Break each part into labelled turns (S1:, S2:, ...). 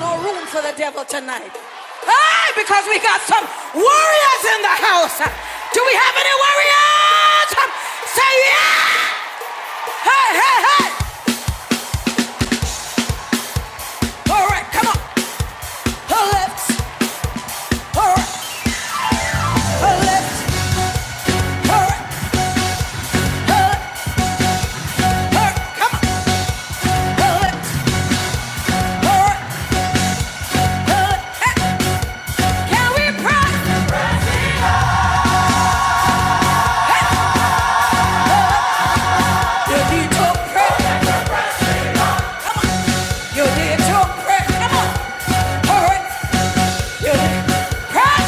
S1: No room for the devil tonight. Hey, because we got some warriors in the house. Do we have any warriors? Say yeah! Hey, hey, hey! All right, come on. Her lips. All right, her lips. All right, her, her, come on. Her lips. All right, her lips. Hey, can we pray? You need to pray. Come on. You need to pray. Come on. All right. Press!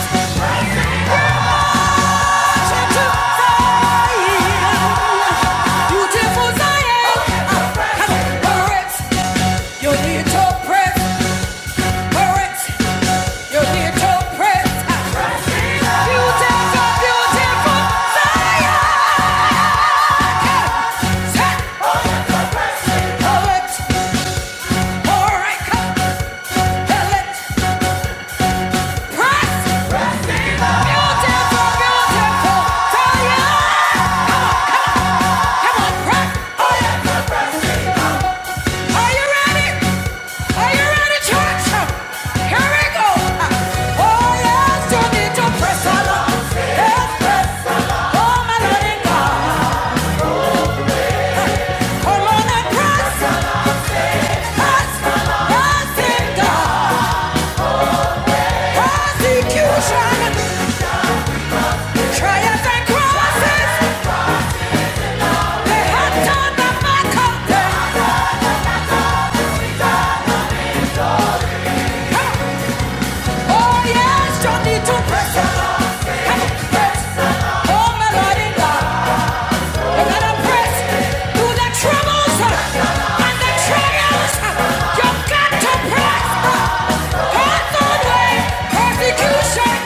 S1: Beautiful, beautiful, Zion! Come on, rock. Oh, yeah. Are you ready? Are you ready, church? Here we go. Oh, yes, you need to press along. Yes, press. Oh, my Lord God. Come on and press. Press. Press in God. Persecution. Trials and crosses. They had turned the mark of death. Oh yes, you need to press the Come on, press. Oh my Lord and God. You gotta press through the troubles huh? and the trials. huh? You got to press. Hard the way, persecution,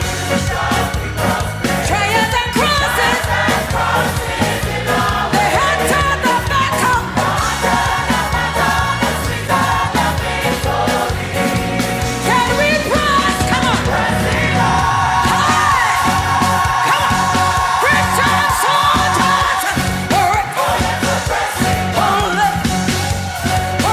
S1: trials and crosses. The heads of the battle. Can we press? Come on. Hey, Christian soldiers. All right. Only I'm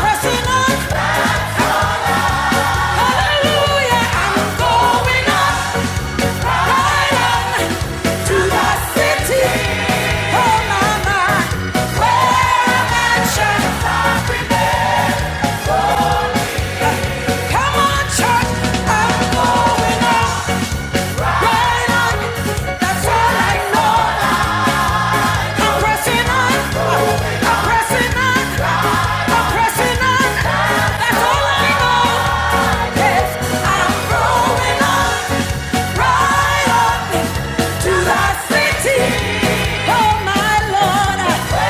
S1: pressing on. That's all I know now. I'm pressing on. I'm pressing on. I'm pressing on. That's all I know. Yes, I'm growing on. Right on into the city. Oh my Lord.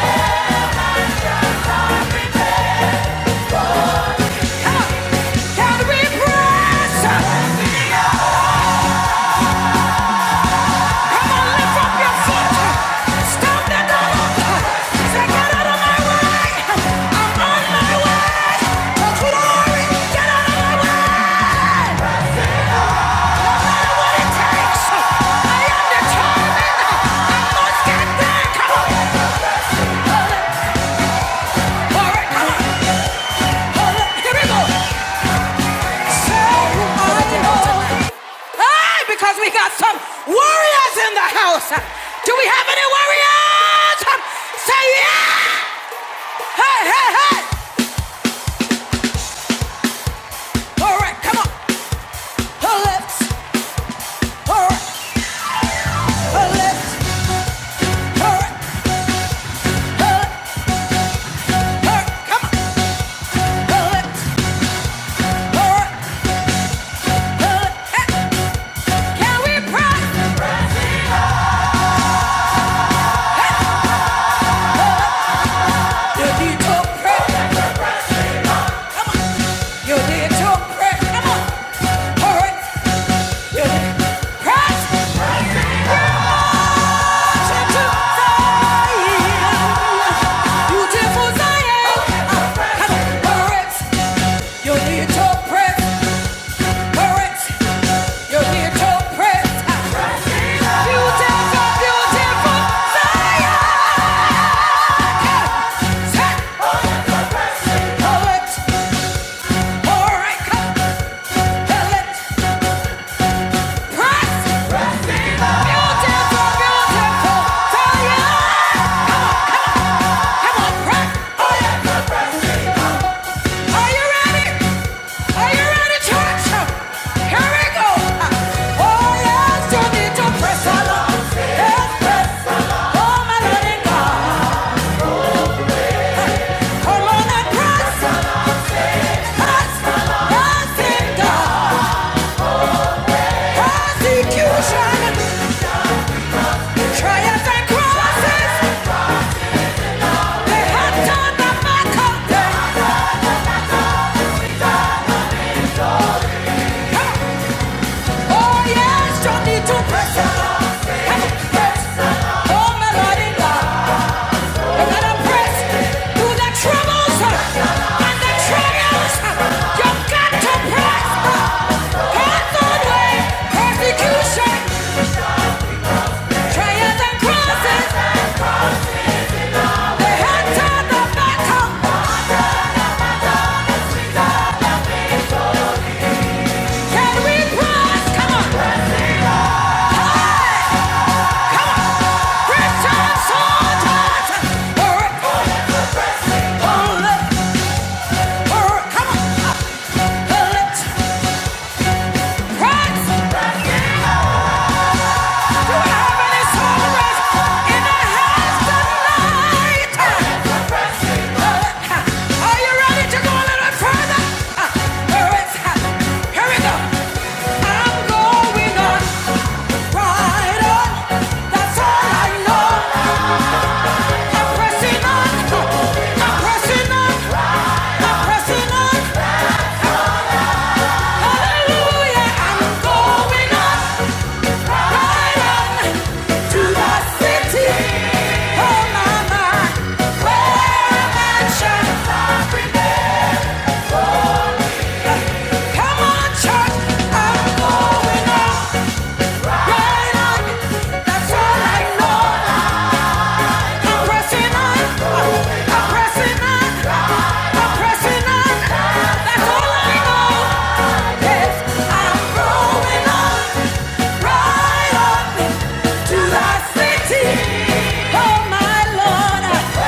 S1: Come on. Calvary press. Because we got some warriors in the house. Do we have any warriors? Say yeah! Hey, hey, hey! All right, come on. Her lips. All right, her lips. right, come on. Her lips. All right, hey. Can we pray? You need to pray. Come on. You need to pray. Come on. All right. You need pray. Pray. Oh, Press! Are you ready? Are you ready, church? Here we go. Oh, yes, you need to press along. Yes, press. Oh, my Lord God. Come on and press. Press. Press in God. Persecution. Trials and crosses. They had turned the back of them. Hey! Oh yes, you need to press it. Come on, press. the Lord. Oh my Lord in love. You gotta press through the troubles and the trials. You got to press. Path on way, persecution, trials and crosses. The hands on the battle. Can we press? Come on. Christian soldiers. All right. All right. Pressing on, I'm pressing on. That's all I know now. I'm pressing on. I'm pressing on. I'm pressing on. That's all I know. Yes, I'm growing on. Right on to the city. Oh my Lord.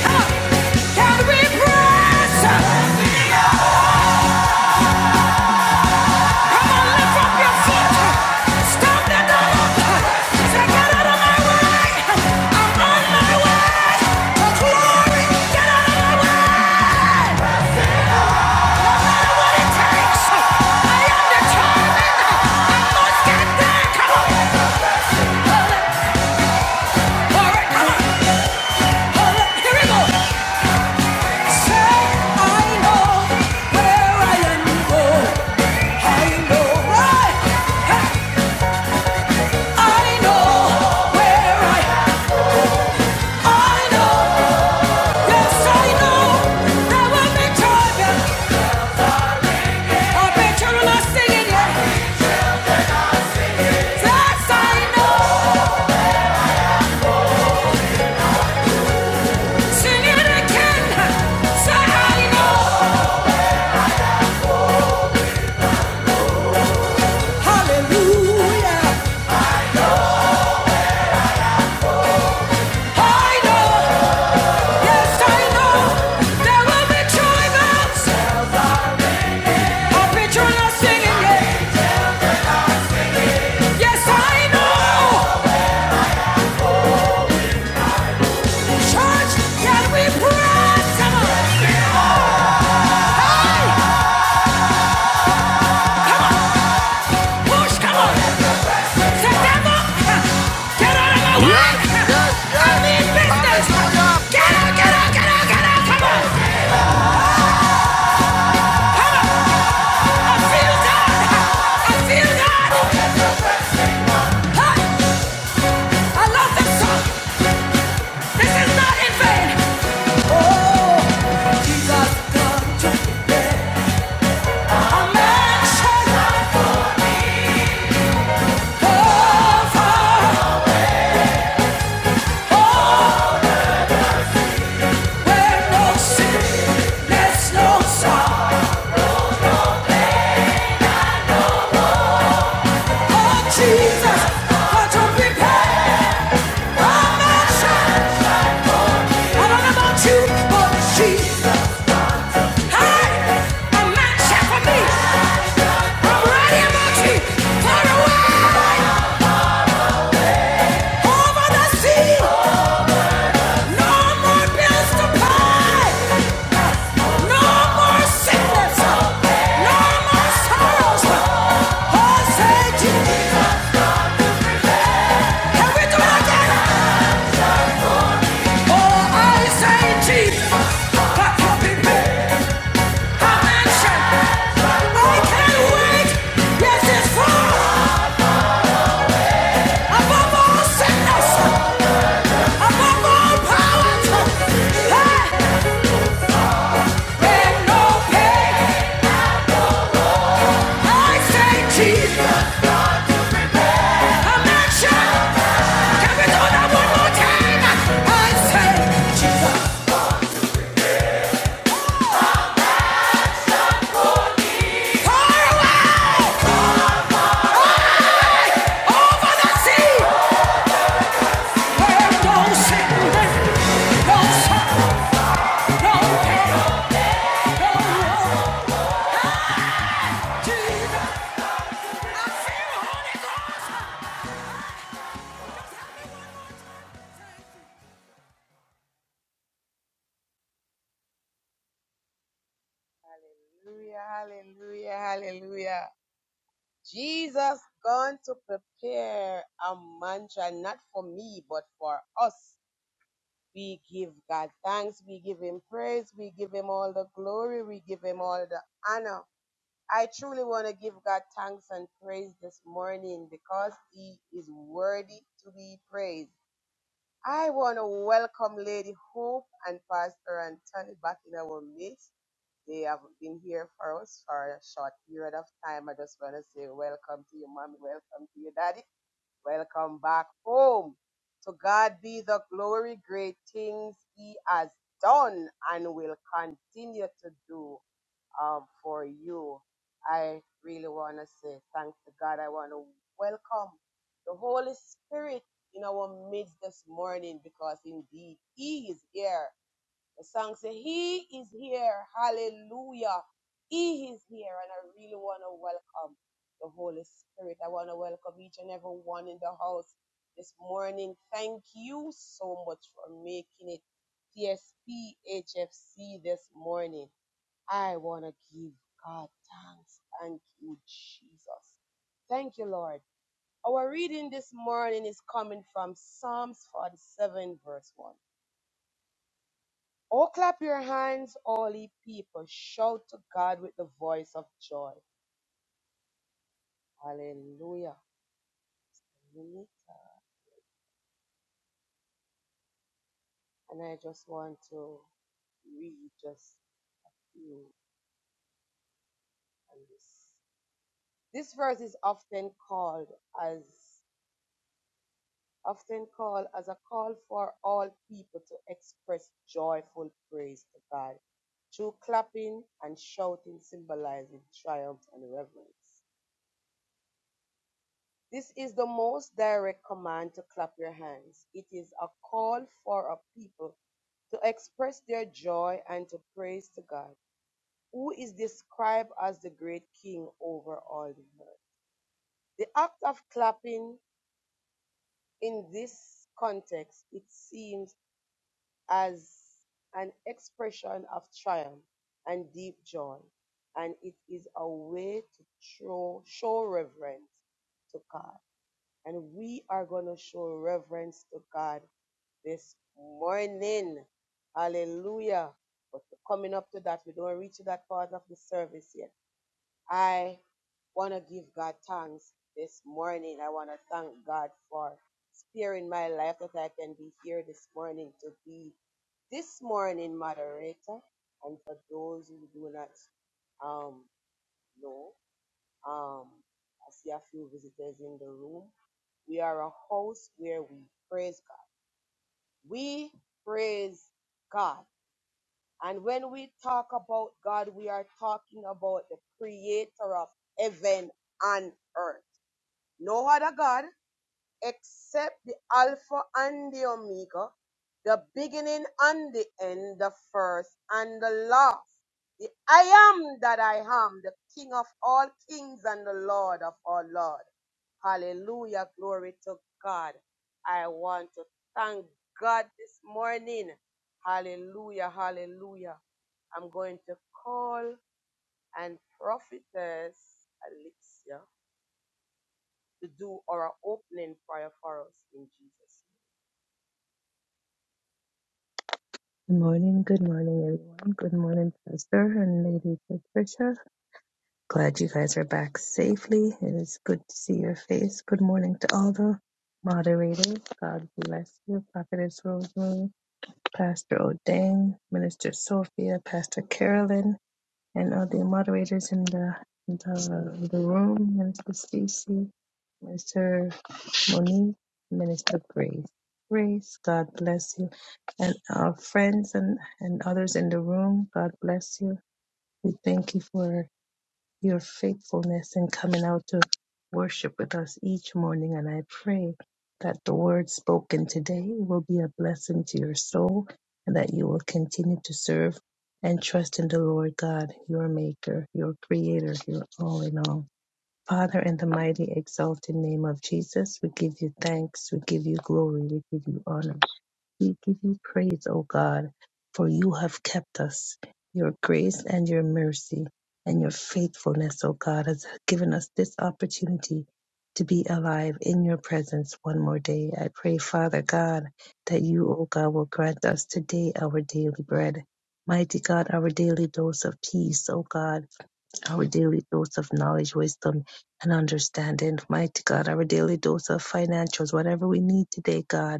S1: Come on. Calvary press. Hey, I know where I am. Church, can we pray? Come on. Hey, come on. Push, come on! Set them up! Get out of my way!
S2: Yes, yes,
S1: I
S2: yes.
S1: mean business!
S2: Hallelujah.
S1: Get
S2: Press
S1: out, get
S2: in.
S1: out, get out, get out! Come on! I feel God! I feel God! Huh? I love this song! This is not in vain! Oh, Jesus done took it. A mansion over. Oh, There's no sickness, no sorrow. Oh Jesus, what you prepared for my son. I don't know you, but Jesus, hey, a man for me. I'm ready about you. Far away, over the sea, no more bills to pay. No more sickness. No more sorrows. Oh, say Jesus. Can we do it again? Jesus, power over the sea.
S3: Hallelujah, hallelujah, hallelujah. Jesus gone to prepare a mantra, not for me, but for us. We give God thanks, we give Him praise, we give Him all the glory, we give Him all the honor. I truly want to give God thanks and praise this morning because He is worthy to be praised. I want to welcome Lady Hope and Pastor Anthony back in our midst. They have been here for us for a short period of time. I just want to say welcome to you, mommy. Welcome to your daddy. Welcome back home. To God be the glory, great things he has done and will continue to do um, for you. I really want to say thanks to God. I want to welcome the Holy Spirit in our midst this morning because indeed he is here the song says, He is here. Hallelujah. He is here. And I really want to welcome the Holy Spirit. I want to welcome each and every one in the house this morning. Thank you so much for making it TSPHFC this morning. I want to give God thanks. Thank you, Jesus. Thank you, Lord. Our reading this morning is coming from Psalms 47, verse 1. Oh, clap your hands, all ye people. Shout to God with the voice of joy. Hallelujah. Hallelujah. And I just want to read just few on this. This verse is often called as often called as a call for all people to express joyful praise to God through clapping and shouting symbolizing triumph and reverence. This is the most direct command to clap your hands. It is a call for a people to express their joy and to praise to God, who is described as the great king over all the earth. The act of clapping in this context, it seems as an expression of triumph and deep joy, and it is a way to show, show reverence to God. And we are going to show reverence to God this morning. Hallelujah. But coming up to that, we don't reach to that part of the service yet. I want to give God thanks this morning. I want to thank God for sparing my life that I can be here this morning to be this morning moderator. And for those who do not um, know, um, I see a few visitors in the room. We are a house where we praise God. We praise God. And when we talk about God, we are talking about the creator of heaven and earth. No other God, except the Alpha and the Omega, the beginning and the end, the first and the last. The I am that I am, the King of all kings and the Lord of all lords. Hallelujah. Glory to God. I want to thank God this morning. Hallelujah. Hallelujah. I'm going to call and prophetess Alexia to do our opening prayer for us in Jesus.
S4: Good morning, good morning, everyone. Good morning, Pastor and Lady Patricia. Glad you guys are back safely. It is good to see your face. Good morning to all the moderators. God bless you, Prophetess Rosemary, Pastor O'Dane, Minister Sophia, Pastor Carolyn and all the moderators in the in the, the room, Minister Stacy, Minister Monique, Minister Grace. Grace, God bless you. And our friends and, and others in the room, God bless you. We thank you for your faithfulness in coming out to worship with us each morning. And I pray that the word spoken today will be a blessing to your soul and that you will continue to serve and trust in the Lord God, your maker, your creator, your all in all. Father, in the mighty exalted name of Jesus, we give you thanks, we give you glory, we give you honor. We give you praise, O God, for you have kept us. Your grace and your mercy and your faithfulness, O God, has given us this opportunity to be alive in your presence one more day. I pray, Father God, that you, O God, will grant us today our daily bread. Mighty God, our daily dose of peace, O God, our daily dose of knowledge, wisdom, and understanding. Mighty God, our daily dose of financials, whatever we need today, God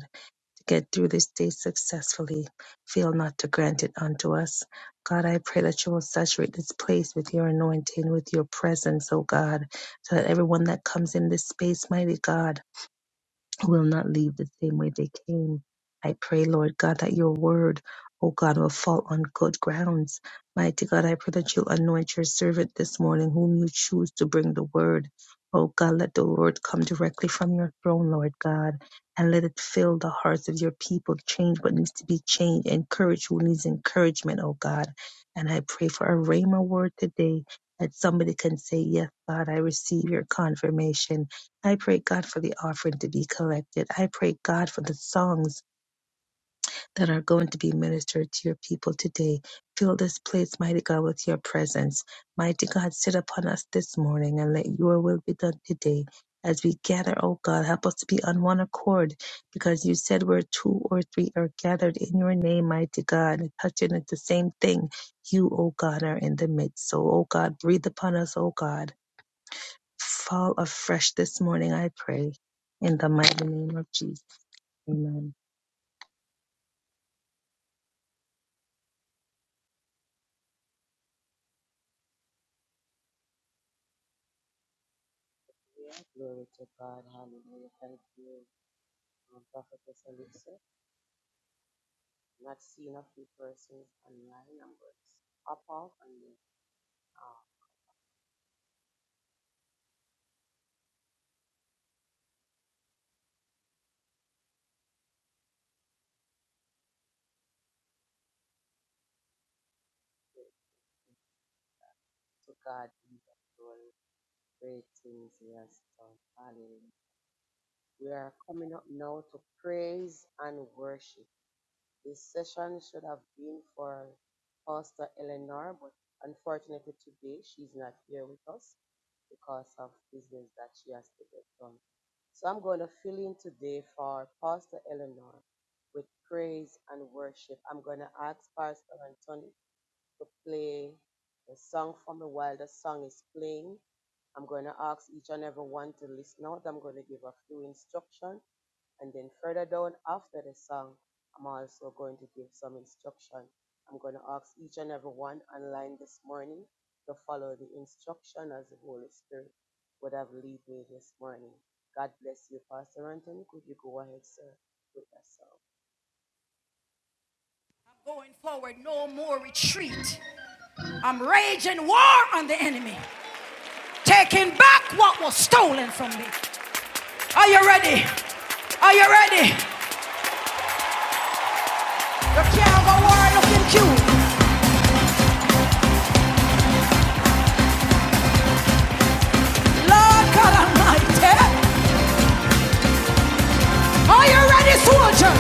S4: get through this day successfully. Fail not to grant it unto us. God, I pray that you will saturate this place with your anointing, with your presence, O God, so that everyone that comes in this space, mighty God, will not leave the same way they came. I pray, Lord God, that your word, oh God, will fall on good grounds. Mighty God, I pray that you'll anoint your servant this morning, whom you choose to bring the word. Oh God, let the word come directly from your throne, Lord God, and let it fill the hearts of your people. Change what needs to be changed, encourage who needs encouragement, oh God. And I pray for a Rhema word today that somebody can say, Yes, God, I receive your confirmation. I pray, God, for the offering to be collected. I pray, God, for the songs that are going to be ministered to your people today. Fill this place, mighty God, with your presence. Mighty God, sit upon us this morning and let your will be done today. As we gather, oh God, help us to be on one accord because you said where two or three are gathered in your name, mighty God, and touching at the same thing. You, oh God, are in the midst. So, oh God, breathe upon us, oh God fall afresh this morning, I pray. In the mighty name of Jesus. Amen.
S3: Yeah, glory to God. Hallelujah. Thank you, um, Prophetess Elisa. Not seen a few persons online. I'm going to hop off and then uh, pray. to God be the glory. Great things He has done. Hallelujah. We are coming up now to praise and worship. This session should have been for Pastor Eleanor, but unfortunately today she's not here with us because of business that she has to get done. So I'm going to fill in today for Pastor Eleanor with praise and worship. I'm going to ask Pastor Anthony to play the song from me while the song is playing. I'm going to ask each and every one to listen out. I'm going to give a few instructions and then further down after the song, I'm also going to give some instruction. I'm going to ask each and every one online this morning to follow the instruction as the Holy Spirit would have lead me this morning. God bless you, Pastor Anthony. Could you go ahead, sir, with that song?
S1: Going forward, no more retreat. I'm raging war on the enemy, taking back what was stolen from me. Are you ready? Are you ready? You can't go war looking cute. Lord God Almighty. Are you ready, soldier?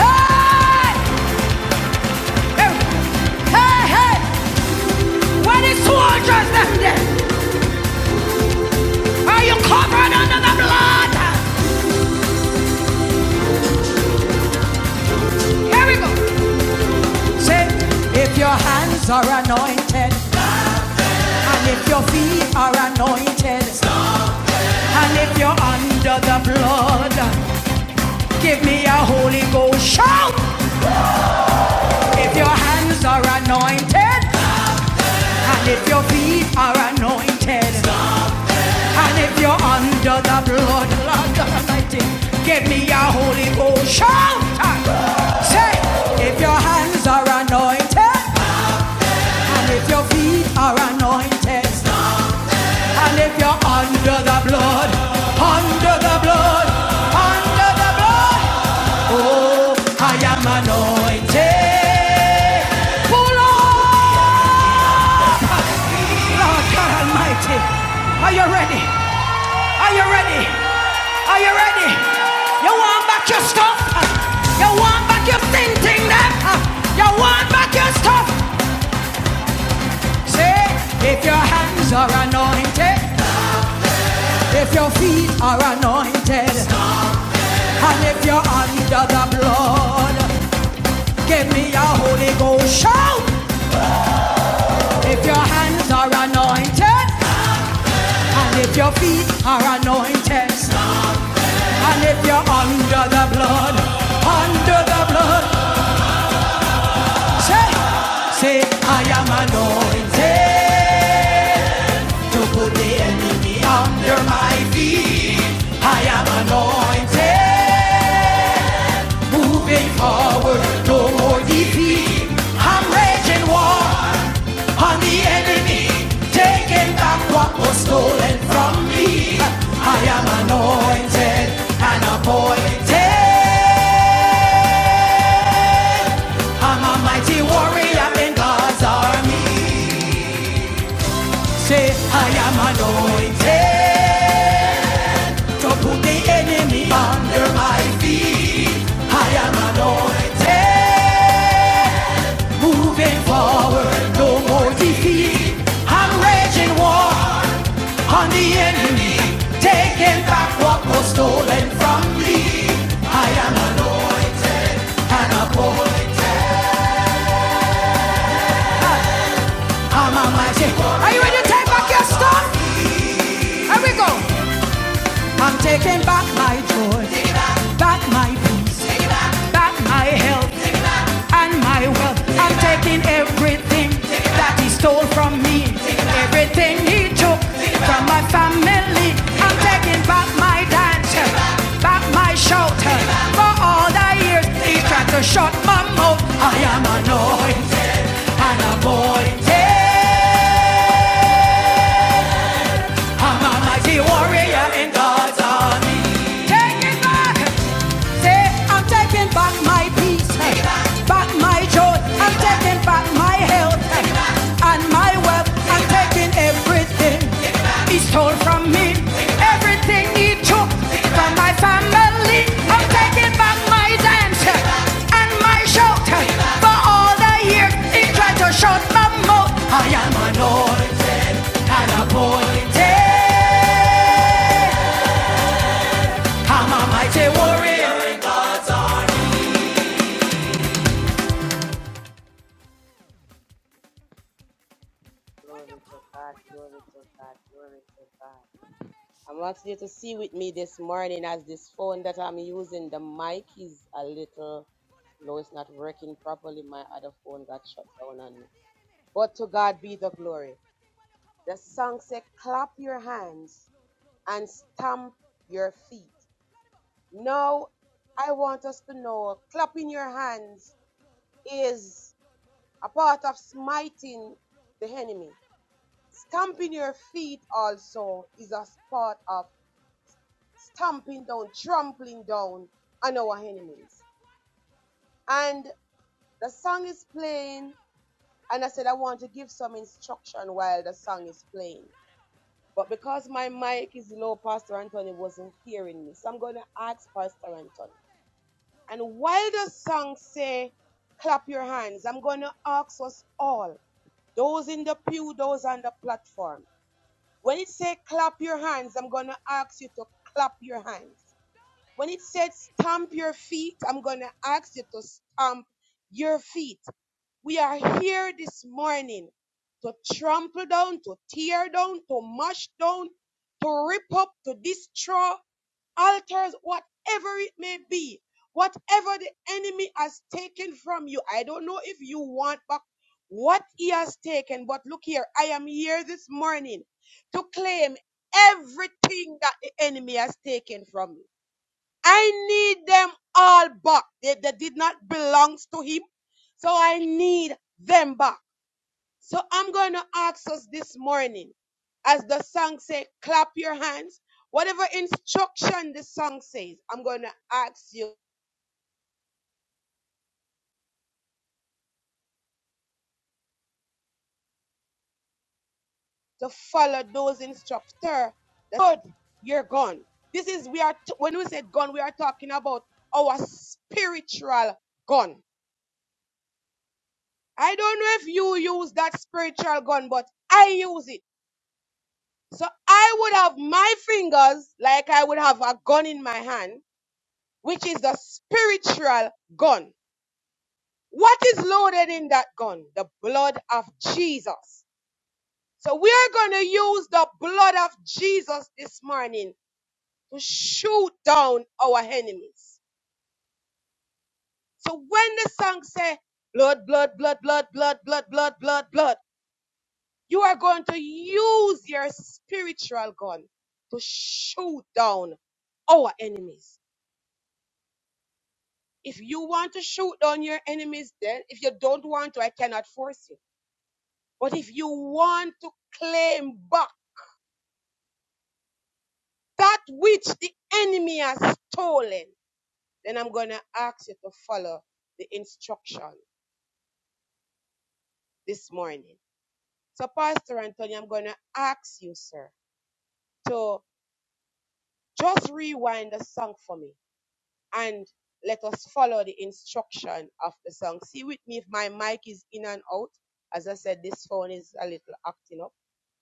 S1: Hey! Hey, hey! Where the soldiers left them Are you covered under the blood? Here we go. Say, if your hands are anointed, and if your feet are anointed, and if you're under the blood, give me a Holy Ghost shout. If your hands are anointed, and if your feet are anointed, and if you're under the blood, Lord Almighty, give me a Holy Ghost shout. Say, if your hands are anointed, And if your feet are anointed, and if you're under the blood, under the blood, under the blood, I am anointed. Pull on, Lord God Almighty. Are you ready? Are you ready? Are you ready? You want back your stuff? You want back your thinking? That you want back your stuff? Say, if your hands are anointed, if your feet are anointed, and if you're under the blood, give me a Holy Ghost shout. If your hands are anointed, and if your feet are anointed, and if you're under the blood, under the blood, say, say, I am anointed. to put the enemy under my feet. I am anointed, moving forward, no more defeat. I'm raging war on the enemy, taking back what was stolen from me. I am anointed and appointed. I'm a mighty warrior in God's army. Say, I am anointed. To put the enemy under my feet. I am anointed. Moving forward, no more defeat. I'm raging war on the enemy. Taking back what was stolen from me. I am anointed and appointed. I'm a mighty. God. Are you ready to take back your stuff? Here we go. I'm taking back my joy, back my peace, back my health and my wealth. I'm taking everything that he stole from me, everything he took from my family. I'm taking back my dance, back my shelter for all the years he tried to shut my mouth. I am anointed and appointed. I'm a mighty warrior in God's army. Take it back. Say, I'm taking back my peace. Take it back. Back my joy. I'm taking back my health. Take it back. And my wealth. Take I'm taking back. everything. Take it back. He stole from me. Take it back. Everything he took take from my family. Take I'm taking back my dance. Take it back. And my shout. For all the years he tried to shut my mouth. I am anointed. 하나 포인트 하마 마이제 워리어 When you
S3: Glory to
S1: come
S3: God, glory to God, glory to God.
S1: sure
S3: I'm asking you to see with me this
S1: So
S3: morning as this phone that I'm using, the mic is a little low, it's not working properly. My other phone got shut down on me. But to
S1: sure
S3: God be the glory. The song
S1: So
S3: said, clap your hands and stamp your feet. Now, I want us to know clapping your hands is a part of smiting the enemy. Stamping your feet also is a part of stamping down, trampling down on our enemies. And the song is playing, and I said I want to give some instruction while the song is playing But because my mic is low, Pastor Anthony wasn't hearing me. So I'm going to ask Pastor Anthony. And while the song say, clap your hands, I'm going to ask us all, those in the pew, those on the platform. When it say clap your hands, I'm going to ask you to clap your hands. When it said stamp your feet, I'm going to ask you to stamp your feet. We are here this morning to trample down, to tear down, to mash down, to rip up, to destroy altars, whatever it may be, whatever the enemy has taken from you. I don't know if you want back what he has taken, but look here, I am here this morning to claim everything that the enemy has taken from you I need them all back. They, they did not belong to him. So I need them back. So I'm going to ask us this morning, as the song says, clap your hands. Whatever instruction the song says, I'm going to ask you to follow those instructor. The third, you're gone. This is, we are, when we said gone, we are talking about our spiritual gun. I don't know if you use that spiritual gun, but I use it. So I would have my fingers like I would have a gun in my hand, which is the spiritual gun. What is loaded in that gun? The blood of Jesus. So we are going to use the blood of Jesus this morning to shoot down our enemies. So when the song say blood, blood, blood, blood, blood, blood, blood, blood, blood, you are going to use your spiritual gun to shoot down our enemies. If you want to shoot down your enemies, then if you don't want to, I cannot force you. But if you want to claim back that which the enemy has stolen, then I'm going to ask you to follow the instruction this morning. So, Pastor Anthony, I'm going to ask you, sir, to just rewind the song for me and let us follow the instruction of the song. See with me if my mic is in and out. As I said, this phone is a little acting up.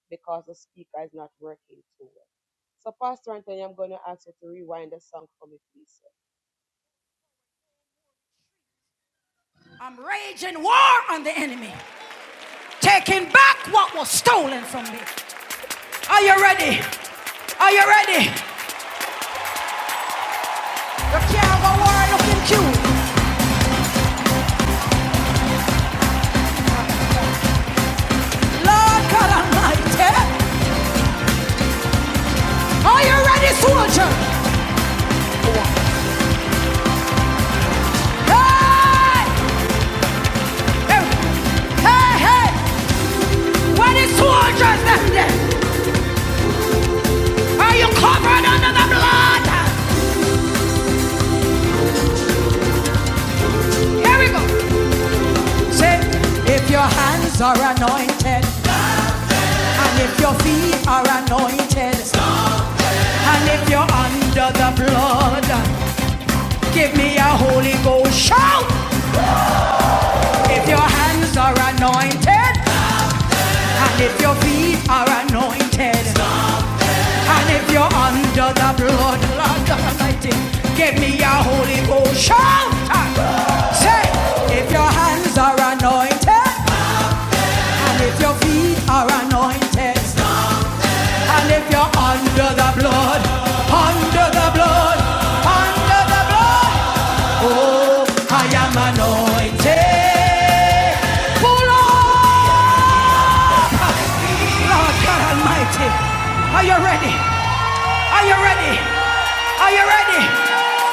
S3: because the speaker is not working too well. So, Pastor Anthony, I'm going to ask you to rewind the song for me, please. sir.
S1: I'm raging war on the enemy, taking back what was stolen from me. Are you
S3: And the
S1: ready? Are you ready? You can't go wild looking in Lord God Almighty. Are you ready, soldier?
S3: One.
S1: Hey! Hey, hey! hey. Where the soldiers left them there? Are you covered under the blood? Here we go. Say, if your hands are anointed, and if your feet are anointed, and if you're under the blood, give me a Holy Ghost shout. If your hands are anointed, And if your feet are anointed, and if you're under the bloodline of anointing, give me a Holy Ghost shout. Say, if your hands are anointed, and if your feet are anointed, and if you're under the blood, under the blood, under the blood, I am anointed. Pull on. Lord God Almighty, are you ready? Are you ready? Are you ready?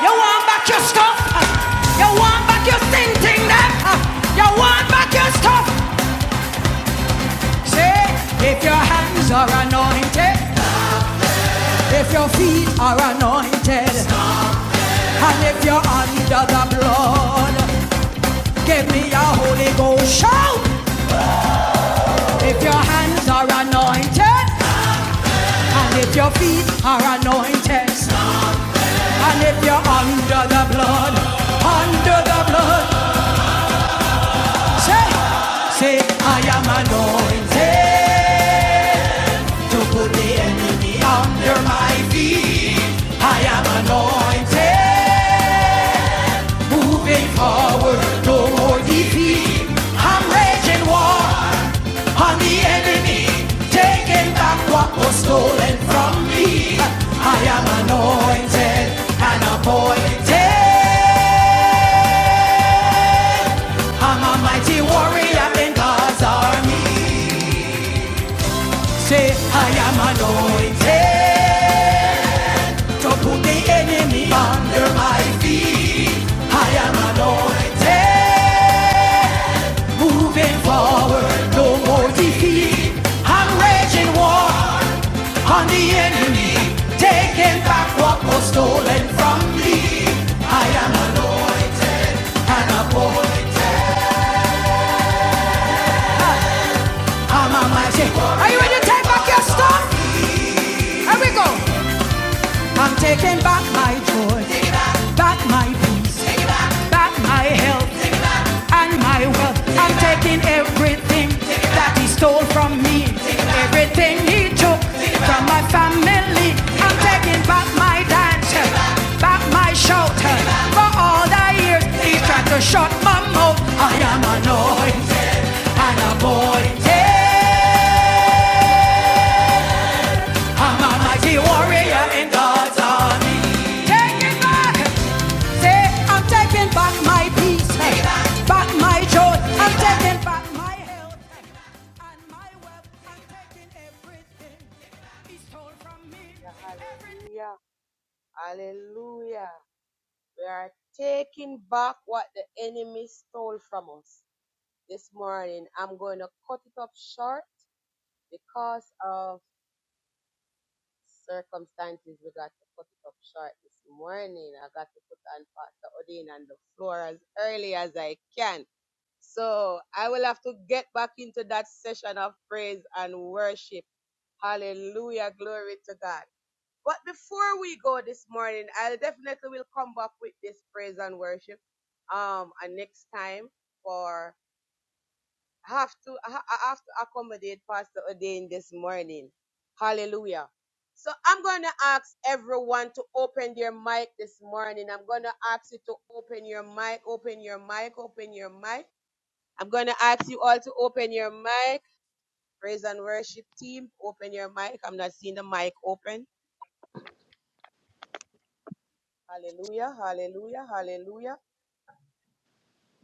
S1: You want back your stuff? You want back your thing, thing, that? You want back your stuff? Say, if your hands are anointed, if your feet are anointed, and if you're under the blood, give me a Holy Ghost shout. If your hands are anointed, and if your feet are anointed,
S3: Glory
S1: And if
S3: to
S1: you're
S3: God.
S1: under the blood, under the blood, say, say, I am anointed to put the enemy under my feet. I am anointed, moving forward, no more defeat. I'm raging war on the enemy, taking back what was stolen from me. I am anointed and appointed. I'm a mighty warrior in God's army. Say, I am anointed to put the enemy under my feet. I am anointed, moving forward, no more defeat. I'm raging war on the enemy, taking back what was stolen from me. I am anointed and appointed. I'm a mighty warrior. Are you ready to take back your stuff? Here we go. I'm taking back my joy, back my peace, back my health, and my wealth. I'm taking everything that he stole from me, everything he took from my family. I'm taking back my dance, back my shout, for all the years he tried to shut my mouth. I am anointed and appointed. I'm a mighty warrior in God's army. Take it back. Say, I'm taking back my peace. Take it back. Back my joy. Take I'm taking back back my health. And my wealth. I'm taking everything. he stole from me. Everything.
S3: Hallelujah. Hallelujah. We are taking back what the enemy stole from us this morning. I'm going to cut it up short because of circumstances, we got to put it up short this morning. I got to put on Pastor Odin on the floor as early as I can. So I will have to get back into that session of praise and worship. Hallelujah. Glory to God. But before we go this morning, I definitely will come back with this praise and worship um and next time for I have to I, ha- I have to accommodate Pastor Odin this morning. Hallelujah. So I'm going to ask everyone to open their mic this morning. I'm going to ask you to open your mic, open your mic, open your mic. I'm going to ask you all to open your mic. Praise and worship team, open your mic. I'm not seeing the mic open. Hallelujah, hallelujah, hallelujah.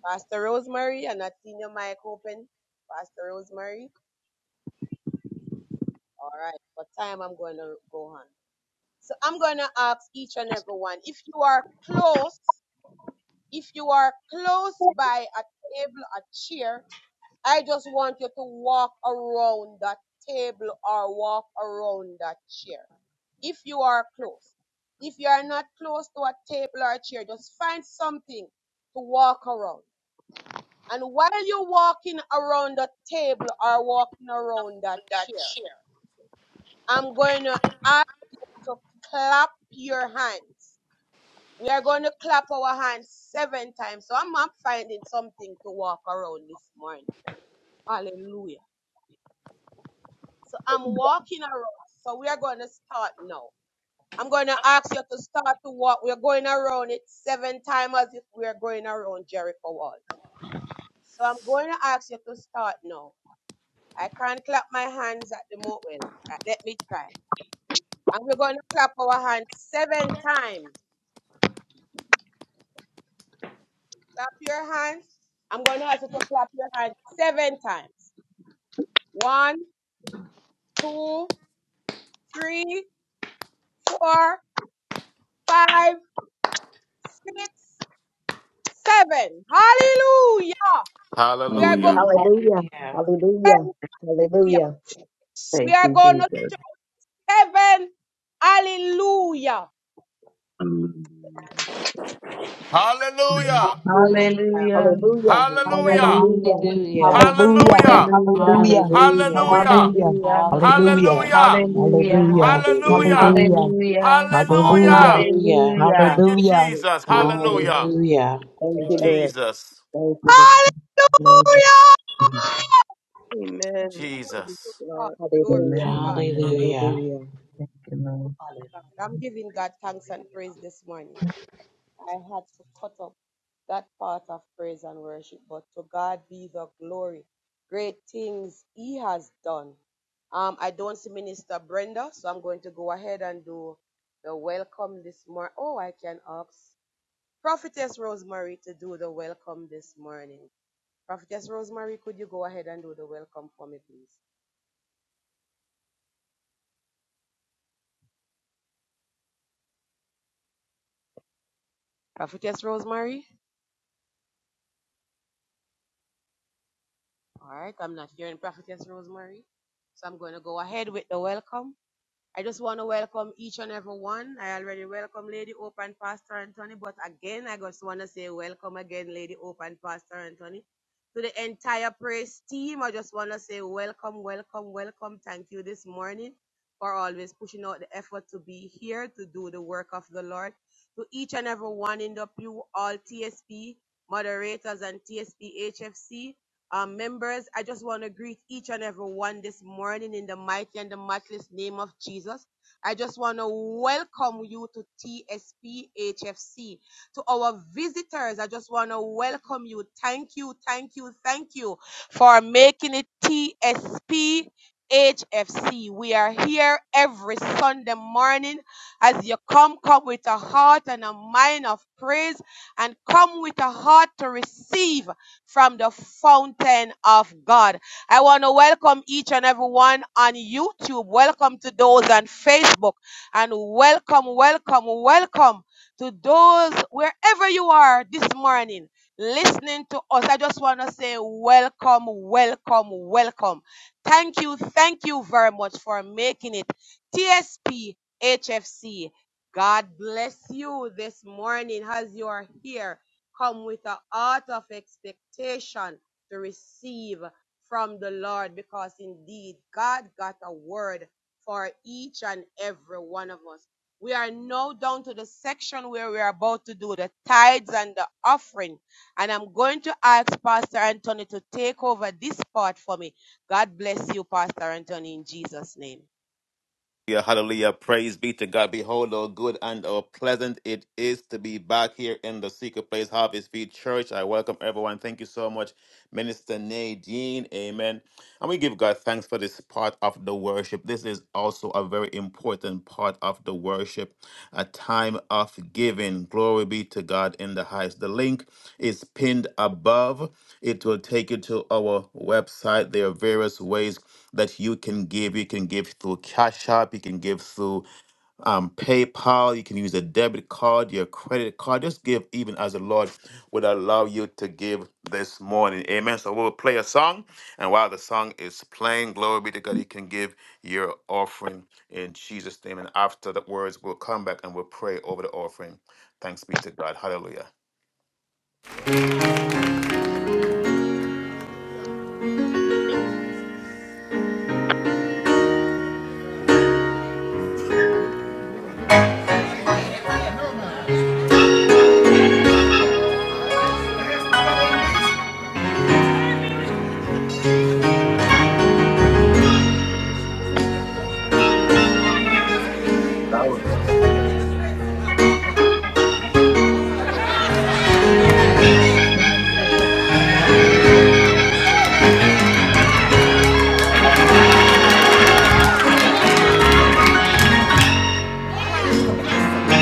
S3: Pastor Rosemary, I'm not seeing your mic open. Pastor Rosemary. All right. What time I'm going to go on? So I'm going to ask each and every one if you are close, if you are close by a table, a chair, I just want you to walk around that table or walk around that chair. If you are close, if you are not close to a table or a chair, just find something to walk around. And while you're walking around the table or walking around that
S2: With that
S3: chair,
S2: chair.
S3: I'm going to ask you to clap your hands We are going to clap our hands seven times. So I'm not finding something to walk around this morning. Hallelujah. So I'm walking around. So we are going to start now. I'm going to ask you to start to walk. We're going around it seven times as if we are going around Jericho walls. So I'm going to ask you to start now. I can't clap my hands at the moment. Well, uh, let me try. And we're going to clap our hands seven times. Clap your hands. I'm going to ask you to clap your hands seven times. One, two, three, four, five, six, seven. Hallelujah. We are
S2: Hallelujah.
S3: going
S4: Hallelujah.
S5: Hallelujah.
S6: Hallelujah.
S5: Hallelujah.
S3: hallelujah.
S5: Hallelujah.
S3: We
S4: Thank
S3: are
S4: you,
S3: going to
S4: Jesus.
S3: heaven. Hallelujah.
S4: Hallelujah.
S2: Hallelujah.
S6: Hallelujah.
S4: Hallelujah.
S5: Hallelujah.
S2: Hallelujah.
S5: Hallelujah.
S4: Hallelujah.
S6: Hallelujah.
S5: Hallelujah.
S2: Hallelujah.
S5: Hallelujah.
S6: Hallelujah.
S2: Hallelujah.
S5: Hallelujah.
S4: Hallelujah.
S5: Hallelujah.
S6: Hallelujah.
S2: Hallelujah.
S7: Praise
S4: Hallelujah.
S5: Hallelujah.
S6: Hallelujah.
S2: Hallelujah.
S5: Hallelujah.
S4: Hallelujah.
S6: Hallelujah.
S5: Hallelujah.
S2: Hallelujah.
S6: Hallelujah.
S4: Hallelujah. Hallelujah.
S2: Thank you,
S5: Hallelujah.
S7: you,
S2: Jesus.
S4: Amen.
S2: Hallelujah.
S5: Thank
S4: Thank
S5: you,
S7: Lord
S4: you,
S5: Lord.
S4: Jesus.
S2: Jesus.
S5: Thank
S7: God.
S5: you, Lord.
S3: Hallelujah.
S4: Amen.
S7: Amen.
S3: Glory
S7: Praise
S2: Jesus.
S3: to God.
S7: God.
S3: Glory
S5: Hallelujah.
S3: to
S4: Amen.
S3: God.
S6: Hallelujah.
S8: Hallelujah.
S5: Hallelujah.
S3: God.
S8: Hallelujah.
S3: I'm giving
S8: Mighty,
S3: God thanks and
S8: hallelujah.
S3: praise this morning. I had to cut up that part of praise and worship, but to God be the glory. Great things He has done. Um, I don't see Minister Brenda, so I'm going to go ahead and do the welcome this morning. Oh, I can ask Prophetess Rosemary to do the welcome this morning. Prophetess Rosemary, could you go ahead and do the welcome for me, please? Prophetess Rosemary? All right, I'm not hearing Prophetess Rosemary, so I'm going to go ahead with the welcome. I just want to welcome each and every one. I already welcome Lady Hope and Pastor Anthony, but again, I just want to say welcome again, Lady Hope and Pastor Anthony. To the entire praise team, I just want to say welcome, welcome, welcome. Thank you this morning for always pushing out the effort to be here to do the work of the Lord. To each and every one in the pew, all TSP moderators and TSP HFC, um, members, I just want to greet each and every one this morning in the mighty and the matchless name of Jesus. I just want to welcome you to TSPHFC. To our visitors, I just want to welcome you. Thank you, thank you, thank you for making it TSPHFC. We are here every Sunday morning. As you come, come with a heart and a mind of praise and come with a heart to receive from the fountain of God. I want to welcome each and everyone on YouTube. Welcome to those on Facebook. And welcome, welcome, welcome to those wherever you are this morning listening to us. I just want to say welcome, welcome, welcome. Thank you, thank you very much for making it. TSPHFC. God bless you this morning as you are here come with a heart of expectation to receive from the Lord because indeed God got a word for each and every one of us. We are now down to the section where we are about to do the tithes and the offering. And I'm going to ask Pastor Anthony to take over this part for me. God bless you, Pastor Anthony, in Jesus' name.
S2: Hallelujah, hallelujah. Praise be to God. Behold, how good and how pleasant it is to be back here in the secret place, Harvest Field Church. I welcome everyone. Thank you so much, Minister Nadine. Amen. And we give God thanks for this part of the worship. This is also a very important part of the worship, a time of giving. Glory be to God in the highest. The link is pinned above. It will take you to our website. There are various ways that you can give. You can give through Cash App, you can give through um, PayPal, you can use a debit card, your credit card. Just give even as the Lord would allow you to give this morning. Amen. So we'll play a song, and while the song is playing, glory be to God, you can give your offering in Jesus' name. And after the words, we'll come back and we'll pray over the offering. Thanks be to God. Hallelujah.
S4: Amen. Thank you, Lord.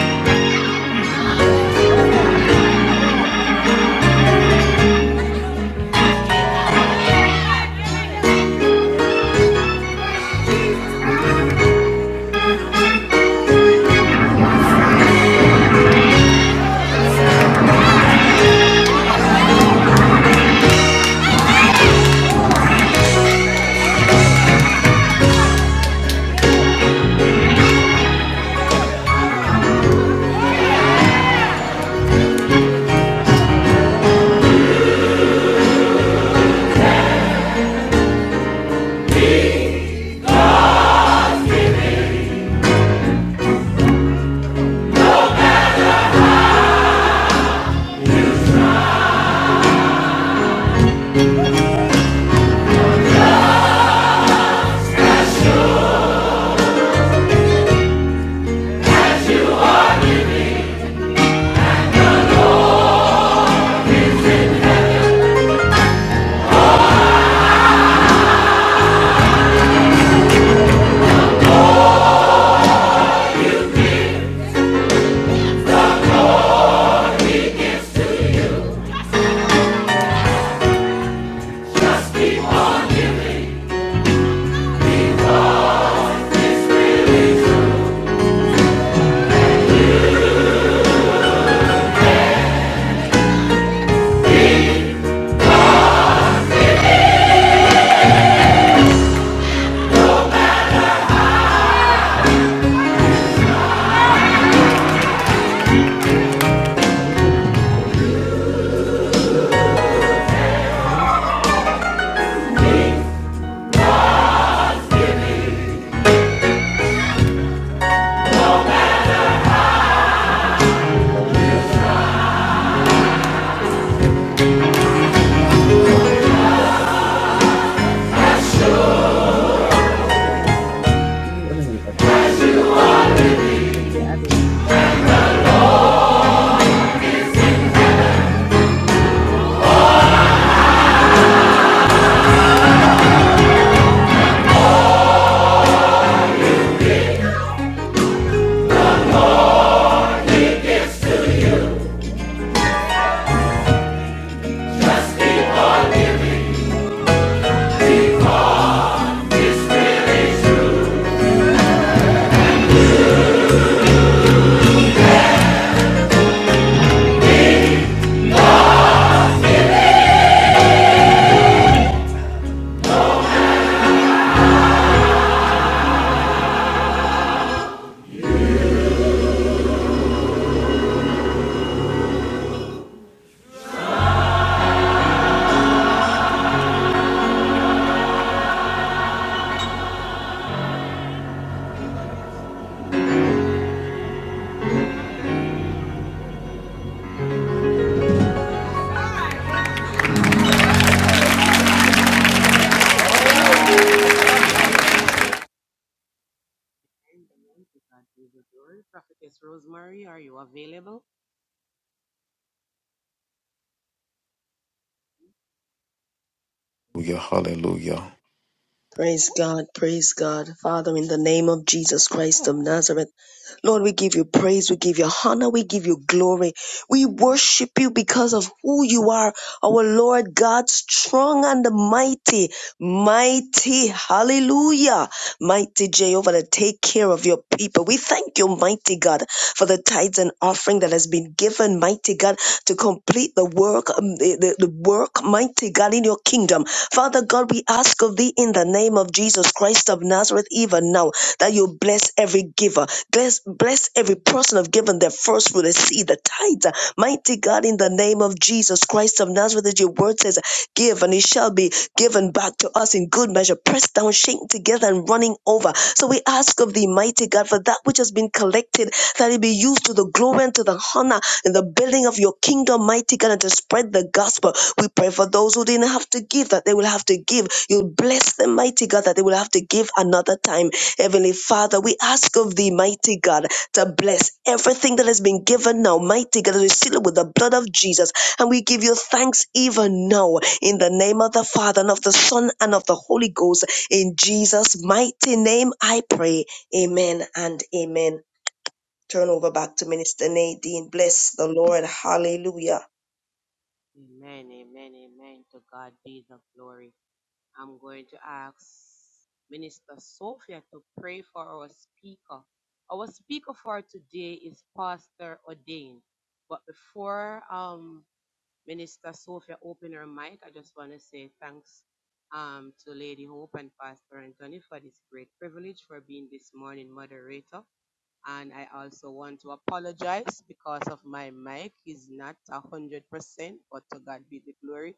S4: Thank you for the court. Today we bring all the work. And I feel like I did today, but it's all a secret. I think it's a, I should have been me. I didn't really have it. What do you mean? I told you they got a bomb. Somebody added. Amen.
S3: Amen. To God be the glory. Prophetess Rosemary, are you available?
S2: Hallelujah.
S9: Praise God, praise God. Father, in the name of Jesus Christ of Nazareth, Lord, we give you praise, we give you honor, we give you glory. We worship you because of who you are, our Lord God, strong and mighty. Mighty, hallelujah, mighty Jehovah, to take care of your people. We thank you, mighty God, for the tithes and offering that has been given, mighty God, to complete the work, um, the, the the work, mighty God, in your kingdom. Father God, we ask of thee in the name of Jesus Christ of Nazareth, even now, that you bless every giver, bless, bless every person of given their first fruit, the seed, the tithes, mighty God, in the name of Jesus Christ of Nazareth, that your word says says, Give and it shall be given back to us in good measure, pressed down, shaken together, and running over. So we ask of thee, mighty God, for that which has been collected, that it be used to the glory and to the honor in the building of your kingdom, mighty God, and to spread the gospel. We pray for those who didn't have to give, that they will have to give. You'll bless them, mighty God, that they will have to give another time. Heavenly Father, we ask of thee, mighty God, to bless everything that has been given now, mighty God, as we seal it with the blood of Jesus. And we give you thanks even now in the name of the Father and of the Son and of the Holy Ghost. In Jesus' mighty name, I pray. Amen and amen. Turn over back to Minister Nadine. Bless the Lord. Hallelujah.
S3: Amen, amen, amen. To God be the glory. I'm going to ask Minister Sophia to pray for our speaker. Our speaker for today is Pastor Ordain. But before um, Minister Sophia open her mic, I just want to say thanks um, to Lady Hope and Pastor Anthony for this great privilege for being this morning moderator and I also want to apologize because of my mic is not a hundred percent, but to God be the glory.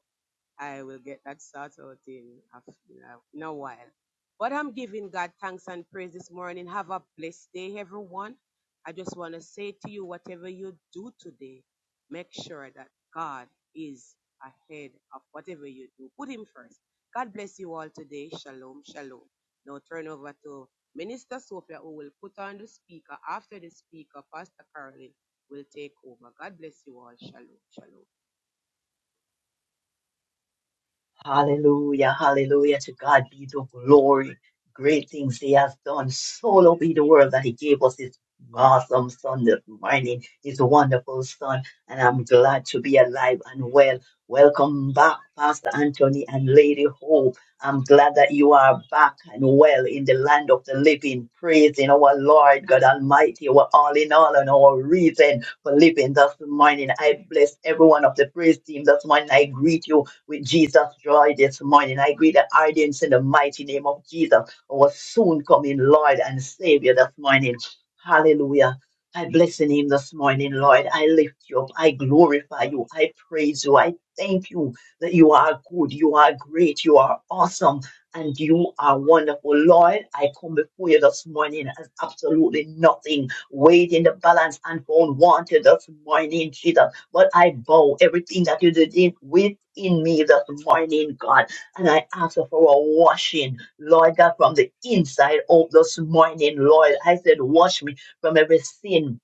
S3: I will get that sorted out in a, f- in a in a while. But I'm giving God thanks and praise this morning. Have a blessed day, everyone. I just want to say to you, whatever you do today, make sure that God is ahead of whatever you do. Put Him first. God bless you all today. Shalom, shalom. Now turn over to Minister Sophia, who will put on the speaker. After the speaker, Pastor Carolyn will take over. God bless you all. Shalom, shalom.
S8: Hallelujah, hallelujah. To God be the glory. Great things he has done. So will be the world that he gave us his awesome son this morning, his wonderful son. And I'm glad to be alive and well. Welcome back, Pastor Anthony and Lady Hope. I'm glad that you are back and well in the land of the living, praising our Lord God Almighty, our all in all, and our reason for living this morning. I bless everyone of the praise team this morning. I greet you with Jesus. Draw this morning. I agree that audience in the mighty name of Jesus, our soon coming Lord and Savior this morning. Hallelujah. I bless the name this morning, Lord. I lift you up. I glorify you. I praise you. I thank you that you are good. You are great. You are awesome. And you are wonderful, Lord. I come before you this morning as absolutely nothing weighed in the balance and found wanted this morning, Jesus. But I bow everything that you did within me this morning, God. And I ask for a washing, Lord God, from the inside out this morning, Lord. I said, wash me from every sin,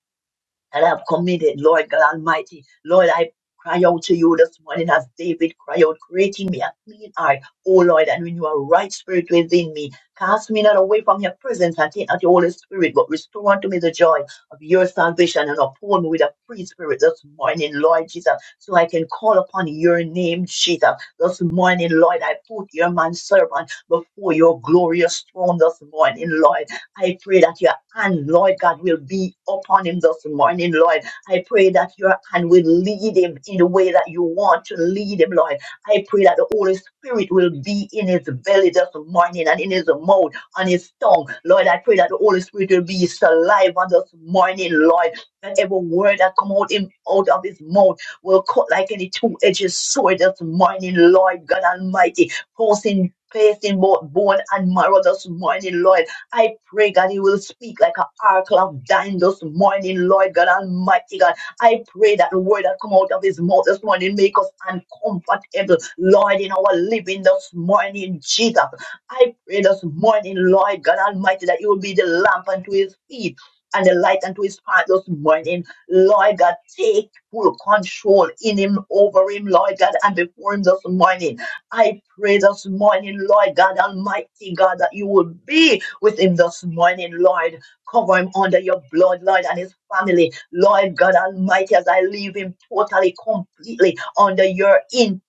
S8: that I've committed, Lord God Almighty. Lord, I cry out to you this morning as David cried out, creating me a clean heart, O Lord, and renew a right spirit within me. Cast me not away from your presence and take not your Holy Spirit, but restore unto me the joy of your salvation and uphold me with a free spirit this morning, Lord Jesus, so I can call upon your name, Jesus. This morning, Lord, I put your man servant before your glorious throne this morning, Lord. I pray that your hand, Lord God, will be upon him this morning, Lord. I pray that your hand will lead him in the way that you want to lead him, Lord. I pray that the Holy Spirit will be in his belly this morning and in his mouth, on his tongue. Lord, I pray that the Holy Spirit will be his saliva this morning, Lord. That every word that come out, him, out of his mouth will cut like any two-edged sword this morning, Lord God Almighty. Posting, placing both bone and marrow this morning, Lord. I pray, God, you will speak like an oracle of dying this morning, Lord God Almighty God. I pray that the word that come out of his mouth this morning make us uncomfortable, Lord, in our living this morning, Jesus. I pray this morning, Lord God Almighty, that you will be the lamp unto his feet and the light unto his path this morning. Lord God, take full control in him, over him, Lord God, and before him this morning. I pray this morning, Lord God Almighty, God, that you will be with him this morning, Lord. Cover him under your blood, Lord, and his family. Lord God Almighty, as I leave him totally, completely under your in.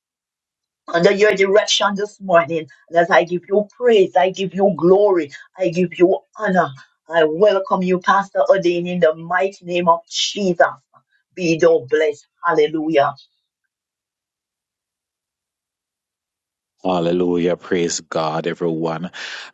S8: Under your direction this morning, and as I give you praise, I give you glory, I give you honor. I welcome you, Pastor Odin, in the mighty name of Jesus. Be thou blessed. Hallelujah.
S10: Hallelujah. Praise God, everyone.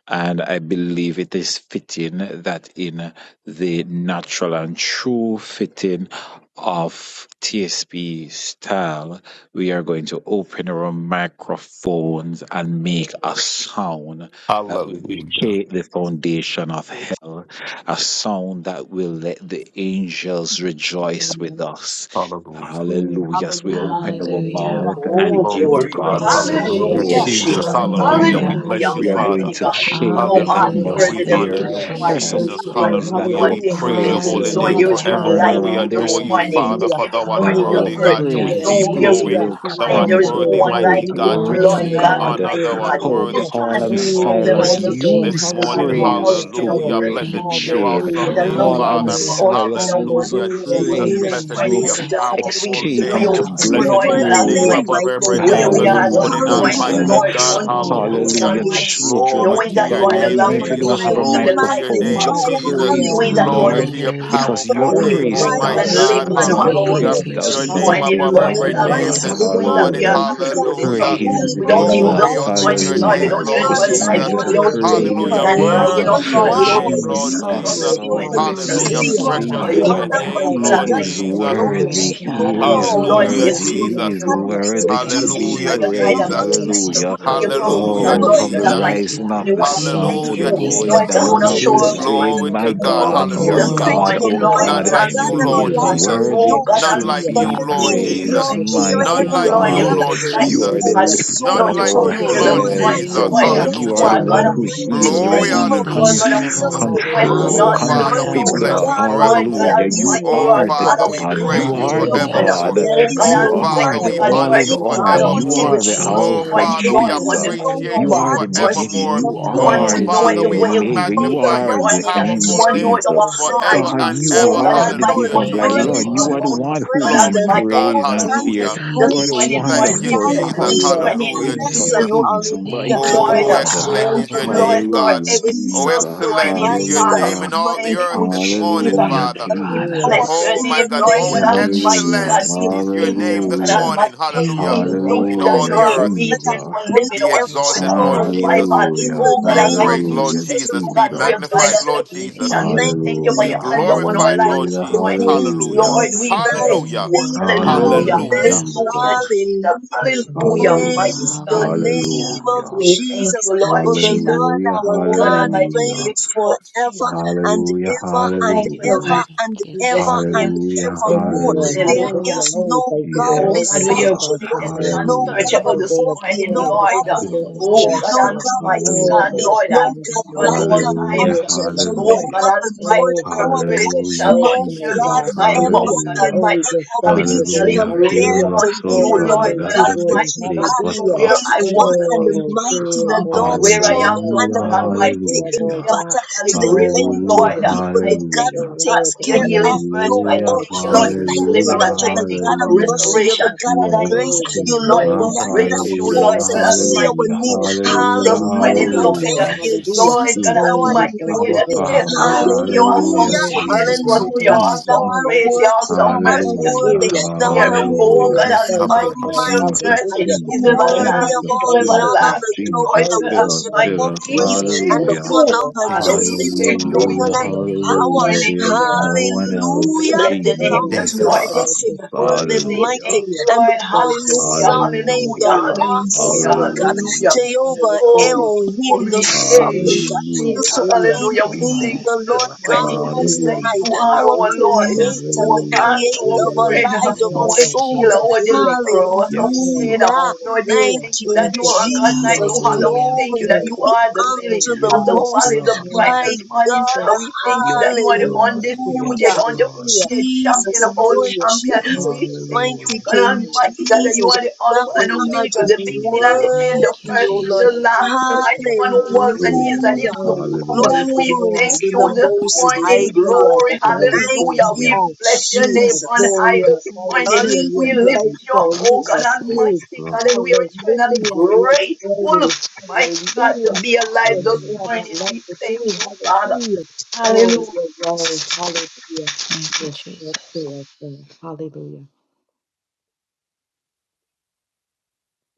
S10: And I believe it is fitting that in the natural and true fitting of TSP style, we are going to open our microphones and make a sound that will
S2: Hallelujah. Hallelujah.
S10: shake the foundation of
S7: It's
S10: hell, a sound that will let the angels rejoice with us.
S2: Hallelujah.
S5: Mm,
S10: Hallelujah. As we
S5: Hallelujah.
S10: open our
S7: hallelujah.
S6: Hallelujah.
S4: Hallelujah.
S10: mouth
S4: Thank
S5: Hallelujah.
S4: you,
S8: Oh,
S10: and
S2: Glory
S10: give
S2: to
S5: Thank
S8: glory.
S4: Jesus.
S5: you,
S2: God.
S10: God
S5: Lord.
S6: Thank you,
S10: some
S4: Hallelujah.
S2: Hallelujah.
S5: Hallelujah.
S8: Hallelujah,
S4: Bless
S10: praise
S6: Jesus.
S4: the
S2: Jesus.
S8: Jesus.
S4: name
S10: this
S7: Hallelujah.
S4: of the Lord.
S2: Hallelujah.
S5: Hallelujah,
S4: We
S2: We
S10: morning,
S6: Hallelujah.
S7: Glory
S8: Hallelujah,
S2: bless
S7: to
S2: you,
S4: worship
S10: we are
S7: God.
S4: you,
S5: hallelujah,
S2: Father.
S10: going
S4: God.
S8: mighty
S10: to
S4: We
S8: God.
S4: thank
S5: hallelujah,
S10: shake
S4: you. We
S10: the
S8: Thou
S5: thank you,
S8: art
S2: Hallelujah.
S5: Lord,
S4: glorify
S6: Hallelujah.
S8: worthy
S2: We
S4: you.
S8: this
S2: honor
S6: Thank
S4: We give
S6: you,
S10: atmosphere.
S5: hallelujah,
S4: you
S7: Hallelujah.
S8: morning.
S2: you,
S4: all
S8: Thou
S3: Hallelujah.
S4: the
S10: There are
S8: art
S10: some
S5: thank
S4: praise.
S8: great.
S6: Jesus.
S2: Jesus.
S5: you,
S8: Thou
S7: Hallelujah.
S8: art
S5: Lord,
S4: We
S10: things
S8: good.
S4: give you
S10: that
S4: all
S8: Thou
S2: Hallelujah.
S8: art
S10: our
S2: We
S7: Hallelujah.
S3: Hallelujah.
S5: hallelujah,
S4: the
S2: praise
S4: glory.
S2: your
S5: thank
S8: excellent.
S5: you,
S2: holy
S7: Hallelujah.
S10: praises
S5: Lord,
S8: Lord,
S4: you
S2: name
S4: all
S10: will
S8: there is
S6: Hallelujah.
S4: the
S8: none
S5: hallelujah,
S10: turn
S2: forevermore.
S8: like
S5: thank
S2: We
S7: Glory
S5: you,
S8: you
S10: around.
S7: to
S10: There are
S8: this
S2: adore
S5: Lord,
S7: God.
S10: some
S2: you,
S8: morning
S3: You
S8: in
S2: Father,
S8: the
S10: things
S5: hallelujah.
S2: for thou
S8: heavens
S2: art
S5: Oh,
S8: nor
S10: that
S8: in the
S5: we
S10: our
S2: worthy,
S8: earth.
S5: praise
S2: God, to
S5: you,
S6: Hallelujah.
S5: Lord,
S2: receive
S8: Nowhere
S6: Thank
S10: praises
S8: we
S6: you,
S4: Father,
S2: glory.
S5: hallelujah,
S8: can
S10: will
S4: to
S2: Thou
S8: find.
S6: Father.
S2: art
S5: thank
S4: receive
S8: There
S7: Hallelujah.
S5: you,
S8: is
S4: all
S10: crumple.
S8: no
S4: the
S2: worthy,
S5: Lord,
S8: one
S4: glory,
S10: Go,
S2: mighty
S8: like
S4: all
S8: you,
S5: hallelujah,
S4: the
S2: God, to
S10: glory
S4: honor,
S7: Yes,
S5: oh,
S10: to
S8: Lord
S4: and
S8: God
S5: you're
S2: receive
S4: worship to
S6: Hallelujah.
S5: mighty,
S10: God.
S2: honor.
S8: Almighty
S5: Lord,
S2: Thou
S4: receive,
S8: God.
S2: art
S7: Lord,
S10: Oh,
S8: You
S2: worthy
S5: hallelujah,
S7: yes,
S2: to
S4: Almighty
S10: Paul
S8: stand
S4: God,
S10: and
S4: all
S2: receive
S4: the
S5: oh,
S2: our
S8: above
S5: you're
S8: them
S10: Silas
S4: praise.
S8: all
S6: Thank
S2: praise
S5: worthy,
S6: you,
S8: this
S5: Lord,
S2: this
S10: use
S8: morning, God.
S6: Jesus.
S2: morning.
S8: You
S5: hallelujah,
S8: are
S10: praise
S5: thank
S4: Hallelujah,
S5: you,
S10: to
S8: altogether
S5: Lord,
S2: Hallelujah.
S4: hallelujah.
S8: worthy
S10: break the
S2: Blessed be
S6: Thank you,
S8: and
S2: your
S8: all
S10: chain.
S5: hallelujah,
S6: Father.
S2: awesome
S8: together
S2: name,
S5: thank
S10: Paul
S8: lovely.
S5: you,
S10: and
S2: Father.
S8: You're
S5: Lord,
S6: Hallelujah.
S10: Silas
S8: altogether
S10: use a
S2: Hallelujah.
S8: wonderful
S5: hallelujah,
S8: to us
S2: Jesus,
S5: thank
S8: this
S5: you,
S9: Hallelujah.
S10: praise
S2: blessed be
S10: to
S8: morning,
S2: your
S9: Praise
S5: Lord,
S8: Jesus.
S6: Thank
S9: God.
S6: you,
S8: And we
S2: powerful
S10: escape
S8: cry
S6: Jesus.
S10: and
S2: name.
S5: hallelujah,
S10: to
S8: out
S9: Glory
S8: to
S5: thank
S9: to
S8: you,
S10: break
S5: you,
S9: your
S2: Blessed be
S8: Lord
S9: worthy
S6: Hallelujah.
S8: God
S2: your
S10: through
S2: name
S10: the
S4: Thank
S5: hallelujah.
S9: name,
S4: you,
S8: Almighty,
S2: above
S8: from
S2: every
S9: mighty
S4: Jesus.
S8: where
S5: Oh,
S2: name
S9: God.
S8: we
S4: Thank
S2: this
S6: Glory
S4: you,
S5: Lord
S8: are
S10: hallelujah, the
S6: to
S8: this
S2: morning,
S5: God,
S4: Jesus.
S6: God.
S8: morning,
S4: Thank
S5: oh,
S9: Hallelujah,
S10: prison.
S2: Almighty
S4: you, Jesus. Thank you,
S8: Lord,
S2: God.
S9: Jesus.
S8: unto
S4: Jesus.
S8: you,
S5: oh,
S6: Hallelujah.
S5: Lord
S8: God
S2: Hallelujah.
S10: Hallelujah,
S5: God,
S9: We
S4: Hallelujah.
S8: Almighty,
S9: exalt.
S10: children of
S2: Glory
S7: Lord.
S8: knowing
S2: to
S8: that
S4: Hallelujah.
S2: your
S8: you are
S9: Your
S8: the
S9: name
S10: God.
S2: name,
S7: Hallelujah.
S10: Even
S8: lamp
S10: if
S4: Thank
S10: you
S8: unto
S9: on
S4: you,
S8: our
S10: don't
S2: Jesus.
S6: Thank
S9: high,
S6: you,
S10: have
S8: feet
S10: a
S4: Jesus.
S5: Hallelujah.
S9: we
S8: and
S2: Glory
S4: Thank
S8: the
S2: to
S6: Jesus.
S8: light
S2: your
S10: microphone,
S8: unto our
S2: name,
S9: magnify,
S10: just
S7: Hallelujah.
S8: path,
S4: you,
S2: Jesus.
S4: Jesus.
S5: Hallelujah.
S10: praise
S8: knowing
S10: the
S4: Thank
S8: that
S7: Hallelujah.
S8: you
S4: you,
S8: are
S2: Glory
S8: the
S9: hallelujah.
S10: Lord
S2: to your
S9: We
S8: reason
S6: Hallelujah.
S10: because your
S8: that
S2: powerful
S5: Thank
S7: Yes,
S8: we
S5: you,
S2: name,
S7: yes,
S4: Jesus.
S10: praise
S4: Thank
S2: oh
S9: glorify
S8: breathe
S5: Lord.
S2: my
S9: the
S4: you,
S10: does
S4: Jesus.
S8: and
S2: God.
S8: live and
S5: Hallelujah.
S9: mighty
S10: something. Your
S8: have
S5: Thank you,
S8: our
S9: name
S7: yes,
S2: Hallelujah.
S10: praise
S6: Thank
S9: of
S5: Lord.
S8: being
S6: you,
S4: Thank
S10: does
S8: this
S4: you,
S2: Your name
S6: Jesus.
S4: Jesus.
S9: Jesus,
S8: morning,
S10: something,
S2: above
S5: Hallelujah.
S8: Lord
S9: the
S10: mighty
S2: every
S8: God
S5: Thank
S4: Thank
S5: you,
S4: you,
S2: name
S5: Lord.
S10: God.
S9: Christ,
S6: Hallelujah.
S8: Almighty
S2: this
S4: Jesus.
S8: knowing that
S5: Hallelujah.
S2: morning.
S8: we
S10: Hallelujah
S8: are
S5: Thank you,
S9: hallelujah.
S5: Lord.
S8: absolutely
S5: Oh,
S9: The
S2: Hallelujah.
S10: praise
S5: we
S8: nothing
S5: bless
S9: Holy
S6: Thank
S5: your
S9: One,
S6: you,
S8: without
S9: the
S10: him.
S8: you
S7: hallelujah.
S5: name,
S8: this
S6: Father.
S5: Lord.
S2: Glorious is
S8: morning,
S5: And
S9: righteous
S6: Glory
S2: your
S7: Hallelujah.
S5: we
S4: God
S6: to
S8: Lord,
S5: just
S9: one,
S10: Hallelujah.
S2: name,
S5: so
S8: without
S6: God.
S9: you
S8: you in
S2: Lord
S10: The
S9: are
S8: our
S5: grateful
S4: healings
S9: this
S5: for
S8: life,
S4: on
S2: Jesus.
S5: you,
S10: songwriters will
S9: morning.
S6: Hallelujah.
S4: God
S7: Hallelujah.
S8: without
S5: Lord.
S8: you
S4: healings
S8: leading
S4: on
S10: praise
S2: Hallelujah.
S9: Jehovah
S4: the
S5: Hallelujah.
S8: and
S4: soul,
S6: Thank
S8: guiding
S4: the
S10: him.
S6: you,
S2: Worthy
S9: Rapha,
S5: Bless
S8: us,
S4: Father
S9: you
S2: is
S5: you,
S8: Lord,
S2: your
S4: God,
S5: the
S6: Jesus.
S9: are
S4: Lord,
S8: without
S9: our
S2: name,
S8: you
S5: Lord
S4: for the
S5: is
S4: thing
S10: Jesus,
S2: Lord
S9: leader.
S8: protecting
S4: that
S5: slow,
S8: us
S4: needs
S7: Hallelujah.
S8: this
S2: Jesus.
S5: Lord
S4: to
S10: our
S4: be
S8: morning,
S5: God.
S9: Jehovah
S4: worked
S7: Glory,
S8: Jesus.
S4: out,
S10: blessed
S2: Hallelujah.
S9: Nissi,
S4: Lord
S6: Thank
S9: you
S5: Hallelujah.
S6: you,
S4: God,
S7: hallelujah.
S9: are our
S4: let
S6: my
S2: Precious
S8: Lord,
S4: your
S2: is
S8: we
S10: Savior.
S5: Feeling
S2: your
S5: the
S4: divine
S9: banner,
S6: Father.
S4: will
S8: thank
S2: name,
S8: you,
S4: be
S5: fresh,
S8: God
S9: mighty
S10: He
S2: Lord
S7: Hallelujah.
S9: God.
S5: Lord.
S4: done
S10: is
S8: Almighty.
S2: Jesus.
S8: We
S9: Jehovah
S6: Glory
S5: Hallelujah.
S10: worthy.
S8: thank
S6: to
S8: you,
S4: in the
S8: we
S6: God.
S9: Shalom, you
S10: He
S4: name
S8: thank
S4: of
S10: is
S9: are our
S8: you,
S5: Feeling up.
S8: Lord, for
S4: Jesus.
S2: Hallelujah,
S8: your
S10: worthy.
S6: Hallelujah.
S9: peace, you are
S8: keeping
S9: the
S10: He
S5: Hallelujah.
S10: is
S8: here.
S2: Jesus.
S9: God
S8: We
S9: who
S8: thank
S9: gives
S8: you
S10: worthy
S8: for
S5: Powerful.
S8: your
S10: to
S6: Thank
S10: be
S4: Amen.
S8: protection
S9: peace
S6: you.
S2: Hallelujah,
S8: and
S5: Hallelujah.
S9: and
S8: your
S4: Yes,
S5: Thank
S10: praised.
S4: Lord,
S8: guidance.
S5: you,
S9: comfort
S8: We
S6: Thank
S2: Jesus.
S5: Lord.
S6: you.
S9: and
S8: thank you
S6: Thank
S10: Hallelujah.
S8: for
S6: you.
S9: strength
S8: your
S5: Praise
S9: in
S5: the
S9: your
S4: In the
S2: Hallelujah,
S8: provision,
S9: people.
S10: Oh,
S4: name of
S8: Lord,
S10: from
S8: God
S10: the
S9: We
S5: Hallelujah.
S2: Jesus.
S7: Yes,
S9: thank
S8: Almighty.
S6: Thank you.
S8: This
S10: rising
S4: Jesus,
S10: of
S8: morning, we
S10: the
S8: want
S7: yes,
S8: to
S6: Thank
S9: thank
S10: sun
S4: we
S7: Lord.
S9: you
S6: you.
S10: to
S8: thank
S10: the
S9: for
S2: Hallelujah,
S4: give
S8: you,
S5: Hallelujah.
S6: Thank
S4: you
S6: you.
S10: going
S8: Lord,
S2: Jesus.
S8: God,
S9: yesterday,
S4: much
S8: we
S7: Praise
S10: down
S4: praise
S8: want
S5: Praise
S8: to
S7: the
S10: of
S5: you.
S8: show
S10: the
S4: for
S9: today,
S8: our
S4: the
S6: Hallelujah.
S7: Bless you
S4: family,
S10: same,
S2: Glory
S8: gratitude
S10: my
S2: to
S4: God,
S2: God.
S9: tomorrow.
S8: unto
S5: Hallelujah.
S10: God,
S7: forevermore.
S8: you
S5: Thank
S10: your
S9: We
S8: this
S5: you,
S2: Hallelujah.
S6: Glory
S9: thank
S4: we
S10: God,
S5: Lord.
S6: to
S9: you,
S10: oh
S8: morning,
S7: in the
S6: God.
S8: Lord,
S2: None
S8: God
S10: God,
S7: mighty
S9: mighty
S5: Hallelujah.
S4: give
S2: like
S4: you
S2: you,
S9: God,
S10: He
S7: name
S9: that
S7: of
S6: Hallelujah.
S4: thanks.
S9: our
S2: Lord
S8: Almighty,
S10: is
S5: Hallelujah.
S6: You're
S8: God.
S9: lives
S5: Thank
S9: are
S5: you,
S2: Jesus.
S9: in
S6: worthy,
S8: Oh,
S10: worthy
S5: Lord.
S9: your
S8: God
S2: None
S10: to
S8: Almighty,
S9: hands,
S2: like
S5: Hallelujah.
S9: that
S2: you,
S10: be
S8: we
S9: we're
S6: Father.
S4: Hallelujah,
S2: Lord
S9: in
S8: thank
S5: Oh,
S8: you,
S5: we
S6: We
S8: we
S5: thank
S9: your
S10: praised,
S2: Jesus.
S8: thank
S5: you,
S6: praise,
S8: you,
S5: Lord.
S8: we
S9: care,
S7: Jesus,
S10: mighty
S2: None
S6: Father.
S8: Thank you,
S9: Heavenly
S2: like
S5: Hallelujah.
S8: Lord.
S2: you,
S8: There
S7: Lord.
S8: is
S5: Thank
S10: God.
S9: Father.
S6: Thank
S5: you,
S8: none
S2: Lord
S6: you,
S4: hallelujah,
S7: We
S9: We
S5: Lord.
S7: will
S8: like
S10: You
S8: you,
S10: are
S4: thank
S2: Jesus.
S10: the
S6: Jesus.
S4: you,
S8: God.
S5: Hallelujah.
S4: Jesus.
S8: And
S10: lifter
S5: Oh,
S2: None
S8: none
S10: of
S9: exalt
S5: we
S8: to
S2: like
S9: your
S10: our
S5: thank
S2: you,
S5: you,
S8: compare
S9: name
S8: this
S5: Lord.
S2: Lord
S9: on high.
S8: morning,
S10: heads,
S6: Hallelujah.
S10: oh
S2: Jesus.
S5: Hallelujah.
S9: We
S8: Lord.
S10: God.
S6: Thank you,
S10: You
S9: lift
S8: You
S10: are
S2: Hallelujah.
S10: the
S9: up
S8: are
S6: Father.
S8: God
S9: the
S10: one
S8: of
S10: who
S4: hallelujah,
S5: Hallelujah.
S4: hallelujah,
S8: the
S4: thank
S7: thank you,
S9: mighty
S10: heals,
S7: Lord, and
S2: Glory,
S8: universe.
S9: name of
S10: redeems,
S8: You are
S10: con-
S2: hallelujah,
S8: God
S6: Thank
S8: of
S6: you,
S8: the
S9: Jesus
S8: east,
S2: Jesus.
S6: Lord.
S5: Hallelujah.
S9: the
S8: the
S7: we
S8: west, the
S9: Christ,
S7: will
S10: control,
S2: Oh,
S8: north, and the
S2: Father, we
S6: Hallelujah.
S9: mighty
S8: south.
S2: bless
S10: configure.
S2: you
S5: Hallelujah.
S9: God, for
S8: Lord God
S9: there
S2: forevermore.
S10: Hallelujah.
S9: is
S10: You
S8: Almighty,
S5: Hallelujah.
S9: no
S8: you
S2: Oh,
S5: Hallelujah.
S8: are
S10: are
S5: Thank
S10: the
S5: you,
S9: God
S8: God
S2: Father,
S8: of
S2: we
S5: Lord.
S10: God.
S8: time
S9: like
S10: You
S8: and
S2: praise you
S10: are the
S5: Hallelujah.
S9: Jehovah.
S6: Hallelujah.
S8: season.
S5: Thank you,
S10: God.
S2: forevermore.
S9: There
S8: Oh,
S5: Lord.
S8: God
S9: is
S10: You
S2: Oh,
S9: no
S4: you,
S5: Hallelujah.
S9: God
S10: are
S2: Father,
S4: Jesus.
S10: the
S8: Almighty,
S2: we
S8: God,
S5: Oh,
S9: above
S8: you
S10: all
S5: we
S2: honor
S8: are
S10: in
S2: you
S9: thee,
S5: thank you,
S8: God
S10: all.
S8: of
S5: Lord.
S9: before
S10: You
S6: Thank
S9: thee,
S6: you,
S2: forevermore.
S10: are the
S5: Oh,
S8: everything
S9: beside
S8: this
S2: Oh,
S10: Alpha
S6: Jesus.
S8: morning,
S2: Father, we
S8: Lord.
S9: there
S8: One
S5: Lord.
S9: is
S10: Jesus.
S7: thank
S8: never
S7: you,
S9: no
S2: appreciate
S10: You
S7: Lord,
S8: slumber
S2: you
S10: are
S9: God
S10: the
S5: Hallelujah.
S4: Amen.
S9: to
S8: nor sleep
S9: be
S10: beginning.
S2: forevermore.
S10: You
S8: the
S9: compared
S8: one
S6: Glory
S10: are
S2: Oh,
S8: who
S9: to
S6: to
S8: knoweth
S2: Father,
S8: the
S10: the
S2: we
S8: way
S9: Jehovah.
S8: we
S6: God.
S10: Omega.
S9: From
S10: You
S8: take
S4: Amen.
S6: Hallelujah.
S2: magnify
S9: the
S8: this
S10: are
S2: your
S10: the
S9: rising
S8: morning,
S9: of
S8: uh,
S9: the
S8: the
S7: for
S10: end,
S2: powerful
S8: one
S9: sun
S5: Thank
S2: name
S8: knoweth
S9: to the
S10: Jesus.
S8: our
S3: are
S9: setting
S8: heart,
S2: forever
S9: of
S7: everything,
S10: God,
S8: uh,
S9: the
S2: and
S10: you
S7: for
S8: oh
S2: ever.
S9: same,
S3: the Lord
S8: God
S10: are
S7: everything,
S10: the
S4: Amen.
S9: thou
S7: for
S8: Almighty, the
S2: Hallelujah,
S10: giver
S8: one
S9: art
S10: of life.
S8: knoweth
S7: all
S6: Thank
S7: of
S6: you,
S2: Jesus.
S4: Amen.
S9: worthy
S10: Lord,
S8: everything
S7: those
S9: to
S10: you
S6: Lord.
S10: are
S7: who
S10: the
S9: be
S8: about
S5: you,
S8: us,
S10: one who
S8: God
S9: praised
S10: we
S2: Glory
S9: and
S2: to
S8: Almighty.
S2: God.
S9: all
S10: praise
S8: So
S10: and
S8: we
S10: fear.
S8: thank
S5: Lord.
S9: times.
S2: Hallelujah.
S8: you this
S10: You
S6: Thank you,
S10: are the
S9: Great
S8: morning,
S6: Jesus.
S8: Lord.
S2: Thank
S9: is
S2: you,
S4: Glory
S8: We
S9: thy
S4: to
S10: wonderful
S8: bless
S4: you,
S8: you
S2: Jesus.
S8: this
S4: Lord,
S10: counselor,
S5: Hallelujah.
S8: morning.
S2: Hallelujah,
S5: Hallelujah.
S10: Prince
S8: We
S9: faithfulness.
S10: of
S8: tell
S2: Jesus.
S8: you,
S10: Peace,
S4: forever
S8: thank
S9: Hallelujah.
S6: Thank
S8: you,
S10: mighty
S6: you,
S2: Oh,
S8: Lord.
S2: how
S6: Lord.
S9: We
S8: Uh,
S10: God.
S2: excellent
S9: exalt
S2: is
S8: Thank
S9: the
S8: you,
S2: your
S6: Hallelujah.
S8: Lord,
S2: name,
S9: name of
S8: for
S2: God.
S10: Hallelujah,
S8: everything
S2: Oh,
S9: Jesus
S8: this
S10: Jesus.
S9: the
S2: excellent
S8: morning,
S2: is
S5: Hallelujah.
S2: your
S9: Christ
S8: Father.
S2: name
S10: Hallelujah.
S2: in all the
S8: Thank
S7: bless
S2: earth
S8: you,
S2: this
S7: you, Lord.
S2: morning,
S8: Jesus.
S10: Hallelujah,
S6: Thank
S2: Father.
S6: you,
S8: We
S4: to
S6: Father.
S4: God.
S5: Hallelujah!
S9: power
S8: bless
S10: Jesus.
S8: your
S2: Oh,
S9: in
S2: my
S9: the
S8: name,
S2: God.
S8: Lord
S2: Oh,
S8: God
S9: name
S6: Thank
S9: of
S6: you,
S8: Almighty.
S10: Hallelujah.
S8: God,
S9: Jesus
S6: Jesus.
S2: excellent
S9: to
S8: we
S2: is your
S9: break
S8: thank you,
S2: name
S9: every
S2: this
S8: God
S9: chain,
S10: Hallelujah.
S2: morning.
S8: Almighty.
S9: break
S2: Hallelujah.
S6: Thank
S8: We
S6: you,
S9: every
S8: thank
S9: yoke,
S2: In
S8: you
S6: Lord.
S8: that
S2: all
S8: you
S9: break
S10: Hallelujah,
S7: Hallelujah,
S2: the
S8: are
S9: every
S2: earth,
S9: fetter,
S8: reaching
S10: Jesus.
S8: for
S9: break
S8: living
S2: be
S8: our
S9: every
S5: Thank
S8: sort
S2: exalted,
S5: you.
S8: of
S2: Lord
S6: Thank you.
S9: stronghold
S2: Jesus.
S8: survival.
S9: in
S10: Hallelujah.
S9: the
S8: Oh, God
S2: Be
S5: Thank
S9: name
S8: Almighty,
S9: of
S2: praised,
S5: you.
S8: we
S2: Lord
S10: Hallelujah,
S8: thank
S9: Jesus of
S2: Jesus.
S8: you,
S9: the
S2: Be
S8: God, for your
S10: Jesus.
S2: magnified,
S8: guidance and
S2: Lord
S9: adversary. We
S6: Hallelujah.
S2: Jesus.
S8: protection. We
S9: thank
S4: Um,
S8: thank you for
S9: you,
S2: Be
S10: Hallelujah.
S8: your hands upon
S9: mighty
S8: our
S2: glorified,
S8: life
S9: God,
S2: Lord
S8: this
S10: Hallelujah.
S9: for
S2: Jesus.
S8: morning.
S9: great
S2: Hallelujah.
S10: Hallelujah.
S8: Lord,
S9: is
S8: we
S4: give it
S9: thy
S4: a
S7: Lord,
S8: bless
S4: little
S2: Hallelujah.
S8: you.
S4: work to go over it.
S8: Hallelujah.
S10: Hallelujah,
S9: faithfulness.
S2: Hallelujah.
S6: Hallelujah.
S8: Hallelujah,
S10: Jesus.
S8: Jesus.
S9: Hallelujah.
S8: Hallelujah,
S9: Praise
S10: Hallelujah.
S8: mighty
S9: the
S8: God.
S9: name
S6: Hallelujah.
S9: of
S10: Hallelujah.
S8: We thank
S9: Jesus.
S8: you, Lord
S9: For the
S8: Jesus.
S9: Lord
S10: Hallelujah,
S9: our
S8: Oh, God
S9: God
S8: Almighty, we
S10: hallelujah,
S9: reigns
S8: lift you up,
S9: forever
S8: Jesus.
S9: and
S10: hallelujah,
S9: ever and
S8: Thank you,
S10: hallelujah,
S9: ever
S8: Lord.
S6: Thank
S9: and
S6: you,
S8: We bless
S9: ever
S8: the name
S9: and
S6: Jesus.
S8: of
S10: hallelujah,
S8: Jesus.
S5: Thank you,
S9: evermore.
S5: Lord.
S9: There
S10: hallelujah.
S8: Hallelujah.
S5: Hallelujah.
S9: is
S5: Oh,
S9: no
S5: thank you,
S9: God
S5: Lord.
S8: Oh
S5: Oh,
S10: Yes,
S8: God,
S5: yes,
S8: where
S5: yes,
S9: beside
S8: your
S10: God,
S5: God, come,
S8: greatness
S9: Jehovah,
S8: is
S5: Lord.
S9: no God
S8: unsearchable
S5: Oh,
S10: hallelujah.
S8: this
S9: above
S5: Lord,
S6: Thank you,
S9: thee,
S8: morning,
S9: no
S5: fill the
S6: Lord.
S9: God
S8: Lord.
S5: pastor
S7: Lord,
S10: Glory
S9: before thee,
S8: Oh
S6: Hallelujah.
S5: afresh,
S8: God
S9: no
S5: Lord.
S10: Jesus,
S9: God
S8: Almighty,
S5: Oh,
S9: beside
S8: God,
S9: thee,
S10: hallelujah,
S5: Lord
S8: Lord, I
S9: no
S5: God,
S9: God
S8: bless you at
S9: like
S8: all
S5: hallelujah. Pour
S8: times.
S10: hallelujah,
S5: in
S9: unto
S5: him
S8: Oh
S5: afresh.
S10: hallelujah,
S8: God
S9: Jehovah, the
S8: Almighty,
S9: Lord
S5: Oh,
S8: your
S9: our
S5: saturate
S9: God.
S5: this
S8: praises
S10: hallelujah,
S8: shall
S5: place,
S9: No
S5: Lord
S8: continue
S9: God
S5: God.
S10: Jesus,
S8: being my mouth,
S5: Hallelujah.
S9: ever
S8: God
S9: can
S10: hallelujah,
S5: Oh, we
S8: Almighty.
S5: just
S9: ever
S8: I'm
S5: thank
S9: be
S5: you,
S6: Thank you,
S8: eternally
S5: Lord.
S10: hallelujah.
S6: Lord.
S8: grateful
S9: compared
S5: Hallelujah.
S10: Fill
S9: to
S10: us,
S8: unto
S10: oh
S5: Oh,
S8: you,
S9: thee
S8: Lord,
S5: we
S9: for
S8: God
S9: the
S10: God,
S5: thank
S10: not
S5: you,
S9: God
S10: just this
S9: that
S5: Lord.
S9: you
S8: Almighty,
S10: place,
S8: God,
S9: are
S8: to
S10: but
S8: know
S5: Hallelujah.
S8: where
S10: us,
S8: I
S9: faithful
S8: was and where
S10: Jesus.
S8: you
S9: and
S5: Oh,
S8: came
S9: mighty,
S5: do it,
S9: the
S8: from and
S5: Lord.
S9: Lord
S8: where
S5: Do
S8: I
S9: strong
S5: it
S8: am
S5: right.
S8: now,
S9: and
S10: Hallelujah,
S8: God
S5: Never
S8: Almighty.
S9: mighty
S5: before,
S9: in
S10: hallelujah.
S5: Lord
S8: I am
S5: God.
S9: battle
S8: eternally
S9: to
S8: grateful,
S5: Oh,
S9: defend
S5: allow
S9: your
S8: Lord.
S10: Hallelujah,
S5: him to
S9: people,
S8: I
S9: the
S5: preach
S9: God
S8: thank
S9: who
S5: your
S10: hallelujah,
S8: you, God,
S5: word,
S9: takes
S8: for your
S5: Lord
S9: care
S5: God.
S9: of
S8: healing
S9: your
S8: virtue. I
S5: Oh,
S6: Thank
S10: hallelujah,
S9: own.
S5: the
S8: thank
S6: you,
S8: you,
S9: We
S8: Lord,
S6: Jesus.
S8: for
S5: clarity,
S8: your
S2: Jesus.
S9: thank
S5: Lord,
S9: you
S5: we
S10: hallelujah,
S9: that
S8: deliverance.
S5: bless
S9: you're
S5: the
S8: I
S9: the
S8: thank you
S9: God of
S8: for
S5: conviction,
S10: hallelujah.
S9: mercy,
S5: Lord
S9: you're
S8: restoration.
S9: the
S5: God.
S9: God of
S8: And I
S10: Yes,
S9: grace.
S5: Oh, the
S8: thank
S9: You
S8: you,
S9: look
S8: Lord,
S6: Hallelujah.
S10: Jesus,
S8: for
S5: prayer,
S2: Thank
S9: beyond
S2: you,
S5: according
S9: our
S5: to
S8: breakthrough,
S5: your
S10: hallelujah,
S8: Lord,
S9: faults and
S5: perfect
S2: Jesus.
S9: you
S8: God
S9: see
S5: will.
S9: our
S8: Almighty.
S10: hallelujah,
S8: We
S9: need.
S5: Lord
S8: thank
S5: God,
S8: you
S5: oh,
S10: hallelujah,
S8: this
S5: we
S8: morning,
S5: thank
S9: Hallelujah.
S2: Glory
S5: you,
S2: to
S8: Lord.
S9: Thank
S5: Lord.
S10: hallelujah.
S9: you,
S5: Hallelujah.
S2: Jesus.
S8: Lord
S9: Jesus.
S8: God
S10: Jesus,
S9: Thou
S5: Oh,
S9: art
S5: we
S8: Almighty, we
S5: thank
S8: give
S5: you,
S10: our
S8: a
S9: worthy.
S5: Lord.
S8: test
S10: Father,
S8: uh, to
S5: Hallelujah.
S8: your
S2: Lord
S10: hallelujah,
S8: awesome
S9: Hallelujah.
S5: Oh, we
S8: goodness,
S2: Jesus,
S5: thank
S8: Lord,
S10: Jesus,
S5: you,
S8: to
S2: Jesus.
S8: your
S9: Hallelujah.
S5: Lord.
S9: Thou
S8: awesome
S10: Jesus,
S9: art
S8: grace,
S5: Hallelujah.
S8: your
S9: worthy. Thou
S8: awesome
S9: art
S8: mercy, You
S10: hallelujah,
S8: keep
S9: worthy.
S5: Hallelujah.
S8: keeping
S9: Thou
S8: here.
S9: art
S8: Oh
S5: Hallelujah.
S10: hallelujah.
S8: God
S2: Yes,
S9: worthy,
S5: Thank
S8: Almighty,
S5: you,
S2: Abba,
S8: with
S5: Lord.
S2: us,
S8: your
S10: Jesus,
S2: Father.
S9: Almighty God.
S8: mercy
S5: Hallelujah.
S8: is
S10: Jesus,
S7: Lord,
S5: Oh,
S9: Worthy of
S5: we
S8: everlasting
S10: Jesus,
S9: all
S8: to
S5: praise
S9: the
S5: you,
S9: honor,
S10: Jesus,
S5: Lord.
S9: the
S8: everlasting,
S5: We
S9: glory,
S8: Lord
S10: Jesus,
S9: the
S8: God
S5: praise you,
S10: fill us,
S9: worship,
S5: Lord.
S8: Almighty.
S9: all
S10: fill us,
S6: Thank you,
S8: We
S9: praise
S5: Oh,
S9: and
S8: thank
S9: the
S5: thank
S10: hallelujah.
S6: Jesus.
S5: you,
S9: one
S8: you,
S5: Lord.
S8: Father. We
S9: majesty,
S2: Jesus,
S5: Hallelujah.
S8: thank you.
S5: Thank
S8: We
S9: dominion
S5: you,
S10: Hallelujah,
S9: and
S8: thank
S5: Lord.
S8: you
S6: Hallelujah.
S8: this
S9: power.
S10: hallelujah.
S5: Praise
S8: morning.
S10: There
S5: the
S10: is
S8: Jesus.
S5: Lord.
S10: no one
S8: We
S10: else.
S5: Hallelujah.
S9: Hallelujah.
S8: bless the name
S9: Belong
S5: Oh, you're
S8: of
S9: to
S10: Jesus.
S8: the
S9: your
S5: welcome
S8: mighty
S2: Jesus.
S5: in
S9: blessed,
S5: this
S8: Jesus.
S5: place.
S8: We
S9: worthy,
S8: say
S10: Hallelujah,
S9: mighty,
S8: thank
S5: Hallelujah.
S8: you,
S9: and
S8: Lord.
S5: Praise the
S8: Hallelujah,
S5: Lord.
S9: awesome name,
S8: hallelujah,
S9: the
S7: Lord,
S5: Hallelujah.
S10: hallelujah,
S6: Thank you,
S5: Praise
S8: hallelujah,
S10: hallelujah,
S9: awesome
S5: the
S6: Lord.
S9: God.
S8: hallelujah.
S9: Jehovah
S8: Oh,
S5: Lord.
S9: Elohim,
S5: Hallelujah.
S9: the
S8: glory. Hey,
S9: sovereign
S8: Jesus.
S5: Hallelujah.
S9: God, the
S5: Hallelujah.
S10: hallelujah.
S9: supreme
S8: Hallelujah.
S6: Thank you,
S8: We
S9: being,
S8: thank
S6: Lord.
S8: you
S9: the
S8: this
S9: Lord
S10: Jesus.
S9: God
S8: morning
S9: most
S5: Hallelujah.
S8: that
S9: high,
S8: you
S10: Hallelujah,
S8: are
S9: our
S8: our
S5: Hallelujah.
S8: Lord,
S5: Thank you,
S9: creator, the
S8: our
S5: Lord.
S10: hallelujah,
S8: Master, our
S9: creator
S5: Hallelujah.
S9: of our
S8: friend,
S9: lives,
S10: hallelujah.
S9: of our
S8: our
S5: Amen.
S6: Thank you,
S9: souls.
S8: healer,
S6: Jesus.
S8: our
S5: Hallelujah.
S8: deliverer, our
S10: Yes,
S5: Amen.
S8: sustainer.
S10: Lord.
S9: Hallelujah.
S8: Lord, we
S5: Hallelujah.
S9: Thank
S8: thank you
S9: you,
S8: that
S5: Thank
S8: you
S5: you,
S8: are a
S10: Yes,
S5: Lord.
S8: God like
S10: Lord.
S8: no
S9: Jesus.
S5: Hallelujah.
S8: other. We
S6: Hallelujah.
S8: thank you
S9: Glory
S8: that
S5: Amen.
S9: be
S8: you are the lily
S9: unto the
S8: of
S10: Yes,
S8: the
S5: Hallelujah.
S9: Most
S8: valley, the
S10: Lord.
S5: Amen.
S9: High
S8: brightest morning
S5: Thank you, Lord.
S9: God.
S5: Hallelujah.
S8: star. We thank you that
S10: Yes,
S8: you are the
S10: Lord.
S8: undisputed,
S9: Hallelujah.
S10: Yes, Lord.
S5: Hallelujah.
S8: undefeated champion
S9: Jesus,
S8: of
S5: Hallelujah.
S8: all
S5: Thank
S9: Lord
S8: champions.
S9: Jesus,
S8: We thank you,
S9: mighty
S10: Hallelujah.
S8: God
S9: King
S8: Almighty,
S5: you,
S8: God,
S5: Lord.
S8: that you
S9: Jesus,
S8: are the
S9: thou
S8: Alpha
S5: Amen.
S8: and
S5: Hallelujah.
S9: art
S8: Omega, the beginning and
S10: Jesus.
S5: Hallelujah.
S8: the end, the
S6: Thank you,
S9: worthy,
S8: first
S9: O
S8: and
S9: Lord.
S3: of
S6: Jesus.
S8: the
S5: Hallelujah.
S8: last, God Almighty, one
S9: Hallelujah.
S8: who was and
S5: Hallelujah.
S8: is and
S10: Glory,
S8: is to
S5: Oh, we
S8: come.
S5: praise
S10: hallelujah.
S5: you,
S8: We
S9: Glory
S5: Lord.
S9: to
S8: thank
S5: You
S8: you
S9: the
S5: are
S8: this
S9: Most
S5: mighty.
S9: High
S8: morning.
S10: Yes,
S5: You
S9: God.
S5: are the
S8: Glory,
S10: Lord.
S9: Thank
S5: majesty
S8: hallelujah.
S5: of
S9: you,
S10: Yes,
S8: We
S5: God.
S8: bless your
S5: You
S8: name
S5: are
S8: on
S9: Jesus.
S8: high
S5: glorious.
S8: this morning.
S5: Hallelujah. You
S8: We
S5: are
S9: Hallelujah.
S4: Um,
S8: lift your,
S5: faithful.
S8: oh
S5: You
S3: the
S8: God
S5: are
S10: Jesus.
S5: true.
S10: Yes,
S8: Almighty,
S10: Lord.
S8: God, and we are eternally
S5: Hallelujah. You are
S8: grateful.
S5: praise.
S8: Mighty God, to
S5: Hallelujah.
S8: be alive
S5: Oh,
S8: this
S5: God,
S10: Hallelujah.
S5: I
S8: morning,
S5: love
S8: we
S5: to do.
S8: thank you, Father.
S5: Hallelujah. Oh,
S8: Hallelujah.
S5: your word. Hallelujah. Yes,
S6: Thank you,
S5: yes, yes,
S6: Jesus.
S5: yes. Hallelujah.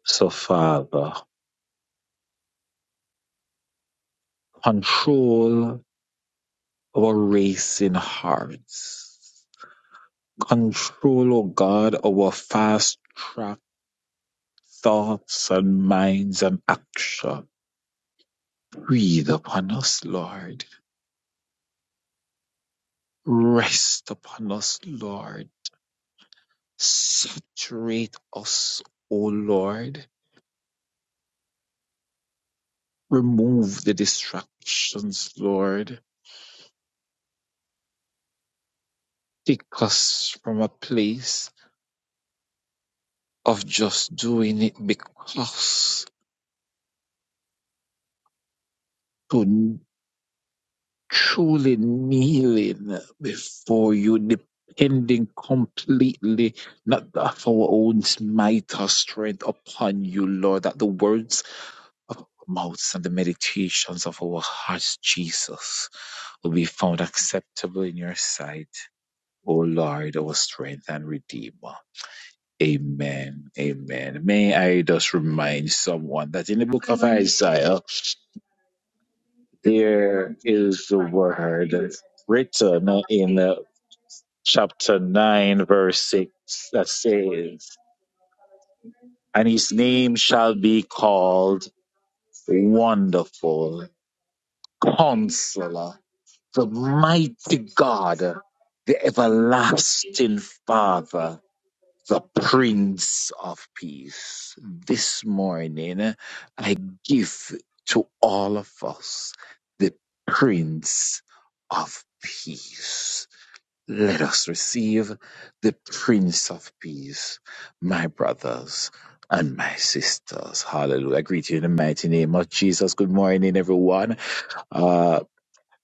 S10: So, Father, control our racing hearts. Control, O God, our fast track thoughts and minds and action. Breathe upon us, Lord. Rest upon us, Lord. Saturate us, O Lord Remove the distractions, Lord. Take us from a place of just doing it because to truly kneeling before you, depending completely, not of our own might or strength upon you, Lord, that the words of our mouths and the meditations of our hearts, Jesus, will be found acceptable in your sight, O Lord, our strength and redeemer. Amen. Amen. May I just remind someone that in the book of Isaiah, written chapter 9, verse, and his name shall haunt the mighty, the everlasting Father, Prince of Peace. This morning, I give to all of us the Prince of Peace Let us receive the Prince of Peace, my brothers and my sisters. Hallelujah. I greet you in the mighty name of Jesus. Good morning, everyone. Uh,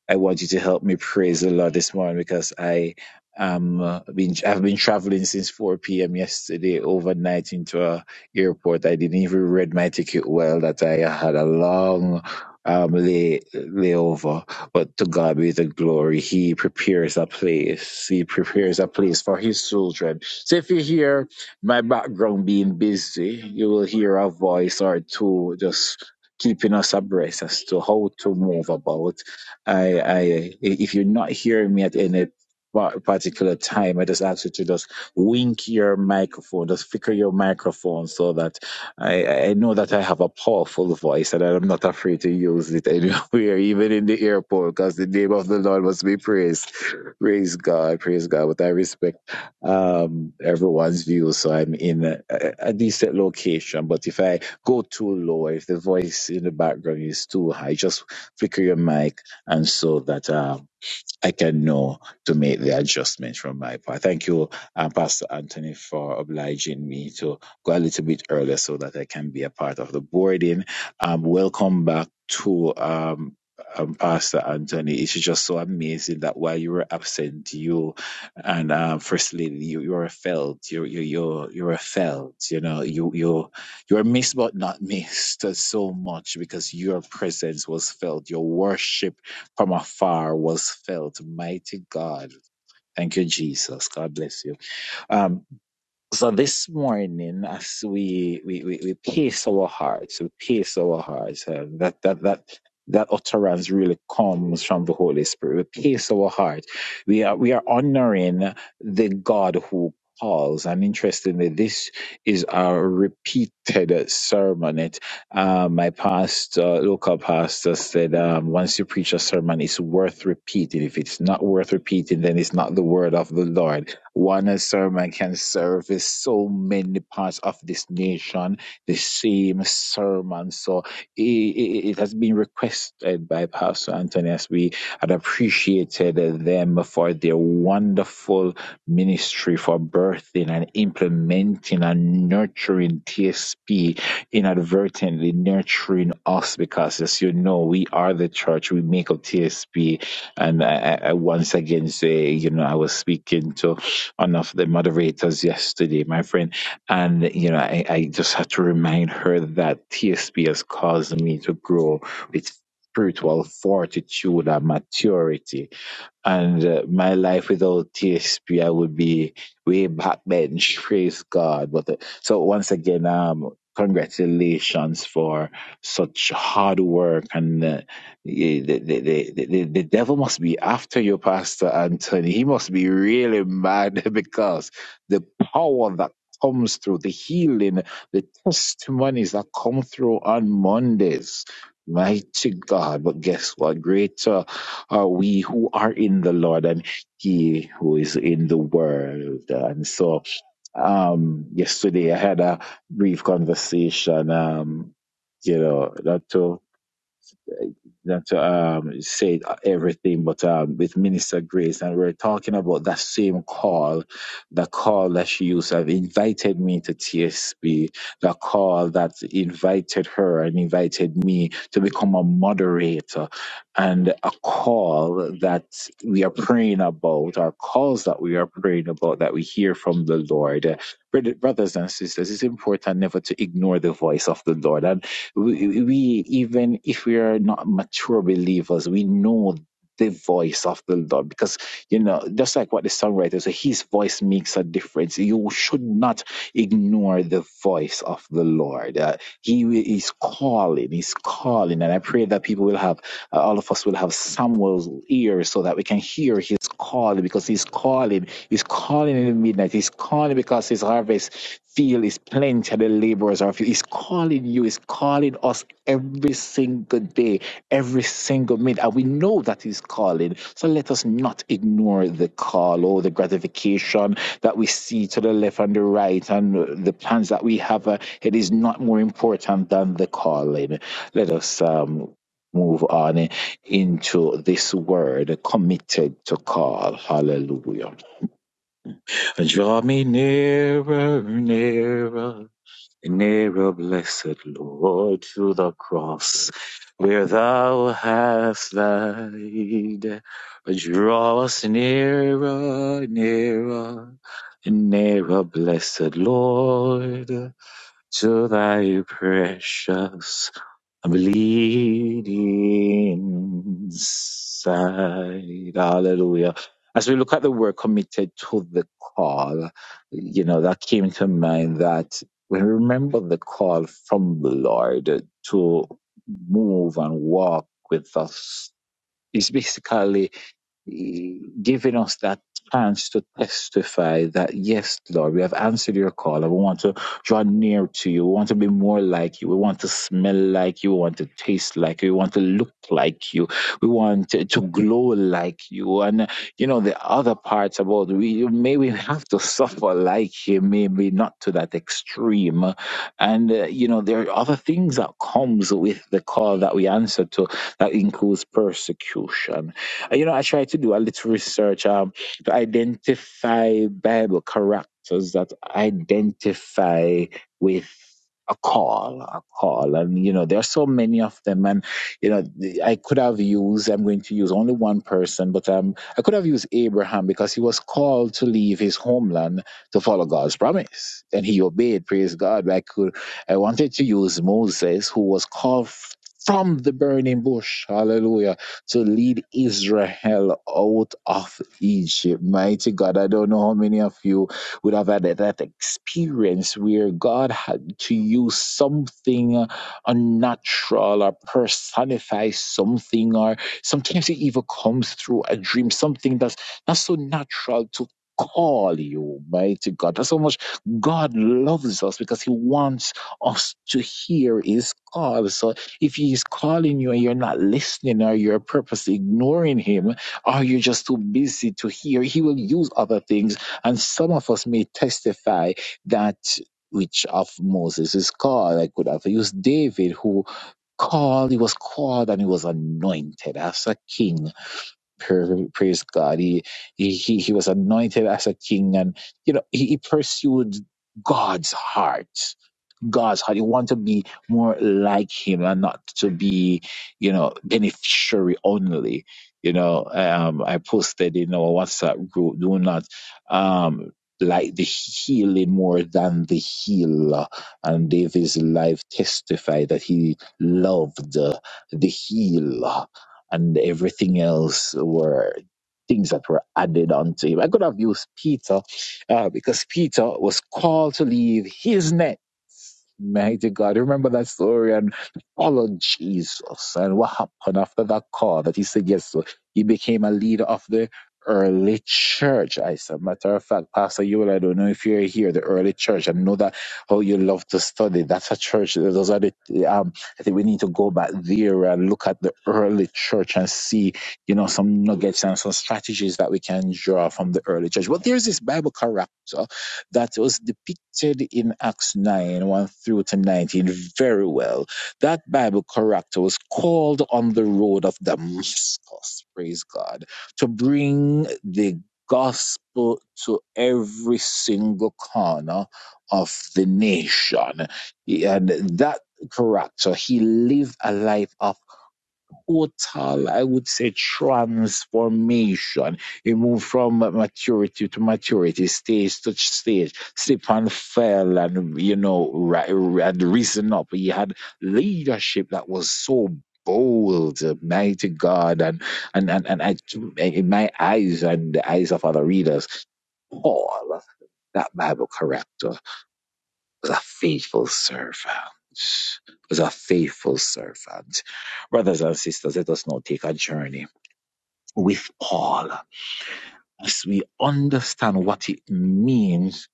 S10: I want you to help me praise the Lord this morning because I um uh, been I've been traveling since 4 p.m. yesterday overnight into a airport. I didn't even read my ticket well that I had a long um lay layover. But to God be the glory. He prepares a place. He prepares a place for his children. So if you hear my background being busy, you will hear a voice or two just keeping us abreast as to how to move about if you're not hearing me at any pa- particular time, I ask you to just wink your microphone, just flicker your microphone so that I, I know that I have a powerful voice and I'm not afraid to use it anywhere, even in the airport, because the name of the Lord must be praised. Praise God, praise God. But I respect um, everyone's view, so I'm in a, a decent location. But if I go too low, if the voice in the background is too high, just flicker your mic and so that. um, I can know to make the adjustment from my part. Thank you, um, Pastor Anthony, for obliging me to go a little bit earlier so that I can be a part of the boarding. Um, welcome back to um, um, Pastor Anthony. It's just so amazing that while you were absent, you and um, First Lady, you, you were felt. You you you you were felt. You know, you you you were missed but not missed so much because your presence was felt. Your worship from afar was felt. Mighty God. Thank you, Jesus. God bless you. Um, so this morning, as we we we, we pace our hearts, we pace our hearts. uh, that that that that utterance really comes from the Holy Spirit. We pace our heart. We are we are honoring the God who calls. And interestingly, this is a repeated sermon. It uh, my pastor, local pastor, said um, once you preach a sermon, it's worth repeating. If it's not worth repeating, then it's not the word of the Lord. One uh, sermon can service so many parts of this nation, the same sermon. So it, it, it has been requested by Pastor Anthony as we had appreciated them for their wonderful ministry for birthing and implementing and nurturing TSP, inadvertently nurturing us because, as you know, we are the church, we make up TSP. And I, I I once again say, you know, I was speaking to one of the moderators yesterday, my friend. And, you know, I, I just had to remind her that TSB has caused me to grow with spiritual fortitude and maturity and uh, my life without TSP, I would be way backbench. Praise God. But uh, so once again, um, congratulations for such hard work. And uh, the, the, the, the, the the devil must be after you, Pastor Anthony. He must be really mad because the power that comes through, the healing, the testimonies that come through on Mondays. Mighty God, but guess what? Greater are we who are in the Lord and He who is in the world. And so, um, yesterday I had a brief conversation, um, you know, not to than to um, say everything, but um, with Minister Grace, and we are talking about that same call, the call that she used to have invited me to TSB, the call that invited her and invited me to become a moderator, and a call that we are praying about, our calls that we are praying about that we hear from the Lord. Brother- Brothers and sisters, it's important never to ignore the voice of the Lord we, we even if we are not mature believers we know the voice of the lord because you know just like what the songwriter said his voice makes a difference you should not ignore the voice of the lord uh, he is calling he's calling and i pray that people will have uh, all of us will have samuel's ears so that we can hear his calling because he's calling he's calling in the midnight he's calling because his harvest Feel is plenty, of the laborers are few. He's calling you, he's calling us every single day, every single minute. And we know that he's calling. So let us not ignore the call or the gratification that we see to the left and the right and uh, the plans that we have. uh, It is not more important than the calling. Let us um, move on into this word committed to call. Hallelujah. Draw me nearer, nearer. Nearer, blessed Lord, to the cross where thou hast died. Draw us nearer, nearer, nearer, blessed Lord, to thy precious I'm bleeding inside. Hallelujah. As we look at the word committed to the call, you know, that came to mind that we remember the call from the Lord to move and walk with us. It's basically giving us that chance to testify that yes, Lord, we have answered your call and we want to draw near to you. We want to be more like you. We want to smell like you. We want to taste like you. We want to look like you. We want to to glow like you. And you know, the other parts about we may we have to suffer like you, maybe not to that extreme. And uh, you know, there are other things that comes with the call that we answer to that includes persecution uh, you know, I try to do a little research um, to identify Bible characters that identify with a call, a call. And, you know, there are so many of them. And, you know, I could have used, I'm going to use only one person, but um, I could have used Abraham because he was called to leave his homeland to follow God's promise. And he obeyed, praise God. I could, I wanted to use Moses, who was called f- from the burning bush. Hallelujah to lead Israel out of Egypt. Mighty God, I don't know how many of you would have had that experience where God had to use something unnatural or personify something, or sometimes it even comes through a dream, something that's not so natural to call you, mighty God. That's how much God loves us because He wants us to hear His call. So. If he's calling you and you're not listening, or you're purposely ignoring him, or you're just too busy to hear, he will use other things. And some of us may testify that which of Moses is called. I could have used David, who called, he was called and he was anointed as a king. Pra- Praise God. He, he, he he was anointed as a king and, you know, he, he pursued God's heart. God's heart. You want to be more like Him and not to be, you know, beneficiary only. You know, um, I posted in our WhatsApp group, do not um, like the healing more than the healer. And David's life testified that he loved uh, the healer, and everything else were things that were added onto him. I could have used Peter uh, because Peter was called to leave his net Mighty God, remember that story and follow Jesus. And what happened after that call that he said yes to? He became a leader of the early church. I said, matter of fact, Pastor Yule, I don't know if you're here, the early church. I know that how you love to study. That's a church. Those are the, um, I think we need to go back there and look at the early church and see, you know, some nuggets and some strategies that we can draw from the early church. But there's this Bible character that was depicted in Acts 9 1 through to 19 very well. That Bible character was called on the road of Damascus, praise God, to bring the gospel to every single corner of the nation. And that character, he lived a life of total, I would say, transformation. He moved from maturity to maturity, stage to stage, slip and fell, and you know, ri- had risen up. He had leadership that was so bold, mighty God, and and and, and I, in my eyes and the eyes of other readers, Paul, that Bible character was a faithful servant. Was a faithful servant. Brothers and sisters, let us now take a journey with Paul as we understand what it means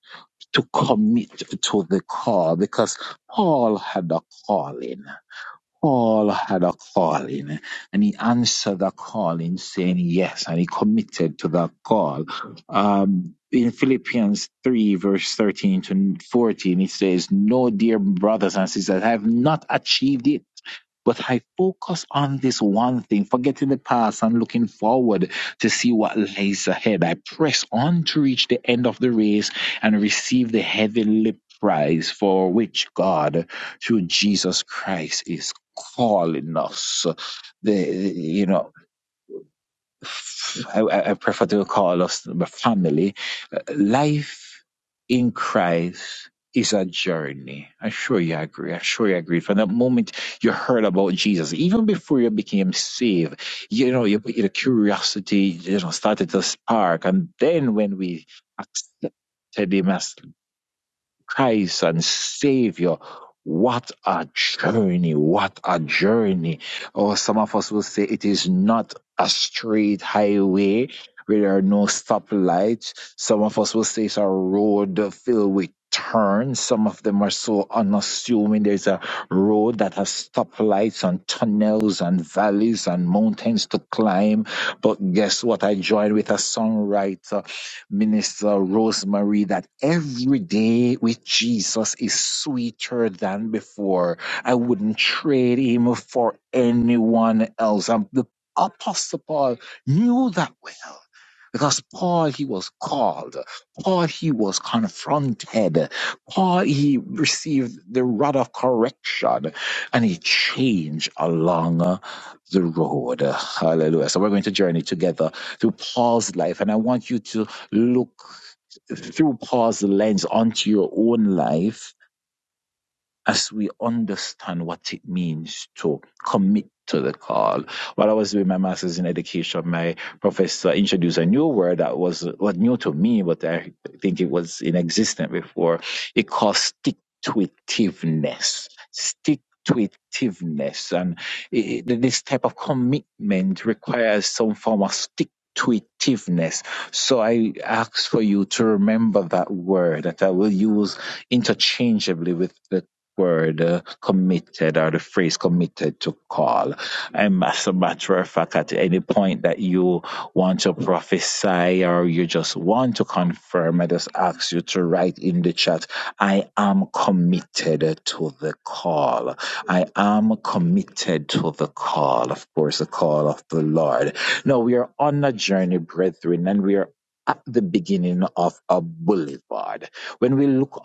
S10: to commit to the call because Paul had a calling. Paul had a calling and he answered the calling saying yes and he committed to that call. Um, in Philippians 3 verse 13 to 14, it says, No, dear brothers and sisters, I have not achieved it but I focus on this one thing, forgetting the past and looking forward to see what lies ahead. I press on to reach the end of the race and receive the heavenly prize for which God, through Jesus Christ, is calling us. The- you know. I, I prefer to call us family. Uh, Life in Christ is a journey. I'm sure you agree. I'm sure you agree. From the moment you heard about Jesus, even before you became saved, you know, you, the curiosity, you know, started to spark. And then when we accepted him as Christ and Savior. What a journey! What a journey! Or some of us will say it is not a straight highway where there are no stoplights. Some of us will say it's a road filled with turns. Some of them are so unassuming. There's a road that has stoplights and tunnels and valleys and mountains to climb. But guess what? I joined with a songwriter Minister Rosemary, that every day with Jesus is sweeter than before. I wouldn't trade him for anyone else. And the Apostle Paul knew that well. Because Paul, he was called. Paul, he was confronted. Paul, he received the rod of correction and he changed along the road. Hallelujah. So we're going to journey together through Paul's life. And I want you to look through Paul's lens onto your own life as we understand what it means to commit to the call. While I was doing my master's in education, my professor introduced a new word that was what new to me, but I think it was inexistent before. It called stick to itiveness. Stick to itiveness. And it, this type of commitment requires some form of stick to itiveness. So I ask for you to remember that word that I will use interchangeably with the word uh, committed or the phrase committed to call. And as a matter of fact, at any point that you want to prophesy or you just want to confirm, I just ask you to write in the chat, I am committed to the call. I am committed to the call. Of course, the call of the Lord. No, we are on a journey, brethren, and we are at the beginning of a boulevard when we look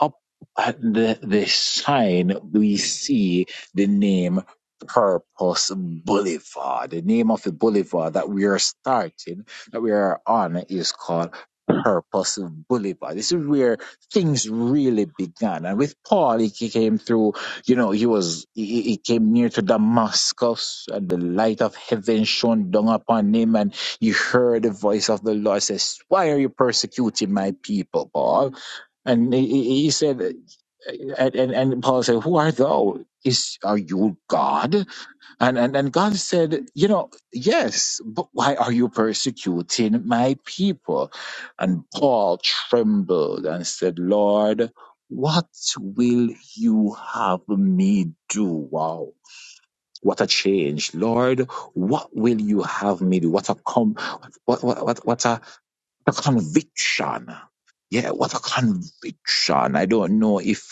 S10: at the, the sign, we see the name Purpose Boulevard. The name of the boulevard that we are starting, that we are on, is called Purpose Boulevard. This is where things really began. And with Paul, he came through, you know, he was, he, he he came near to Damascus and the light of heaven shone down upon him and he heard the voice of the Lord says, why are you persecuting my people, Paul? And he, he he said, and, and, and Paul said, Who art thou? Is are you God? And, and and God said, You know, yes, but why are you persecuting my people? And Paul trembled and said, Lord, what will you have me do? Wow. What a change, Lord! What will you have me do? What a com- what what what, what a, a conviction! Yeah, what a conviction! I don't know if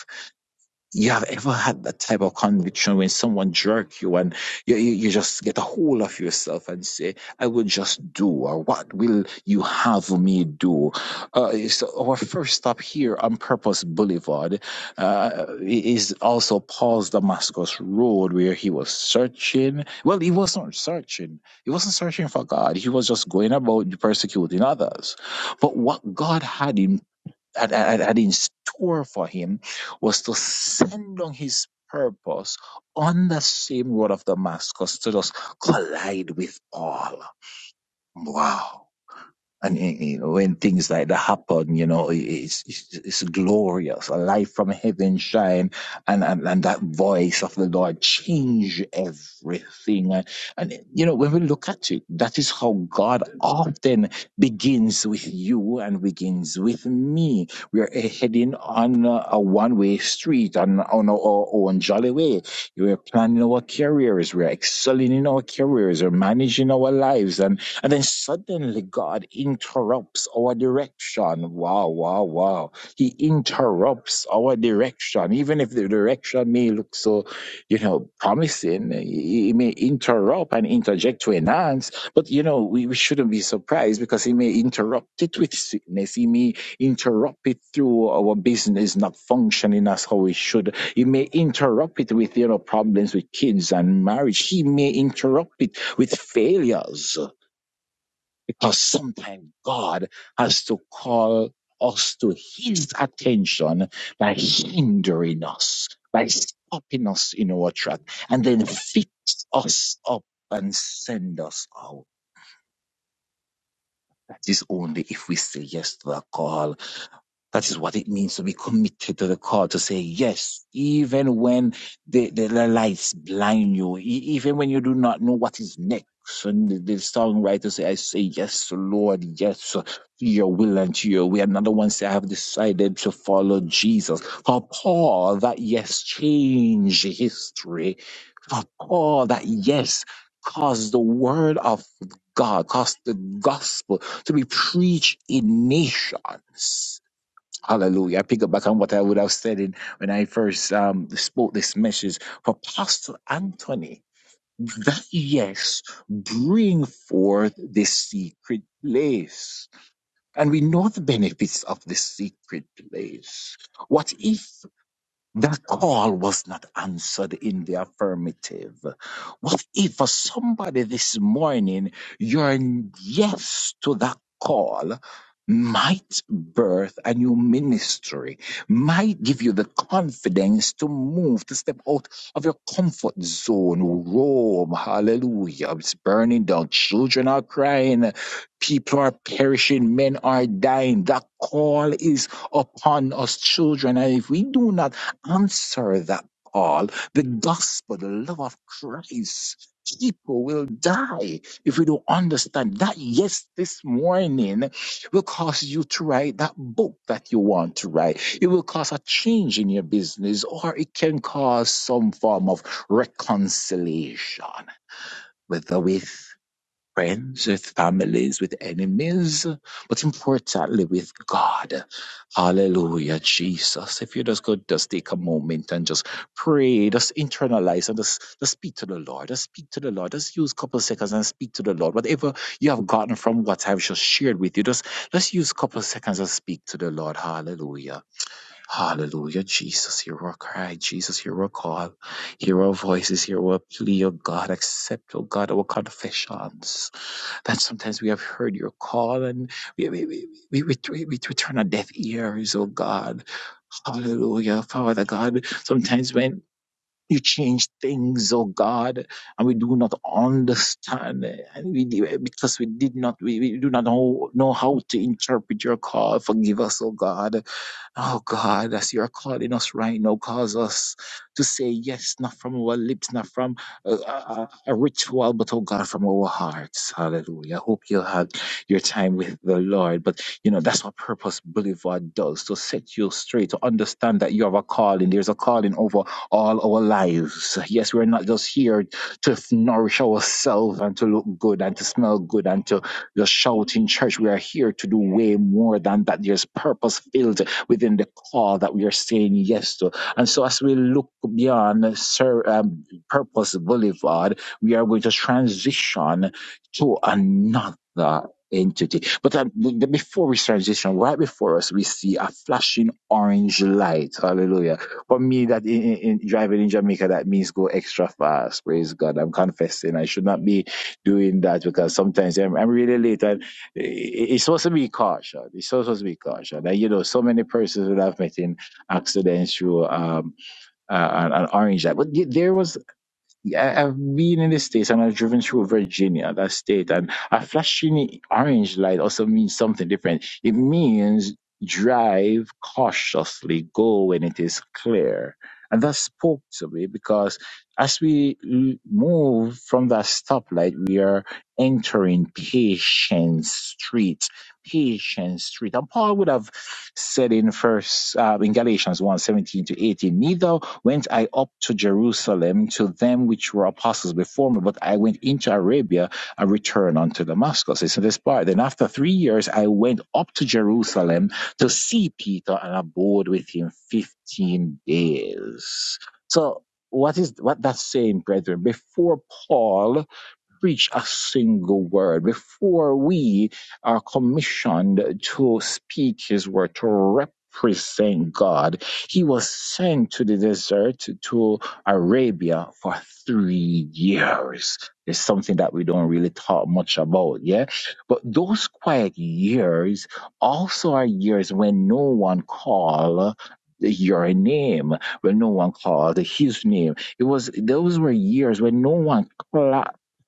S10: you have ever had that type of conviction when someone jerk you and you, you, you just get a hold of yourself and say, I will just do, or what will you have me do? Uh, so our first stop here on Purpose Boulevard uh, is also Paul's Damascus Road where he was searching. Well, he wasn't searching. He wasn't searching for God. He was just going about persecuting others. But what God had in had, had, had in store for him was to send on his purpose on the same road of Damascus to just collide with all. Wow. And you you know, when things like that happen, you know, it- it's, it's, it's glorious. A light from heaven shine and, and, and that voice of the Lord change everything. And, and, you know, when we look at it, that is how God often begins with you and begins with me. We are heading on a, a one-way street on, on our own jolly way. We're planning our careers. We're excelling in our careers. We're managing our lives. and. And then suddenly God interrupts our direction. Wow, wow, wow. He interrupts our direction. Even if the direction may look so, you know, promising, he he may interrupt and interject to enhance. But, you know, we, we shouldn't be surprised because he may interrupt it with sickness. He may interrupt it through our business not functioning as how it should. He may interrupt it with, you know, problems with kids and marriage. He may interrupt it with failures because sometimes God has to call us to his attention by hindering us, by stopping us in our track, and then fix us up and send us out. That is only if we say yes to the call that is what it means to be committed to the call, to say yes, even when the, the, the lights blind you, e- even when you do not know what is next. And the, the songwriter say, I say yes, Lord, yes, to your will and to your way. Another one say, I have decided to follow Jesus. For Paul, that yes changed history. For Paul, that yes caused the word of God, caused the gospel to be preached in nations Hallelujah. I pick up back on what I would have said in, when I first um, spoke this message for Pastor Anthony. That yes, bring forth the secret place. And we know the benefits of the secret place. What if? That call was not answered in the affirmative. What if for somebody this morning, your yes to that call might birth a new ministry, might give you the confidence to move, to step out of your comfort zone, roam, hallelujah. It's burning down. Children are crying. People are perishing. Men are dying. That call is upon us children. And if we do not Answer that, all The gospel, the love of Christ. People will die if we don't understand that. Yes, this morning will cause you to write that book that you want to write. It will cause a change in your business, or it can cause some form of reconciliation with the with friends, with families, with enemies, but importantly with God. Hallelujah, Jesus. If you just could just take a moment and just pray, just internalize and just, just speak to the Lord. Just speak to the Lord. Just use a couple of seconds and speak to the Lord. Whatever you have gotten from what I've just shared with you, just let's use a couple of seconds and speak to the Lord. Hallelujah. Hallelujah, Jesus. Hear our cry, Jesus, hear our call. Hear our voices, hear our plea, Oh God. Accept, oh God, our confessions that sometimes we have heard your call and we, we, we, we, we, we, we turn our deaf ears, oh God. Hallelujah, Father God. Sometimes when you change things, oh God, and we do not understand, eh, and we because we did not, we, we do not know, know how to interpret your call. Forgive us, oh God. Oh God, as you're calling us right now, cause us to say yes, not from our lips, not from a, a, a ritual, but oh God, from our hearts. Hallelujah. I hope you had your time with the Lord. But you know, that's what Purpose Boulevard does to set you straight, to understand that you have a calling. There's a calling over all our lives. Yes, we're not just here to f- nourish ourselves and to look good and to smell good and to just shout in church. We are here to do way more than that. There's purpose filled within the call that we are saying yes to. And so, as we look beyond Sir, um, Purpose Boulevard, we are going to transition to another entity. But um, b- b- before we transition, right before us, we see a flashing orange light. Hallelujah. For me, that in, in, in driving in Jamaica, that means go extra fast. Praise God. I'm confessing I should not be doing that because sometimes I'm, I'm really late i- it's supposed to be caution. It's so supposed to be caution. Like, you know, so many persons that I've met in accidents through um, uh, an, an orange light. But y- there was yeah, I've been in the States and I've driven through Virginia, that state, and a flashing orange light also means something different. It means drive cautiously, go when it is clear. And that spoke to me because as we l- move from that stoplight, we are entering Patient Street. Patient Street. And Paul would have said in first uh, in Galatians 1, to 18, neither went I up to Jerusalem to them which were apostles before me, but I went into Arabia and returned unto Damascus. It's in this part. Then after three years, I went up to Jerusalem to see Peter and abode with him 15 days. So what is what that's saying, brethren? Before Paul preach a single word before we are commissioned to speak his word to represent god he was sent to the desert to arabia for three years it's something that we don't really talk much about yeah but those quiet years also are years when no one called your name when no one called his name it was those were years when no one clapped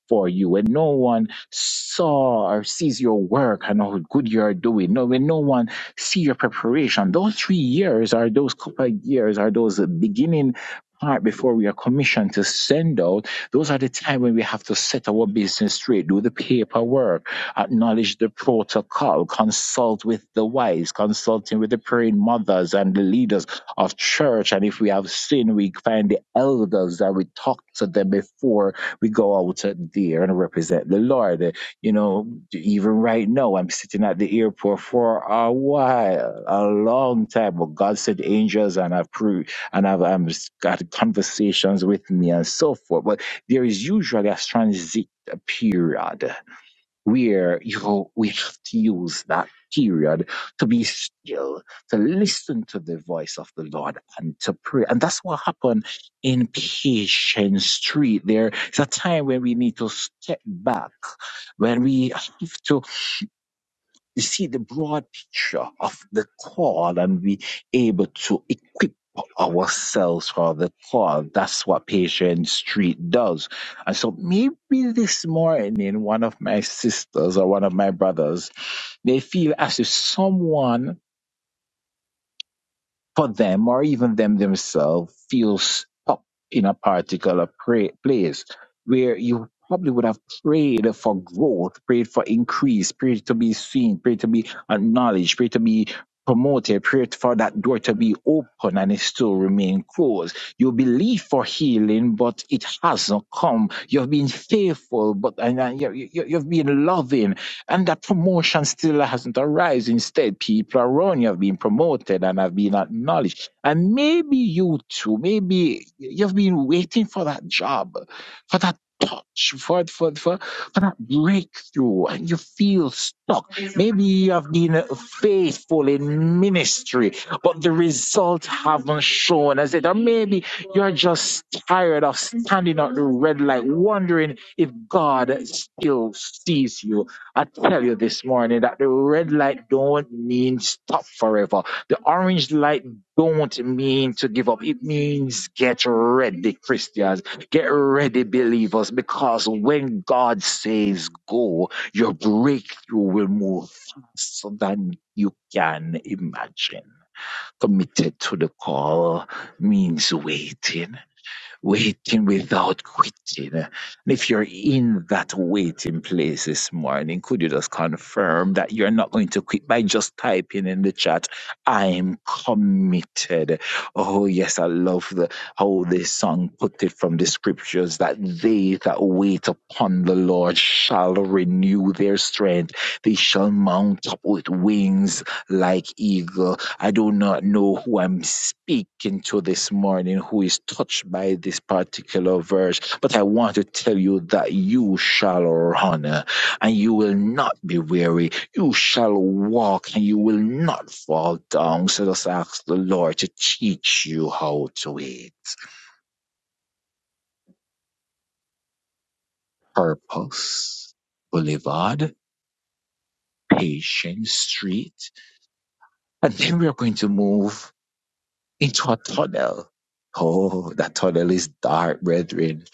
S10: for you, when no one saw or sees your work and how good you are doing, no, when no one see your preparation, those three years are those couple of years are those beginning part before we are commissioned to send out. Those are the time when we have to set our business straight, do the paperwork, acknowledge the protocol, consult with the wise, consulting with the praying mothers and the leaders of church. And if we have sin, we find the elders and we talk to them before we go out there and represent the Lord. Uh, You know, even right now, I'm sitting at the airport for a while, a long time. But God sent angels and I've pre- and I've um, got conversations with me and so forth. But there is usually a transit period where you know we have to use that period to be still to listen to the voice of the lord and to pray and that's what happened in patience street there is a time when we need to step back when we have to you see the broad picture of the call and be able to equip ourselves for the call. That's what Patient Street does. And so maybe this morning, one of my sisters or one of my brothers, they feel as if someone for them or even them themselves feels stuck in a particular pra- place where you probably would have prayed for growth, prayed for increase, prayed to be seen, prayed to be acknowledged, prayed to be promoted, prayed for that door to be open and it still remain closed. You believe for healing, but it hasn't come. You've been faithful, but and, and you, you, you've been loving and that promotion still hasn't arisen. Instead, people around you have been promoted and have been acknowledged. And maybe you too, maybe you've been waiting for that job, for that touch, for, for, for, for that breakthrough, and you feel stuck. Maybe you have been faithful in ministry, but the results haven't shown as it. Or maybe you're just tired of standing at the red light, wondering if God still sees you. I tell you this morning that the red light don't mean stop forever. The orange light don't mean to give up. It means get ready, Christians. Get ready, believers, because when God says go, your breakthrough will move faster than you can imagine. Committed to the call means waiting waiting without quitting. And if you're in that waiting place this morning, could you just confirm that you're not going to quit by just typing in the chat, I'm committed? Oh, yes, I love the, how this song put it from the scriptures that they that wait upon the Lord shall renew their strength. They shall mount up with wings like eagle I do not know who I'm speaking to this morning who is touched by this particular verse, but I want to tell you that you shall run uh, and you will not be weary. You shall walk and you will not fall down. So just ask the Lord to teach you how to wait. Purpose, Boulevard, Patience Street. And then we are going to move. into a tunnel. Oh, that tunnel is dark, brethren.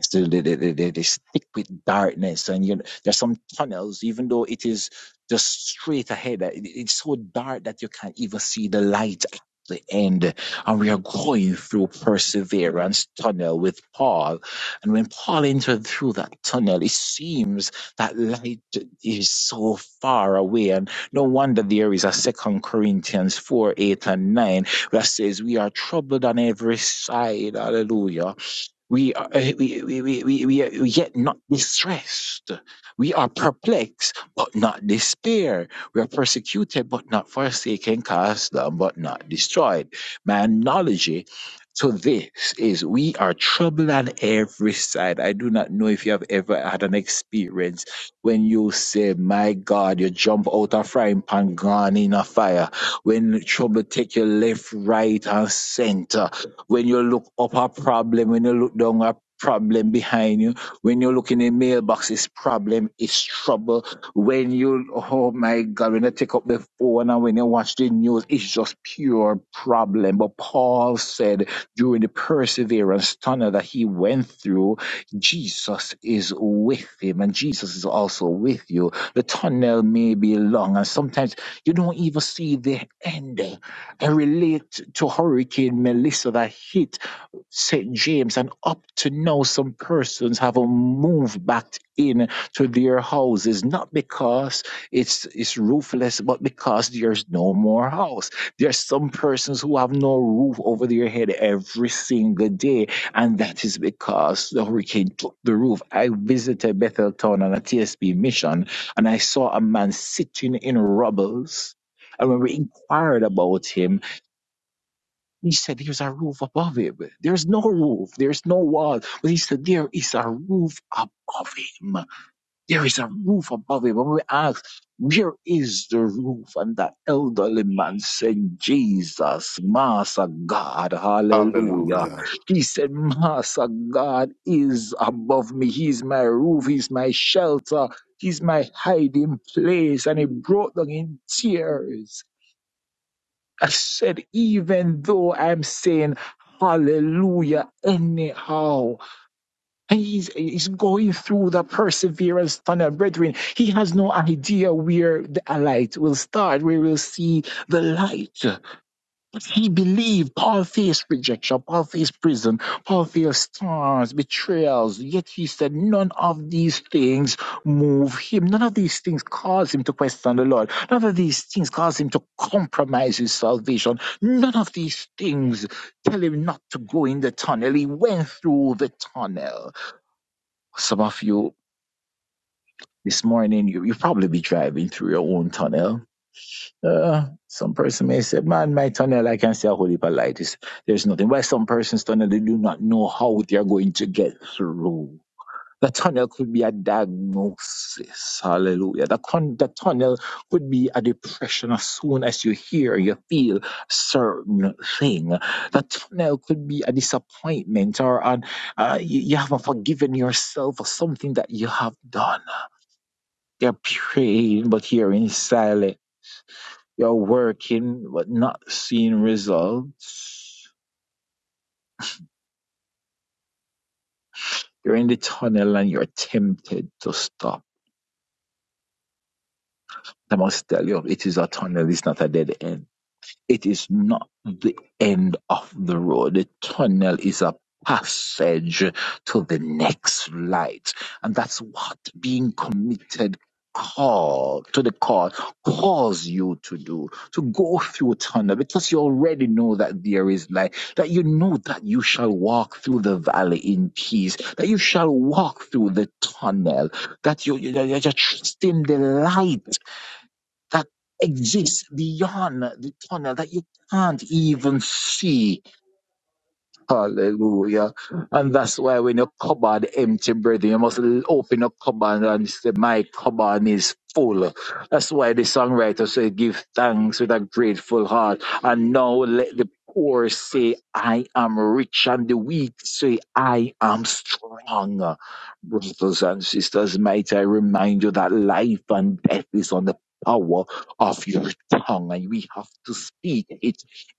S10: So they, they, they, they they stick with darkness, and you know, there's some tunnels, even though it is just straight ahead. uh, it- It's so dark that you can't even see the light at the end. And we are going through perseverance tunnel with Paul. And when Paul entered through that tunnel, it seems that light is so far away. And no wonder there is a second Corinthians four, eight, and nine that says we are troubled on every side. Hallelujah. We, are, uh, we, we, we, we, we are yet not distressed. We are perplexed, but not despair. We are persecuted, but not forsaken, cast down, but not destroyed. My analogy to this is we are troubled on every side. I do not know if you have ever had an experience when you say, My God, you jump out a frying pan, gone in a fire. When trouble take you left, right, and center when you look up a problem, when you look down a problem behind you, when you look in the mailbox, it's problem, it's trouble. When you, oh my God, when you take up the phone and when you watch the news, it's just pure problem. But Paul said during the perseverance tunnel that he went through, Jesus is with him and Jesus is also with you. The tunnel may be long and sometimes you don't even see the end and relate to Hurricane Melissa that hit St. James. And up to now, some persons haven't moved back in to their houses, not because it's, it's roofless, but because there's no more house. There's some persons who have no roof over their head every single day, and that is because the hurricane took the roof. I visited Betheltown on a TSB mission, and I saw a man sitting in rubbles. And when we inquired about him, he said there's a roof above him. There's no roof. There's no wall. But he said there is a roof above him. There is a roof above him. And we asked, where is the roof? And that elderly man said, Jesus, Master God, hallelujah.
S2: Hallelujah.
S10: He said, Master God is above me. He's my roof. He's my shelter. He's my hiding place. And he broke down in tears I said, even though I'm saying hallelujah anyhow, and he's, he's going through the perseverance tunnel, brethren, he has no idea where the light will start, where we'll see the light. He believed Paul faced rejection, Paul faced prison, Paul faced storms, betrayals, yet he said none of these things move him. None of these things cause him to question the Lord. None of these things cause him to compromise his salvation. None of these things tell him not to go in the tunnel. He went through the tunnel. Some of you this morning, you, you probably be driving through your own tunnel uh, some person may say, man, my tunnel, I can see a holy heap There's nothing. Why some persons tunnel, they do not know how they are going to get through. The tunnel could be a diagnosis. Hallelujah. The, con- the tunnel could be a depression as soon as you hear, you feel certain thing. The tunnel could be a disappointment or an, uh, you, you haven't forgiven yourself for something that you have done. They're praying, but hearing silence. You're working but not seeing results. You're in the tunnel and you're tempted to stop. I must tell you, it is a tunnel, it's not a dead end. It is not the end of the road. The tunnel is a passage to the next light. And that's what being committed call to the call calls you to do to go through tunnel because you already know that there is light that you know that you shall walk through the valley in peace that you shall walk through the tunnel that you, you- you're just trusting the light that exists beyond the tunnel that you can't even see. Hallelujah. And that's why when your cupboard empty, brother, you must l- open your cupboard and say, My cupboard is full. That's why the songwriter said, Give thanks with a grateful heart. And now let the poor say, I am rich, and the weak say, I am strong. Brothers and sisters, might I remind you that life and death is on the power of your tongue, and we have to speak it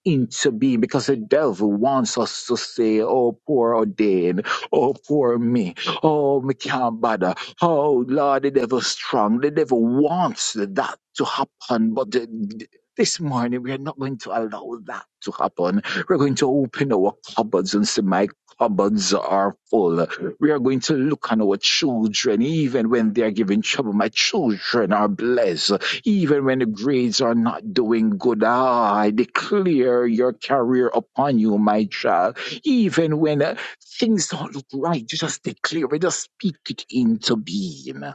S10: into being because the devil wants us to say, Oh, poor ordain, oh, poor me, oh, me can't bother, oh, Lord, the devil's strong. The devil wants that to happen, but the, this morning we are not going to allow that to happen. We're going to open our cupboards and say, My cupboards are full. We are going to look on our children, even when they are giving trouble. My children are blessed even when the grades are not doing good. Ah, I declare your career upon you, my child. Even when uh, things don't look right, you just declare it, just speak it into being. You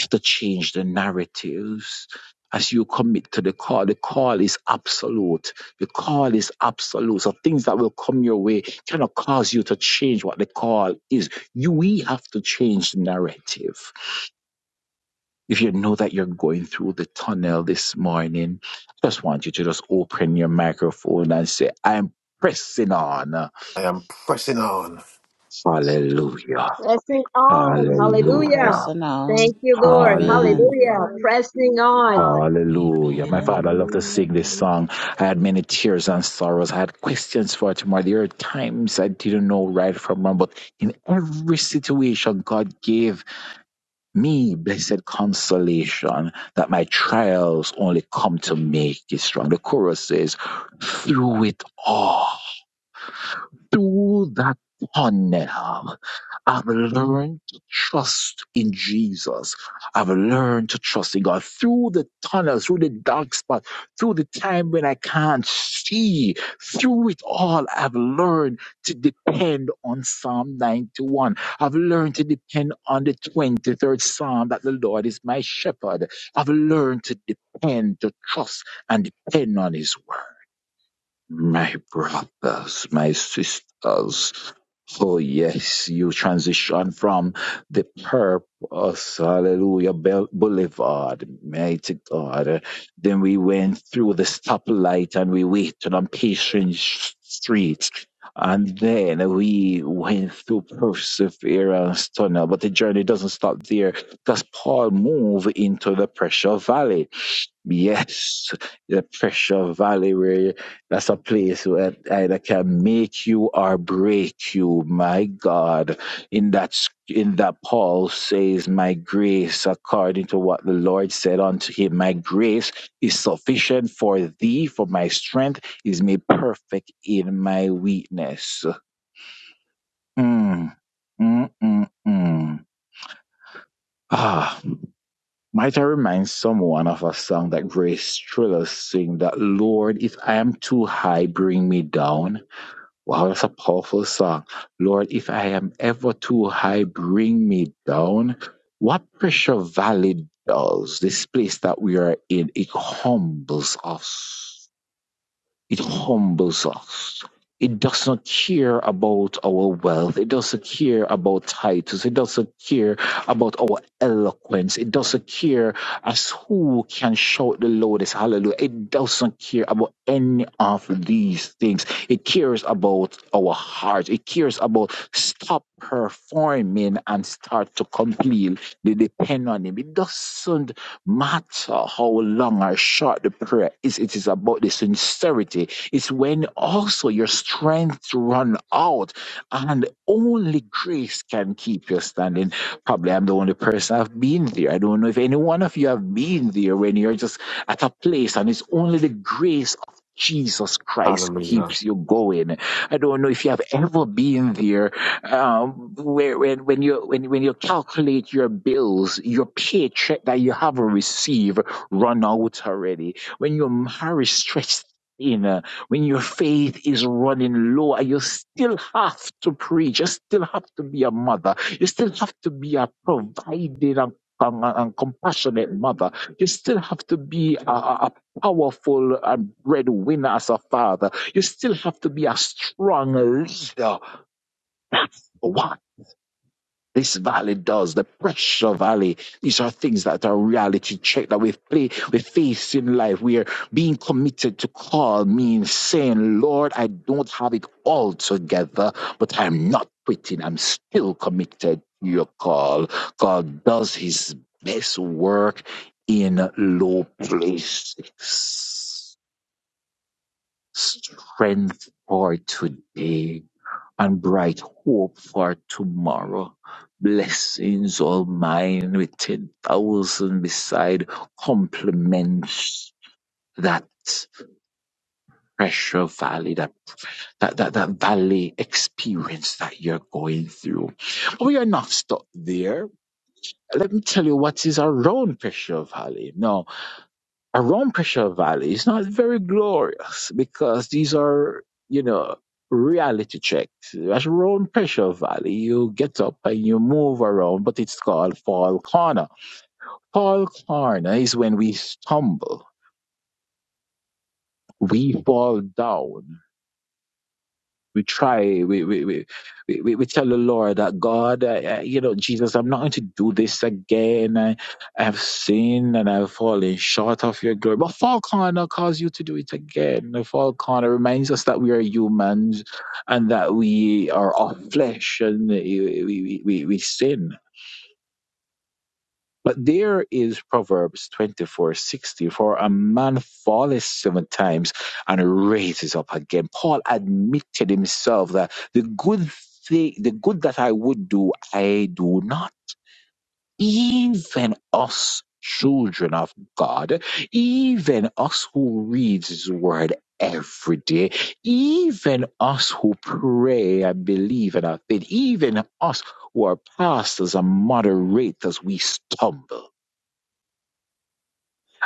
S10: have to change the narratives. As you commit to the call, the call is absolute. The call is absolute. So things that will come your way cannot cause you to change what the call is. You, we have to change the narrative If you know that you're going through the tunnel this morning, I just want you to just open your microphone and say, I'm pressing on.
S2: I am pressing on.
S10: Hallelujah.
S5: Pressing on.
S6: I'm
S5: Hallelujah.
S10: Hallelujah.
S6: pressing on.
S5: Thank you, Lord.
S7: Hallelujah,
S6: Amen.
S5: Hallelujah.
S10: Hallelujah.
S7: Hallelujah,
S5: Pressing
S7: Jesus,
S5: on.
S3: earth.
S10: Hallelujah. My
S6: Amen.
S10: father loved to sing this
S7: Hallelujah,
S10: song. I had many tears and sorrows. I had questions for tomorrow. There were times I didn't know right from wrong, but in every situation, God gave. me blessed consolation that my trials only come to make you strong. The chorus says, through it all through that tunnel, I've learned to trust in Jesus. I've learned to trust in God through the tunnel, through the dark spot, through the time when I can't see. Through it all, I've learned to depend on Psalm 91. I've learned to depend on the 23rd Psalm that the Lord is my shepherd. I've learned to depend, to trust, and depend on His word. My brothers, my sisters. Oh, yes, you transition from the purpose, hallelujah, Bel- boulevard, mighty God. Then we went through the stoplight and we waited on patient sh- street. And then we went through perseverance tunnel, but the journey doesn't stop there because Paul moved into the pressure valley. Yes, the Pressure Valley, where that's a place where either can make you or break you. My God, in that sc- in that Paul says, "My grace, according to what the Lord said unto him, my grace is sufficient for thee, for my strength is made perfect in my weakness." Mm, mm, mm, mm. Ah. Might I remind someone of a song that Grace Triller sing that Lord, if I am too high, bring me down. Wow, that's a powerful song. Lord, if I am ever too high, bring me down. What Pressure Valley does, this place that we are in, it humbles us. It humbles us. It doesn't care about our wealth. It doesn't care about titles. It doesn't care about our eloquence. It doesn't care as who can shout the loudest hallelujah. It doesn't care about any of these things. It cares about our heart. It cares about stop performing and start to completely depend on Him. It doesn't matter how long or short the prayer is, it is about the sincerity. It's when also your strength run out and only grace can keep you standing. Probably I'm the only person I've been there. I don't know if any one of you have been there when you're just at a place and it's only the grace of Jesus Christ
S2: Hallelujah.
S10: keeps you going. I don't know if you have ever been there um, where, when, when you when, when you calculate your bills, your paycheck that you have received run out already. When your marriage stretched thin, uh, when your faith is running low, and you still have to preach, you still have to be a mother, you still have to be a providing and and, and compassionate mother. You still have to be a, a a powerful and breadwinner as a father. You still have to be a strong leader this valley does, the pressure valley. These are things that are reality check that we play, we face in life. We are being committed to call means saying, Lord, I don't have it all together, but I'm not quitting. I'm still committed to your call. God does his best work in low places. Strength for today and bright hope for tomorrow. Blessings all mine with ten thousand beside complements that pressure valley, that, that, that, that valley experience that you're going through. But we are not stuck there. Let me tell you what is around Pressure Valley. No, around Pressure Valley is not very glorious because these are, you know, reality checks. As around Pressure Valley, you get up and you move around, but it's called Fall Corner. Fall Corner is when we stumble, we fall down, we try we we we, we, we we tell the lord that god I, I, you know jesus i'm not going to do this again I, I have sinned and i've fallen short of your glory but fall corner calls you to do it again the fall corner reminds us that we are humans and that we are of flesh and we, we, we, we we sin but there is Proverbs twenty four sixty. For a man falleth seven times and raises up again. Paul admitted himself that the good thing, the good that I would do, I do not. Even us children of God, even us who reads his word every day, even us who pray and believe in our faith, even us who are pastors and moderators, we stumble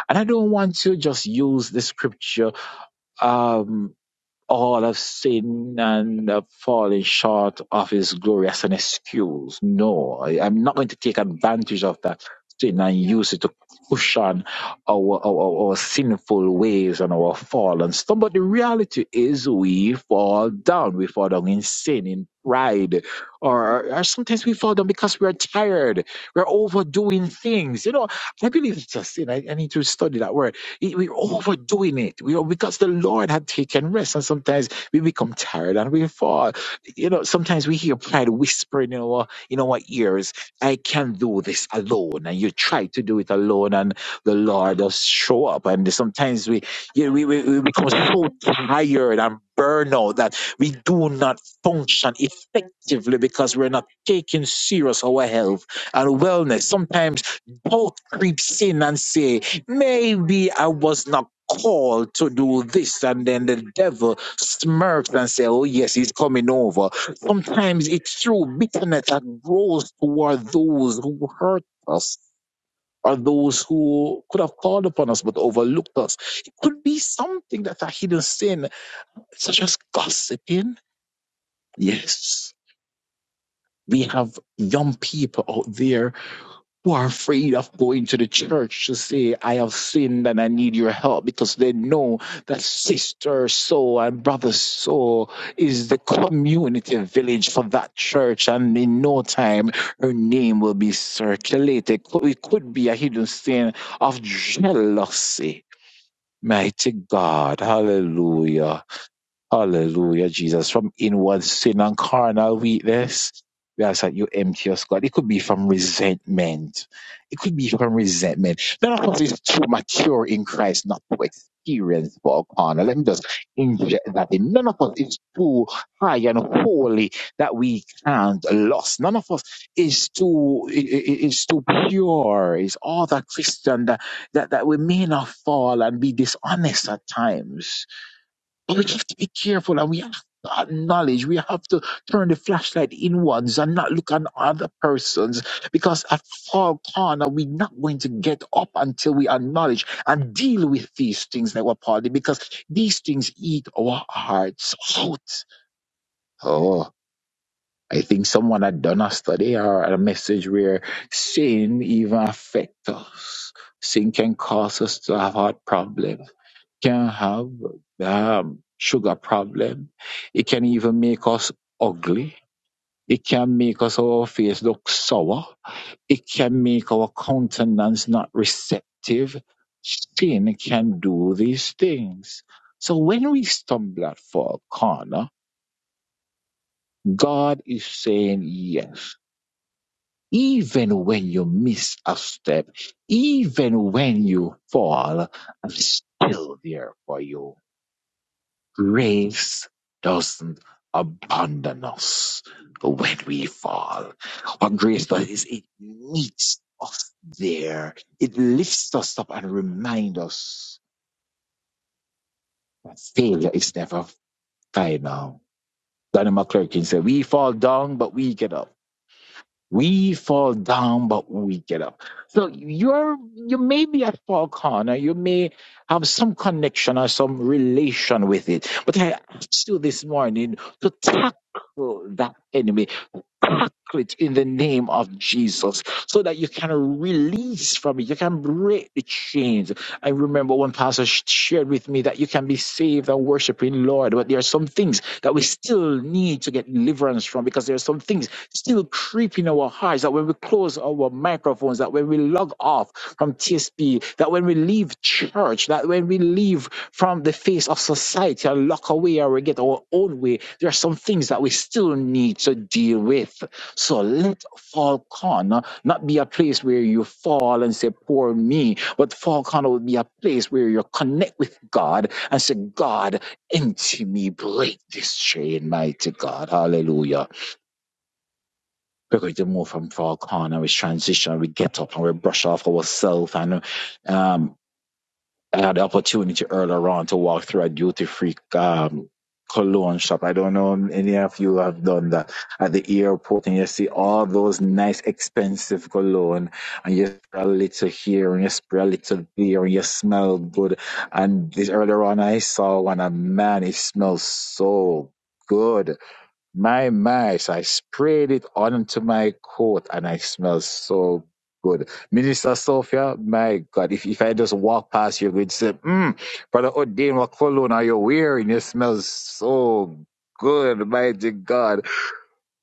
S10: and I don't want to just use the scripture, um, all of sin and uh, falling short of his glory as an excuse. No, I, I'm not going to take advantage of that sin and use it to cushion our, our, our sinful ways and our fallen stuff. But the reality is we fall down. We fall down in sin, in pride, or, or sometimes we fall down because we're tired. We're overdoing things. You know, I believe it's a sin. I, I need to study that word we're overdoing it. We are, because the Lord had taken rest, and sometimes we become tired and we fall. You know, sometimes we hear pride whispering in our in our ears, "I can do this alone," and you try to do it alone, and the Lord does show up. And sometimes we, you know, we, we we become so tired and burnout that we do not function effectively because we're not taking serious our health and wellness. Sometimes doubt creeps in and say, Maybe I was not called to do this. And then the devil smirks and says, Oh, yes, he's coming over. Sometimes it's through bitterness that grows toward those who hurt us. Or those who could have called upon us but overlooked us. It could be something that's a hidden sin, such as gossiping. Yes, we have young people out there who are afraid of going to the church to say, I have sinned and I need your help because they know that sister so and brother so is the community village for that church. And in no time, her name will be circulated. It could be a hidden sin of jealousy. Mighty God, hallelujah. Hallelujah, Jesus. From inward sin and carnal weakness, we ask that you empty us, God. It could be from resentment. It could be from resentment. None of us is too mature in Christ not to experience for carnal. Let me just inject that in. None of us is too high and holy that we can't lose. None of us is too i- i- is too pure. Is all that Christian that, that that we may not fall and be dishonest at times but we have to be careful and we have to acknowledge, we have to turn the flashlight inwards and not look at other persons because at far corner, we're not going to get up until we acknowledge and deal with these things that were party because these things eat our hearts out. Oh. I think someone had done a study or a message where sin even affects us. Sin can cause us to have heart problems can have um, sugar problem. It can even make us ugly. It can make us our face look sour. It can make our countenance not receptive. Sin can do these things. So when we stumble at for a corner, God is saying yes. Even when you miss a step, even when you fall, I'm still there for you Grace doesn't abandon us when we fall. What grace does is it meets us there. It lifts us up and reminds us that failure is never final. Daniel McClurkin said, we fall down, but we get up. We fall down, but we get up. So you're, you may be at Paul Corner. You may have some connection or some relation with it. But I asked you this morning to tackle that enemy Consecrate in the name of Jesus so that you can release from it. You can break the chains. I remember one pastor sh- shared with me that you can be saved and worshiping Lord, but there are some things that we still need to get deliverance from because there are some things still creeping our hearts that when we close our microphones, that when we log off from TSP, that when we leave church, that when we leave from the face of society and lock away or we get our own way, there are some things that we still need to deal with. So let Falcon not be a place where you fall and say, Poor me, but Falcon will be a place where you connect with God and say, God, into me, break this chain, mighty God. Hallelujah. We're going to move from Falcon and we transition, we get up and we brush off ourselves and um. I had the opportunity earlier on to walk through a duty free um, cologne shop. I don't know if any of you have done that at the airport and you see all those nice expensive cologne and you spray a little here and you spray a little there and you smell good. And this earlier on I saw one and man, it smells so good. My, my. So I sprayed it onto my coat and I smell so good. Minister Sophia, my God, if, if I just walk past you, you'd say, mm, Brother Odin, what cologne are you wearing? It smells so good, mighty God.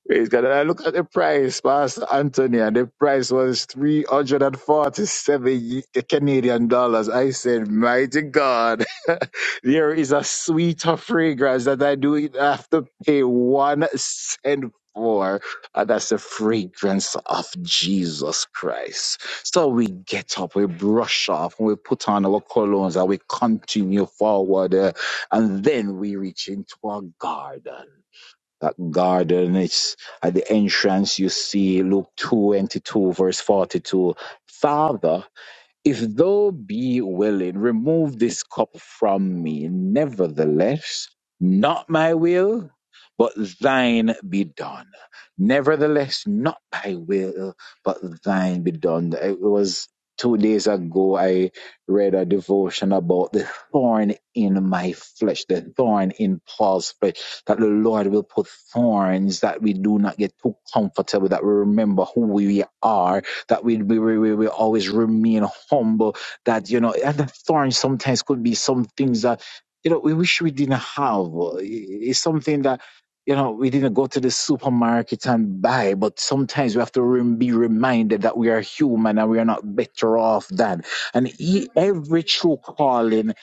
S10: Praise God. And I look at the price, Pastor Anthony, and the price was 347 ye- Canadian dollars. I said, Mighty God, there is a sweeter fragrance that I do not have to pay one cent for. And that's the fragrance of Jesus Christ. So we get up, we brush off, and we put on our colognes, and we continue forward. uh, and then we reach into our garden that garden. It's at the entrance. You see Luke 22, verse 42. Father, if thou be willing, remove this cup from me. Nevertheless, not my will, but thine be done. Nevertheless, not my will, but thine be done. It was two days ago I read a devotion about the thorn in my flesh, the thorn in Paul's flesh, that the Lord will put thorns that we do not get too comfortable, that we remember who we are that we we, we, we always remain humble, that, you know, and the thorn sometimes could be some things that, you know, we wish we didn't have. It's something that, you know, we didn't go to the supermarket and buy, but sometimes we have to rem- be reminded that we are human and we are not better off than. And e- every true calling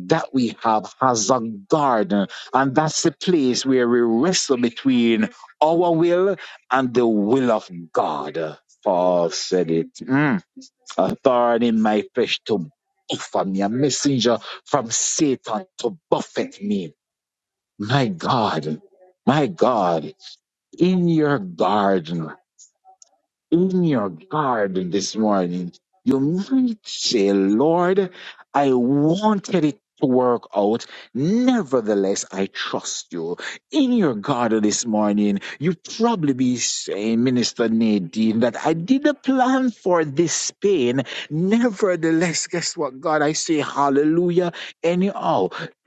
S10: that we have has a garden, and that's the place where we wrestle between our will and the will of God. Paul said it. Mm. A thorn in my flesh to buffet me, a messenger from Satan to buffet me. My God, my God, in your garden, in your garden this morning, you might say, Lord, I wanted it to work out. Nevertheless, I trust you. In your garden this morning, you probably be saying, Minister Nadine, that I did a plan for this pain. Nevertheless, guess what, God? I say hallelujah anyhow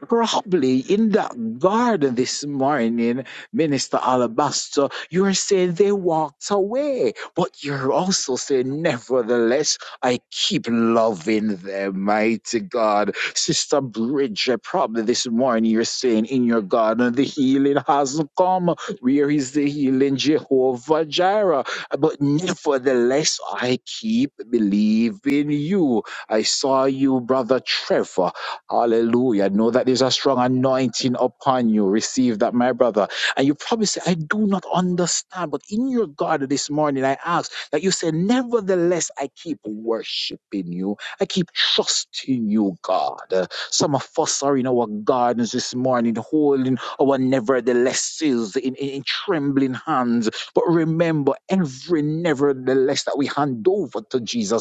S10: Probably in that garden this morning, Minister Alabaster, you're saying they walked away, but you're also saying, nevertheless, I keep loving them, mighty God. Sister Bridget, probably this morning you're saying in your garden, the healing hasn't come. Where is the healing, Jehovah Jireh? But nevertheless, I keep believing you. I saw you, Brother Trevor. Hallelujah. Know that there's a strong anointing upon you. Receive that, my brother. And you probably say, I do not understand. But in your God this morning, I ask that you say, Nevertheless, I keep worshiping you. I keep trusting you, God. Uh, Some of us are in our gardens this morning, holding our neverthelesses in, in, in trembling hands. But remember, every nevertheless that we hand over to Jesus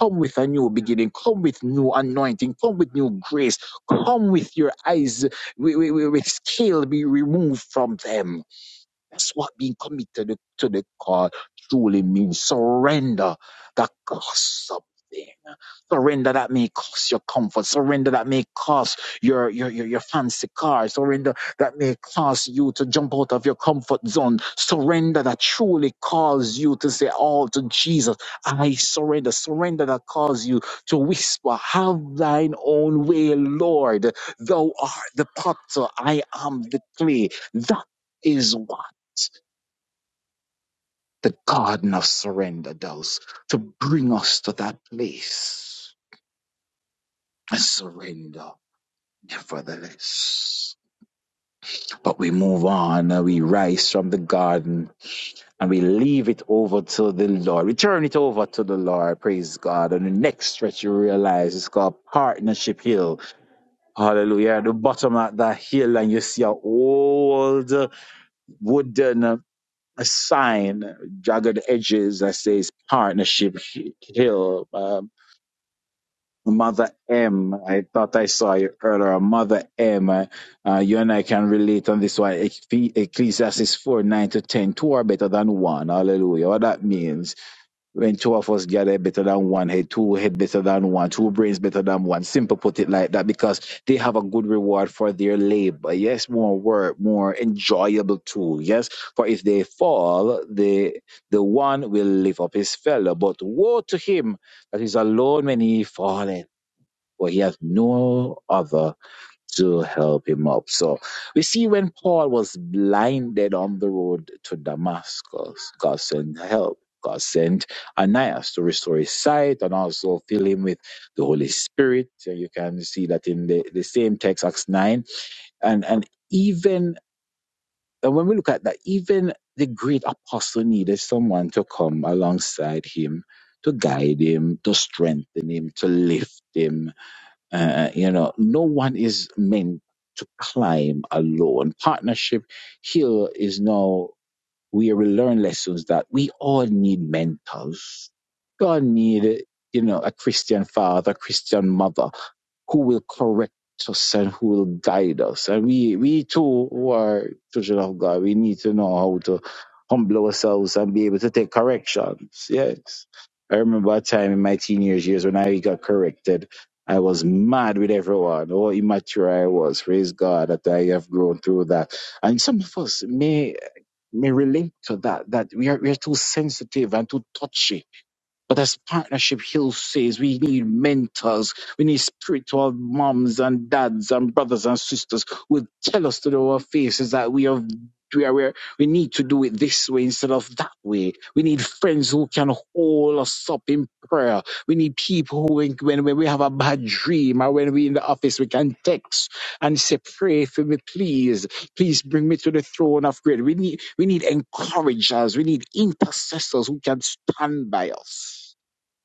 S10: Come with a new beginning. Come with new anointing. Come with new grace. Come with your eyes with, with, with scale be removed from them that's what being committed to the call truly means. Surrender that costs something. Surrender that may cost your comfort. Surrender that may cost your, your, your, your fancy car. Surrender that may cause you to jump out of your comfort zone. Surrender that truly calls you to say all to Jesus. I surrender. Surrender that calls you to whisper, have thine own way, Lord. Thou art the potter. I am the clay. That is what the garden of surrender does to bring us to that place and surrender nevertheless. But we move on and we rise from the garden and we leave it over to the Lord. We turn it over to the Lord. Praise God. And the next stretch you realize it's called Partnership Hill. Hallelujah. At the bottom of that hill and you see an old wooden uh, a sign, jagged edges that says Partnership Hill. Um, Mother M, I thought I saw you earlier. Mother M, uh, uh, you and I can relate on this one. Eccle- Ecclesiastes 4 9 to 10. Two are better than one. Hallelujah. What that means, when two of us gather better than one head, two head better than one, two brains better than one. Simple put it like that because they have a good reward for their labor. Yes, more work, more enjoyable too. Yes, for if they fall, the, the one will lift up his fellow. But woe to him that is alone when he falleth but he has no other to help him up. So we see when Paul was blinded on the road to Damascus, God sent help. God sent Ananias to restore his sight and also fill him with the Holy Spirit. So you can see that in the, the same text, Acts 9. And, and even and when we look at that, even the great apostle needed someone to come alongside him, to guide him, to strengthen him, to lift him uh, you know, no one is meant to climb alone. Partnership here is now where we learn lessons that we all need mentors. God need, you know, a Christian father, Christian mother who will correct us and who will guide us. And we, we too, who are children of God, we need to know how to humble ourselves and be able to take corrections. Yes. I remember a time in my teenage years when I got corrected. I was mad with everyone. How immature I was. Praise God that I have grown through that. And some of us may may relate to that, that we are, we are too sensitive and too touchy. But as Partnership Hill says, we need mentors. We need spiritual moms and dads and brothers and sisters who will tell us to our faces that we have we are where we need to do it this way instead of that way. We need friends who can hold us up in prayer. We need people who, when, when when we have a bad dream or when we're in the office, we can text and say, Pray for me, please. Please bring me to the throne of grace. We need, we need encouragers. We need intercessors who can stand by us.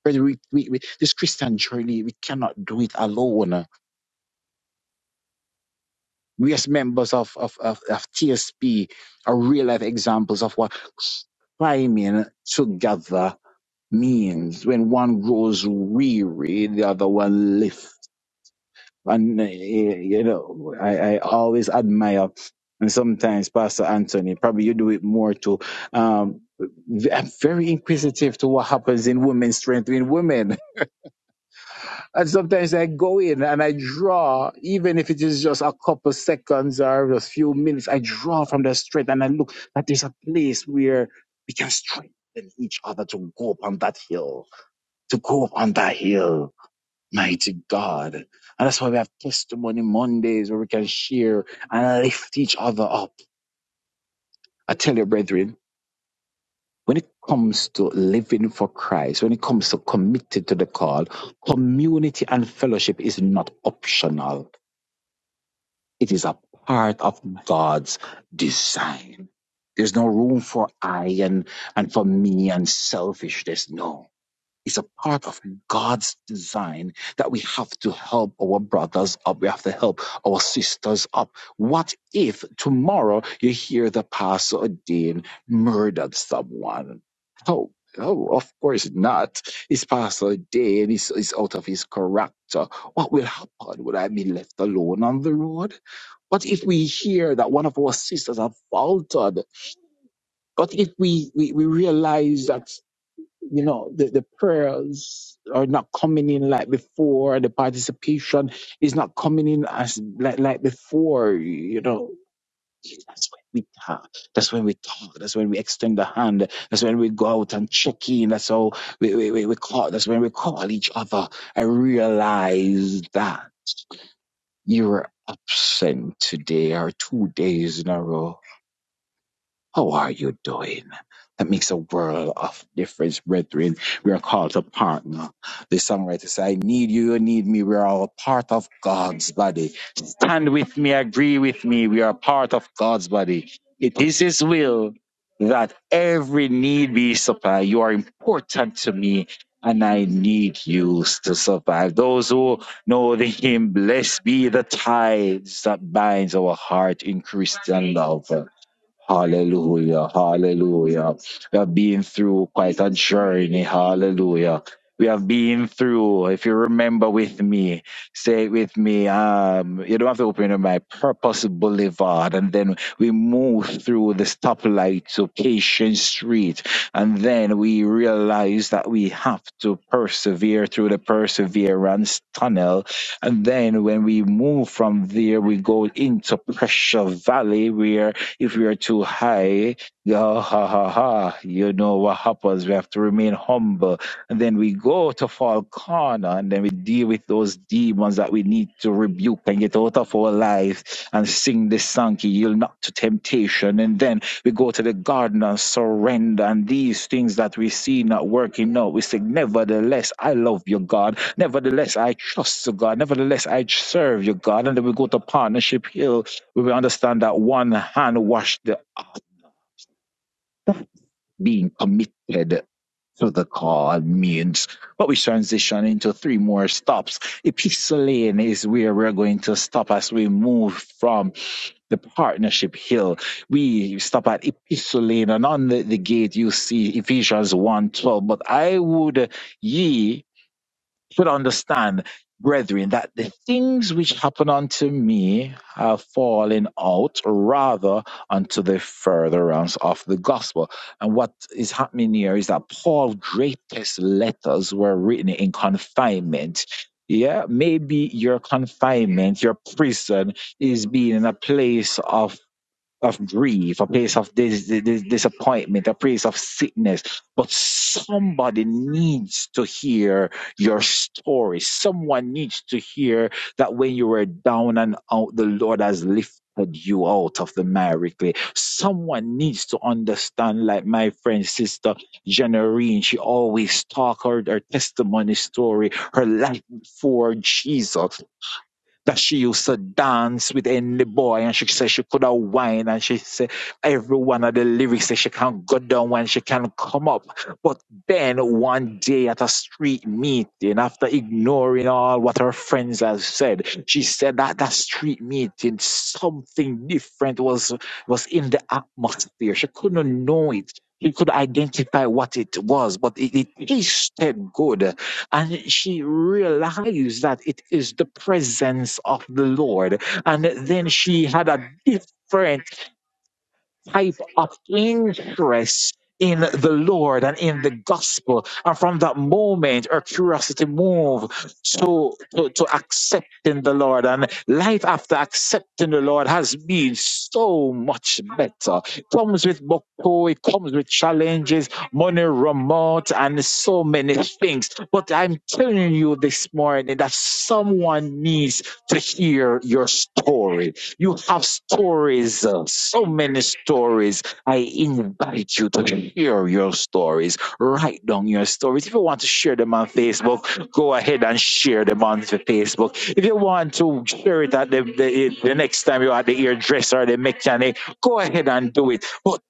S10: Brethren, we, we, we, this Christian journey, we cannot do it alone. We as members of, of, of, of TSP are real life examples of what climbing together means. When one grows weary, the other one lifts And, eh, eh, you know, I, I always admire, and sometimes Pastor Anthony, probably you do it more too. Um, v- I'm very inquisitive to what happens in women, strengthening women. And sometimes I go in and I draw, even if it is just a couple seconds or a few minutes, I draw from the strength and I look that there's a place where we can strengthen each other to go up on that hill, to go up on that hill Mighty God. And that's why we have testimony Mondays where we can share and lift each other up. I tell you, brethren, when it comes to living for Christ, when it comes to committed to the call, community and fellowship is not optional. It is a part of God's design. There's no room for I and, and for me and selfishness. No It's a part of God's design that we have to help our brothers up. We have to help our sisters up. What if tomorrow you hear the pastor Dean murdered someone? Oh, oh, of course not. It's Pastor Dean. It's, it's out of his character. What will happen? Will I be left alone on the road? What if we hear that one of our sisters have faltered? What if we, we, we realize that you know the, the prayers are not coming in like before the participation is not coming in as like like before you know that's when we talk that's when we talk that's when we extend the hand that's when we go out and check in that's how we, we, we, we call that's when we call each other i realize that you were absent today or two days in a row how are you doing? That makes a world of difference, brethren. We are called to partner. The songwriter said, I need you, you need me. We are all part of God's body. Stand with me, agree with me. We are part of God's body. It is His will that every need be supplied. You are important to me, and I need you to survive. Those who know the hymn, blessed be the ties that binds our heart in Christian love. Hallelujah. Hallelujah. We have been through quite a journey. Hallelujah. We have been through, if you remember with me, say it with me. Um, you don't have to open your mind. Purpose Boulevard. And then we move through the stoplight to Patient Street. And then we realize that we have to persevere through the perseverance tunnel. And then when we move from there, we go into Pressure Valley where if we are too high, ah, ha ha ha, you know what happens. We have to remain humble. And then we go to fall corner and then we deal with those demons that we need to rebuke and get out of our life and sing the song, "He yield not to temptation. And then we go to the garden and surrender. And these things that we see not working out, we say, Nevertheless, I love you, God. Nevertheless, I trust you, God. Nevertheless, I serve you, God. And then we go to Partnership Hill we will understand that one hand washed the act being committed to the call means. But we transition into three more stops. Epistle Lane is where we're going to stop as we move from the partnership hill. We stop at Epistle Lane and on the, the gate you see Ephesians one twelve. But I would ye should understand, brethren, that the things which happen unto me have fallen out rather unto the furtherance of the gospel. And what is happening here is that Paul's greatest letters were written in confinement. Yeah, maybe your confinement, your prison is being in a place of of grief, a place of dis- dis- disappointment, a place of sickness. But somebody needs to hear your story. Someone needs to hear that when you were down and out, the Lord has lifted. You out of the miry clay. Someone needs to understand, like my friend, sister Janarine, she always talked her, her testimony story, her life before Jesus that she used to dance with any boy and she said she could have wine and she said every one of the lyrics that she can go down when she can come up. But then one day at a street meeting, after ignoring all what her friends had said, she said that that street meeting, something different was was in the atmosphere. She couldn't know it. She could identify what it was, but it, it tasted good and she realized that it is the presence of the Lord. And then she had a different type of interest in the Lord and in the gospel. And from that moment, our curiosity moved to, to, to accepting the Lord. And life after accepting the Lord has been so much better. It Comes with buckle, it comes with challenges, money remote, and so many things. But I'm telling you this morning that someone needs to hear your story you have stories, uh, so many stories. I invite you to share your stories. Write down your stories. If you want to share them on Facebook, go ahead and share them on the Facebook. If you want to share it at the, the, the next time you're at the hairdresser or the mechanic, go ahead and do it. But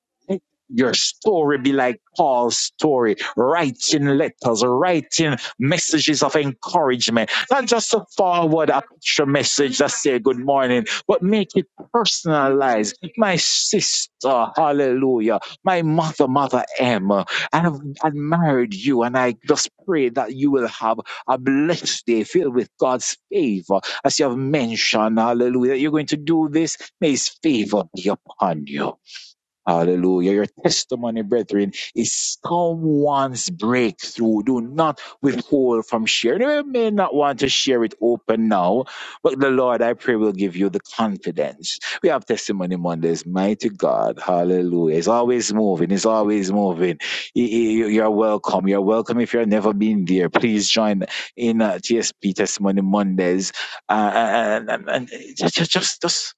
S10: your story be like Paul's story, writing letters, writing messages of encouragement, not just to forward a picture message that say good morning but make it personalized. My sister, hallelujah. My mother, Mother M, I have admired you, and I just pray that you will have a blessed day filled with God's favor. As you have mentioned, hallelujah, you're going to do this. May his favor be upon you. Hallelujah. Your testimony, brethren, is someone's breakthrough. Do not withhold from sharing. You may not want to share it open now, but the Lord, I pray, will give you the confidence. We have testimony Mondays. Mighty God. Hallelujah. It's always moving. It's always moving. Y- y- you- You're welcome. You're welcome. If you've never been there, please join in uh, TSP Testimony Mondays. Uh, and, and, and just, just, just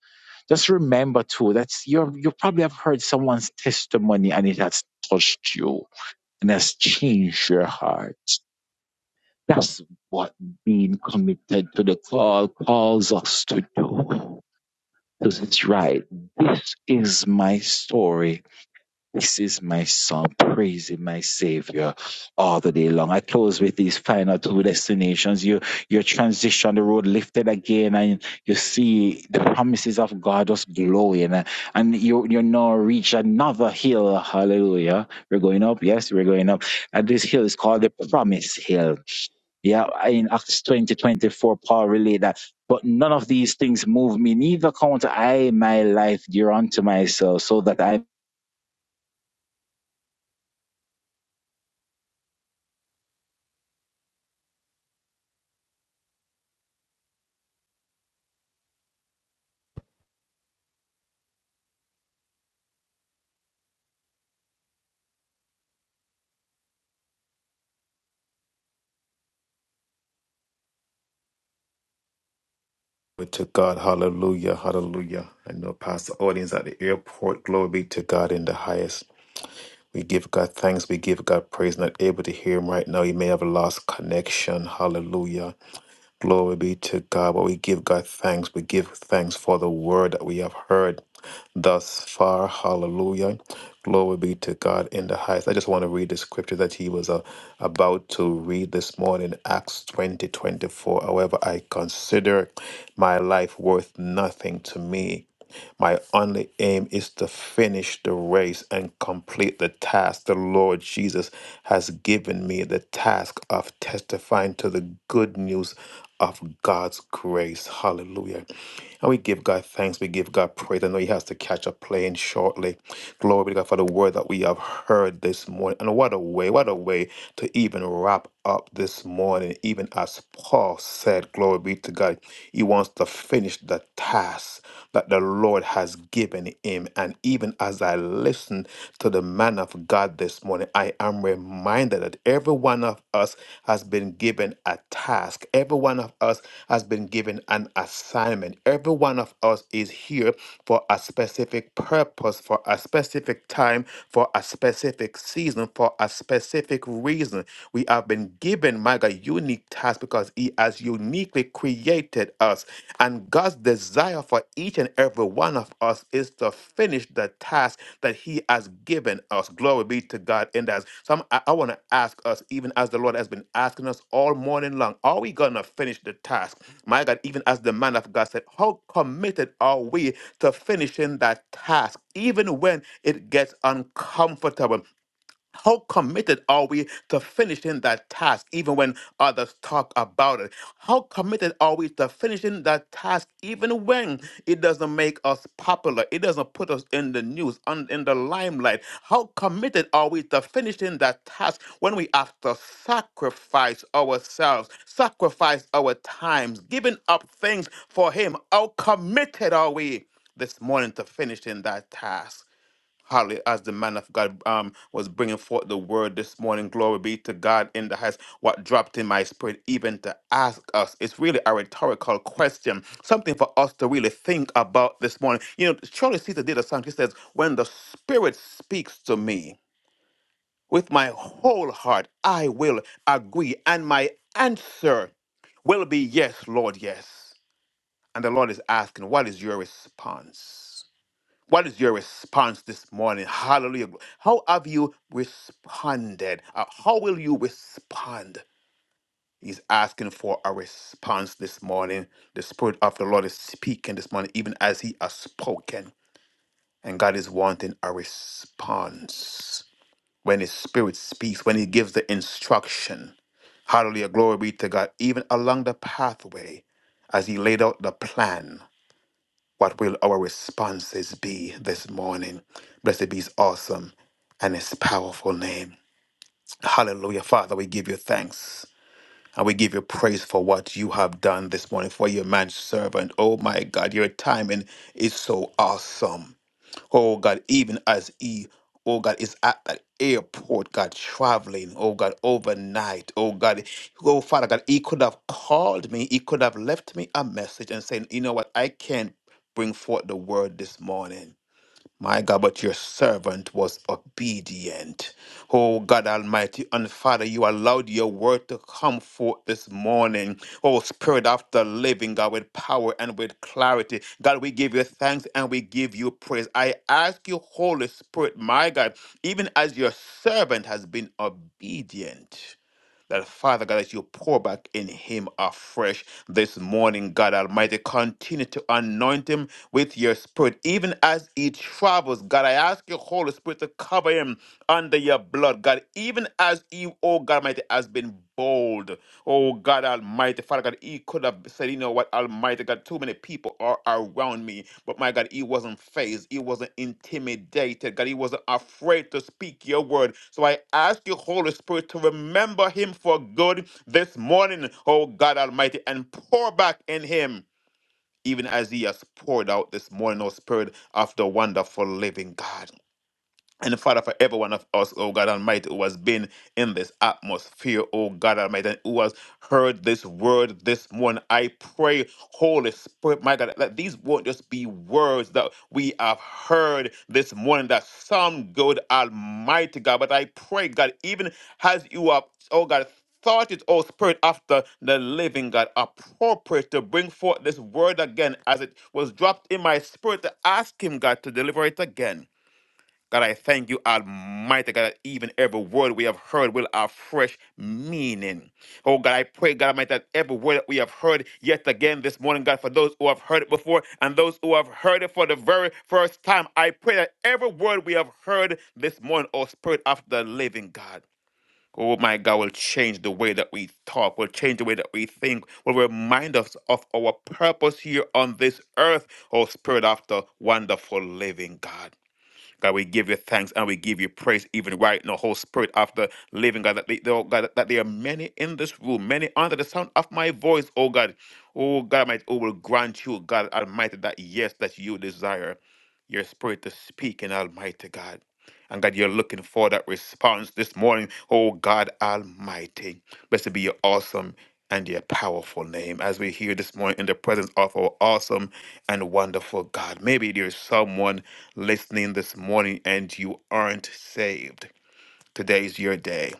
S10: just remember too that you you probably have heard someone's testimony and it has touched you and has changed your heart. That's what being committed to the call calls us to do. Because it's right. This is my story this is my song, praising my Savior all the day long. I close with these final two destinations. You you transition the road lifted again, and you see the promises of God just glowing, uh, and you you now reach another hill. Hallelujah! We're going up. Yes, we're going up. And this hill is called the Promise Hill. Yeah, in Acts twenty twenty four, Paul relayed that. But none of these things move me, neither count I my life dear unto myself, so that I
S2: Glory to God. Hallelujah. Hallelujah. I know past the audience at the airport. Glory be to God in the highest. We give God thanks. We give God praise. Not able to hear him right now. He may have lost connection. Hallelujah. Glory be to God. But we give God thanks. We give thanks for the word that we have heard thus far. Hallelujah. Glory be to God in the highest. I just want to read the scripture that he was uh, about to read this morning, Acts 20 24. However, I consider my life worth nothing to me my only aim is to finish the race and complete the task the Lord Jesus has given me the task of testifying to the good news of God's grace. Hallelujah. And we give God thanks. We give God praise. I know He has to catch a plane shortly. Glory be to God for the word that we have heard this morning. And what a way, what a way to even wrap up this morning. Even as Paul said, Glory be to God, he wants to finish the task that the Lord has given him. And even as I listen to the man of God this morning, I. I am reminded that every one of us has been given a task, every one of us has been given an assignment, every one of us is here for a specific purpose, for a specific time, for a specific season, for a specific reason. We have been given, my God, unique tasks because He has uniquely created us. And God's desire for each and every one of us is to finish the task that He has given us. Glory be to God in that. So I'm- i I want to ask us, even as the Lord has been asking us all morning long, are we going to finish the task? My God, even as the man of God said, how committed are we to finishing that task, even when it gets uncomfortable? How committed are we to finishing that task even when others talk about it? How committed are we to finishing that task even when it doesn't make us popular? It doesn't put us in the news, on, in the limelight. How committed are we to finishing that task when we have to sacrifice ourselves, sacrifice our times, giving up things for Him? How committed are we this morning to finishing that task? Hardly as the man of God um, was bringing forth the word this morning, glory be to God in the highest. What dropped in my spirit, even to ask us, it's really a rhetorical question, something for us to really think about this morning. You know, Charlie Caesar did a song. He says, "When the Spirit speaks to me with my whole heart, I will agree, and my answer will be yes, Lord, yes." And the Lord is asking, "What is your response?" What is your response this morning? Hallelujah. How have you responded? Uh, How will you respond? He's asking for a response this morning. The Spirit of the Lord is speaking this morning, even as He has spoken. And God is wanting a response. When His Spirit speaks, when He gives the instruction, hallelujah, glory be to God, even along the pathway, as He laid out the plan. What will our responses be this morning? Blessed be his awesome and his powerful name. Hallelujah. Father, we give you thanks and we give you praise for what you have done this morning for your man servant. Oh my God, your timing is so awesome. Oh God, even as he, oh God, is at that airport, God, traveling, oh God, overnight, oh God, oh Father God, he could have called me, he could have left me a message and saying, you know what, I can't bring forth the word this morning. My God, but your servant was obedient. Oh God Almighty and Father, you allowed your word to come forth this morning. Oh Spirit of the living God, with power and with clarity. God, we give you thanks and we give you praise. I ask you, Holy Spirit, my God, even as your servant has been obedient. That Father God, that you pour back in him afresh this morning, God Almighty. Continue to anoint him with your spirit, even as he travels. God, I ask your Holy Spirit to cover him under your blood, God, even as he, oh God Almighty, has been bold. Oh God Almighty, Father God, he could have said, you know what, Almighty God, too many people are around me. But my God, he wasn't phased. He wasn't intimidated. God, he wasn't afraid to speak your word. So I ask you, Holy Spirit, to remember him for good this morning, oh God Almighty, and pour back in him, even as he has poured out this morning, oh Spirit, of the wonderful living God. And Father, for every one of us, oh God Almighty, who has been in this atmosphere, oh God Almighty, and who has heard this word this morning, I pray, Holy Spirit, my God, that these won't just be words that we have heard this morning that sound good, Almighty God, but I pray, God, even as you have, oh God, thought it, oh Spirit, after the living God, appropriate to bring forth this word again as it was dropped in my spirit to ask Him, God, to deliver it again. God, I thank you, Almighty God, that even every word we have heard will have fresh meaning. Oh God, I pray, God Almighty, that every word that we have heard yet again this morning, God, for those who have heard it before and those who have heard it for the very first time, I pray that every word we have heard this morning, oh Spirit of the living God. Oh my God, will change the way that we talk, will change the way that we think, will remind us of our purpose here on this earth, oh Spirit of the wonderful living God. God, we give you thanks and we give you praise even right now, Holy Spirit, after living, God, that, they, they- oh, God, that there are many in this room, many under the sound of my voice, oh God. Oh God Almighty, oh, will grant you, God Almighty, that yes, that you desire your spirit to speak in Almighty God. And God, you're looking for that response this morning. Oh God Almighty. Blessed be your awesome and your powerful name as we hear this morning in the presence of our awesome and wonderful God. Maybe there's someone listening this morning and you aren't saved. Today is your day.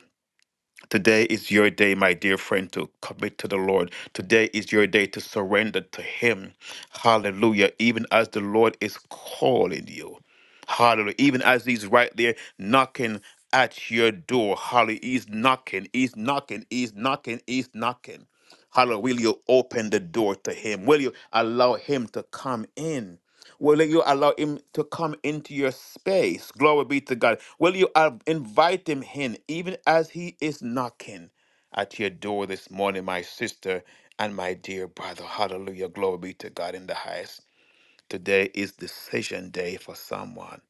S2: Today is your day, my dear friend, to commit to the Lord. Today is your day to surrender to Him. Hallelujah. Even as the Lord is calling you. Hallelujah. Even as He's right there knocking at your door. Hallelujah. He's knocking, He's knocking, He's knocking, He's knocking. Hallelujah. Will you open the door to Him? Will you allow Him to come in? Will you allow him to come into your space? Glory be to God. Will you uh, invite him in, even as he is knocking at your door this morning, my sister and my dear brother? Hallelujah. Glory be to God in the highest. Today is decision day for someone.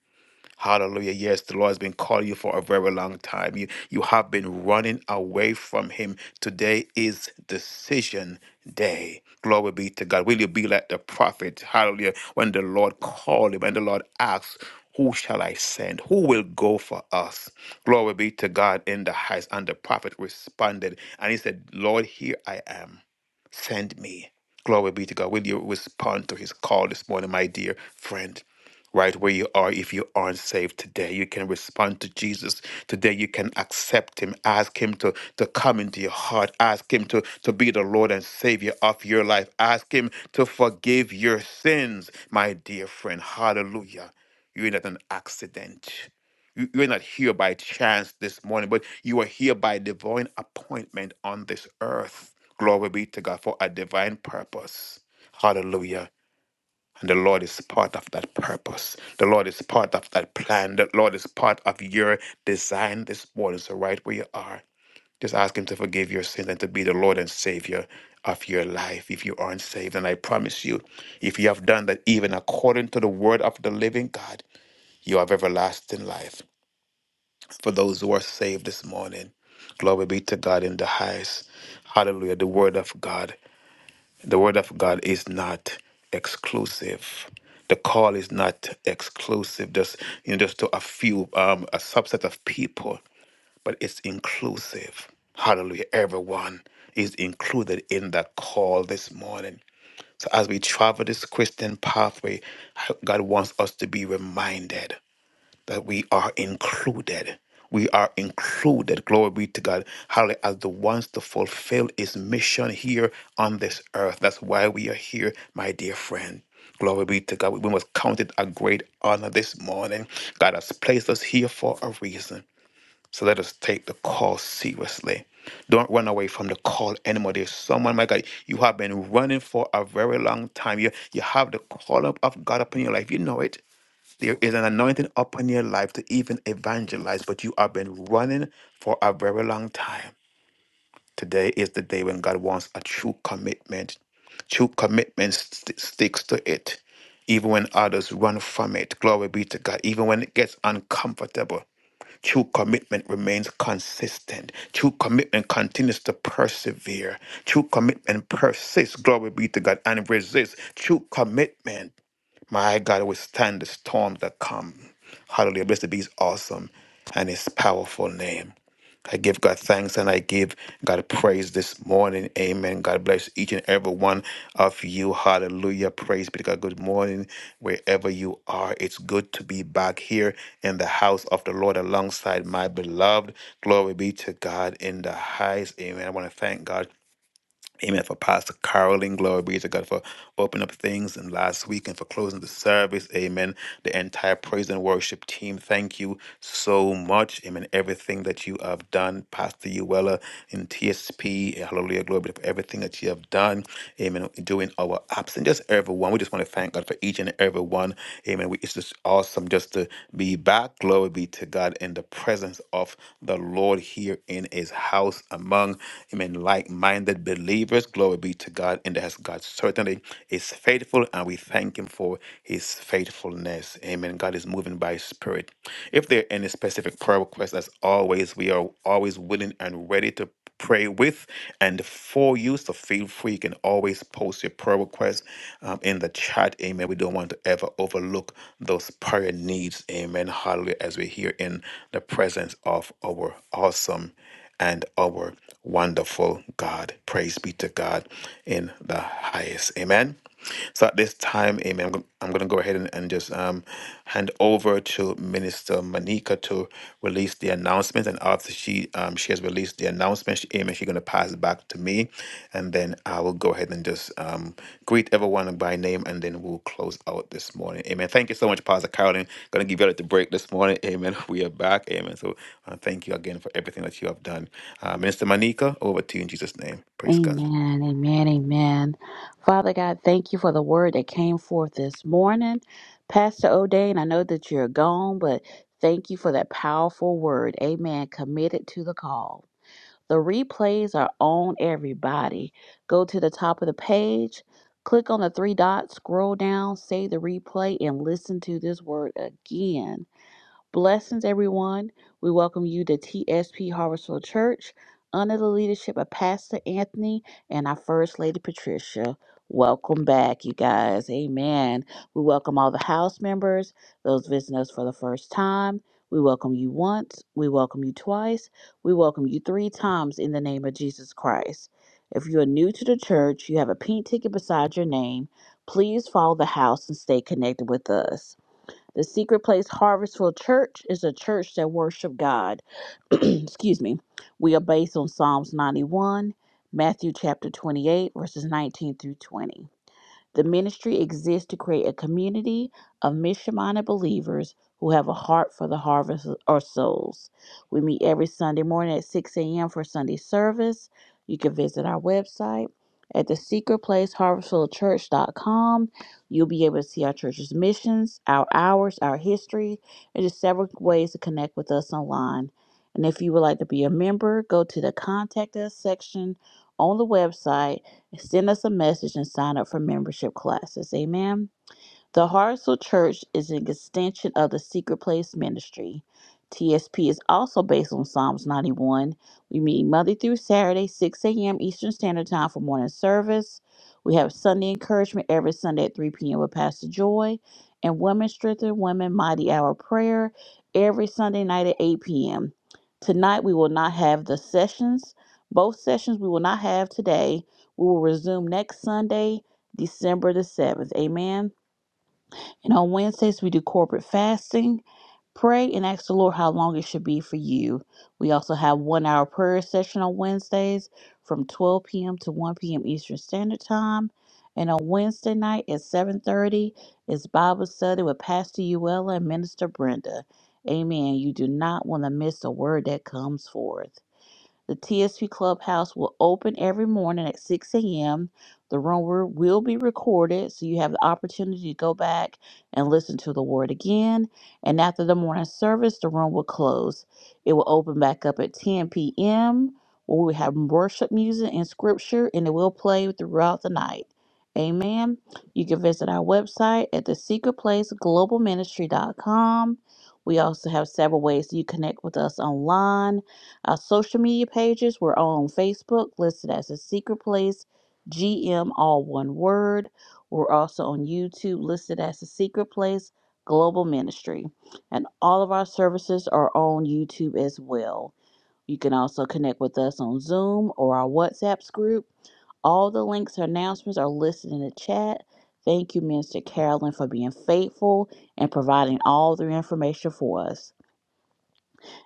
S2: Hallelujah. Yes, the Lord has been calling you for a very long time. You you have been running away from him. Today is decision day. Glory be to God. Will you be like the prophet? Hallelujah. When the Lord called him and the Lord asked, who shall I send? Who will go for us? Glory be to God in the highest. And the prophet responded and he said, Lord, here I am. Send me. Glory be to God. Will you respond to his call this morning, my dear friend? Right where you are, if you aren't saved today, you can respond to Jesus. Today, you can accept Him. Ask Him to, to come into your heart. Ask Him to, to be the Lord and Savior of your life. Ask Him to forgive your sins, my dear friend. Hallelujah. You're not an accident. You, you are not here by chance this morning, but you are here by divine appointment on this earth. Glory be to God for a divine purpose. Hallelujah. And the Lord is part of that purpose. The Lord is part of that plan. The Lord is part of your design this morning. So, right where you are, just ask Him to forgive your sins and to be the Lord and Savior of your life if you aren't saved. And I promise you, if you have done that, even according to the word of the living God, you have everlasting life for those who are saved this morning. Glory be to God in the highest. Hallelujah. The word of God. The word of God is not exclusive. The call is not exclusive, just you know, just to a few, um, a subset of people, but it's inclusive. Hallelujah. Everyone is included in that call this morning. So as we travel this Christian pathway, God wants us to be reminded that we are included. We are included, glory be to God, hallelujah, as the ones to fulfill his mission here on this earth. That's why we are here, my dear friend. Glory be to God. We must count it a great honor this morning. God has placed us here for a reason. So let us take the call seriously. Don't run away from the call anymore. There's someone, my God, you have been running for a very long time. You, you have the call of of God upon your life. You know it. There is an anointing upon your life to even evangelize, but you have been running for a very long time. Today is the day when God wants a true commitment. True commitment st- sticks to it, even when others run from it. Glory be to God. Even when it gets uncomfortable, true commitment remains consistent. True commitment continues to persevere. True commitment persists. Glory be to God and resists. True commitment. My God, withstand the storms that come. Hallelujah. Blessed be his awesome and his powerful name. I give God thanks and I give God praise this morning. Amen. God bless each and every one of you. Hallelujah. Praise be to God. Good morning, wherever you are. It's good to be back here in the house of the Lord alongside my beloved. Glory be to God in the highest. Amen. I want to thank God. Amen. For Pastor Carolyn, glory be to God for opening up things and last week and for closing the service. Amen. The entire praise and worship team, thank you so much. Amen. Everything that you have done, Pastor Uella in TSP, hallelujah, glory be to God, for everything that you have done. Amen. Doing our apps just everyone. We just want to thank God for each and every one. Amen. We we- it's just awesome just to be back. Glory be to God in the presence of the Lord here in His house among Amen. Like-minded believers. Glory be to God in the house. God certainly is faithful, and we thank Him for His faithfulness. Amen. God is moving by His Spirit. If there are any specific prayer requests, as always, we are always willing and ready to pray with and for you. So feel free. You can always post your prayer requests um, in the chat. Amen. We don't want to ever overlook those prayer needs. Amen. Hallelujah. As we're here in the presence of our awesome and our wonderful God. Praise be to God in the highest. Amen. So at this time, amen, I'm going I'm going to go ahead and, and just um, hand over to Minister Manika to release the announcement. And after she um, she has released the announcement, she, amen, she's going to pass back to me. And then I will go ahead and just um, greet everyone by name and then we'll close out this morning. Amen. Thank you so much, Pastor Carolyn. Going to give you the break this morning. Amen. We are back. Amen. So uh, thank you again for everything that you have done. Uh, Minister Manika, over to you in Jesus' name. Praise God.
S6: Amen, amen, amen. Father God, thank you for the word that came forth this morning. Pastor O'Dane, I know that you're gone, but thank you for that powerful word. Amen. Committed to the call. The replays are on everybody. Go to the top of the page, click on the three dots, scroll down, save the replay, and listen to this word again. Blessings, everyone. We welcome you to TSP Harvestville Church under the leadership of Pastor Anthony and our First Lady Patricia. Welcome back, you guys. Amen. We welcome all the house members, those visiting us for the first time. We welcome you once. We welcome you twice. We welcome you three times in the name of Jesus Christ. If you are new to the church, you have a pink ticket beside your name. Please follow the house and stay connected with us. The Secret Place Harvestful Church is a church that worship God. Excuse me. We are based on Psalms 91, Matthew chapter 28, verses 19 through 20. The ministry exists to create a community of mission minded believers who have a heart for the harvest or souls. We meet every Sunday morning at 6 a.m. for Sunday service. You can visit our website at the secret place harvestfulchurch.com. You'll be able to see our church's missions, our hours, our history, and just several ways to connect with us online. And if you would like to be a member, go to the contact us section on the website Send us a message and sign up for membership classes. Amen. The Hartsel Church is an extension of the Secret Place Ministry. TSP is also based on Psalms 91. We meet Monday through Saturday, 6 a.m. Eastern Standard Time for morning service. We have Sunday encouragement every Sunday at 3 p.m. with Pastor Joy and Women Strengthen Women Mighty Hour Prayer every Sunday night at 8 p.m. Tonight we will not have the sessions. Both sessions we will not have today. We will resume next Sunday, December the 7th. Amen. And on Wednesdays, we do corporate fasting, pray, and ask the Lord how long it should be for you. We also have one hour prayer session on Wednesdays from 12 p.m. to 1 p.m. Eastern Standard Time. And on Wednesday night at 7:30 is Bible study with Pastor Uella and Minister Brenda. Amen. You do not want to miss a word that comes forth. The TSP Clubhouse will open every morning at 6 a.m. The room will will be recorded, so you have the opportunity to go back and listen to the word again. And after the morning service, the room will close. It will open back up at 10 p.m., where we have worship music and scripture, and it will play throughout the night. Amen. You can visit our website at thesecretplaceglobalministry.com. We also have several ways you connect with us online our social media pages, we're on Facebook, listed as The Secret Place, GM, all one word. We're also on YouTube, listed as The Secret Place Global Ministry. And all of our services are on YouTube as well. You can also connect with us on Zoom or our WhatsApps group. All the links and announcements are listed in the chat. Thank you, Minister Carolyn, for being faithful and providing all the information for us.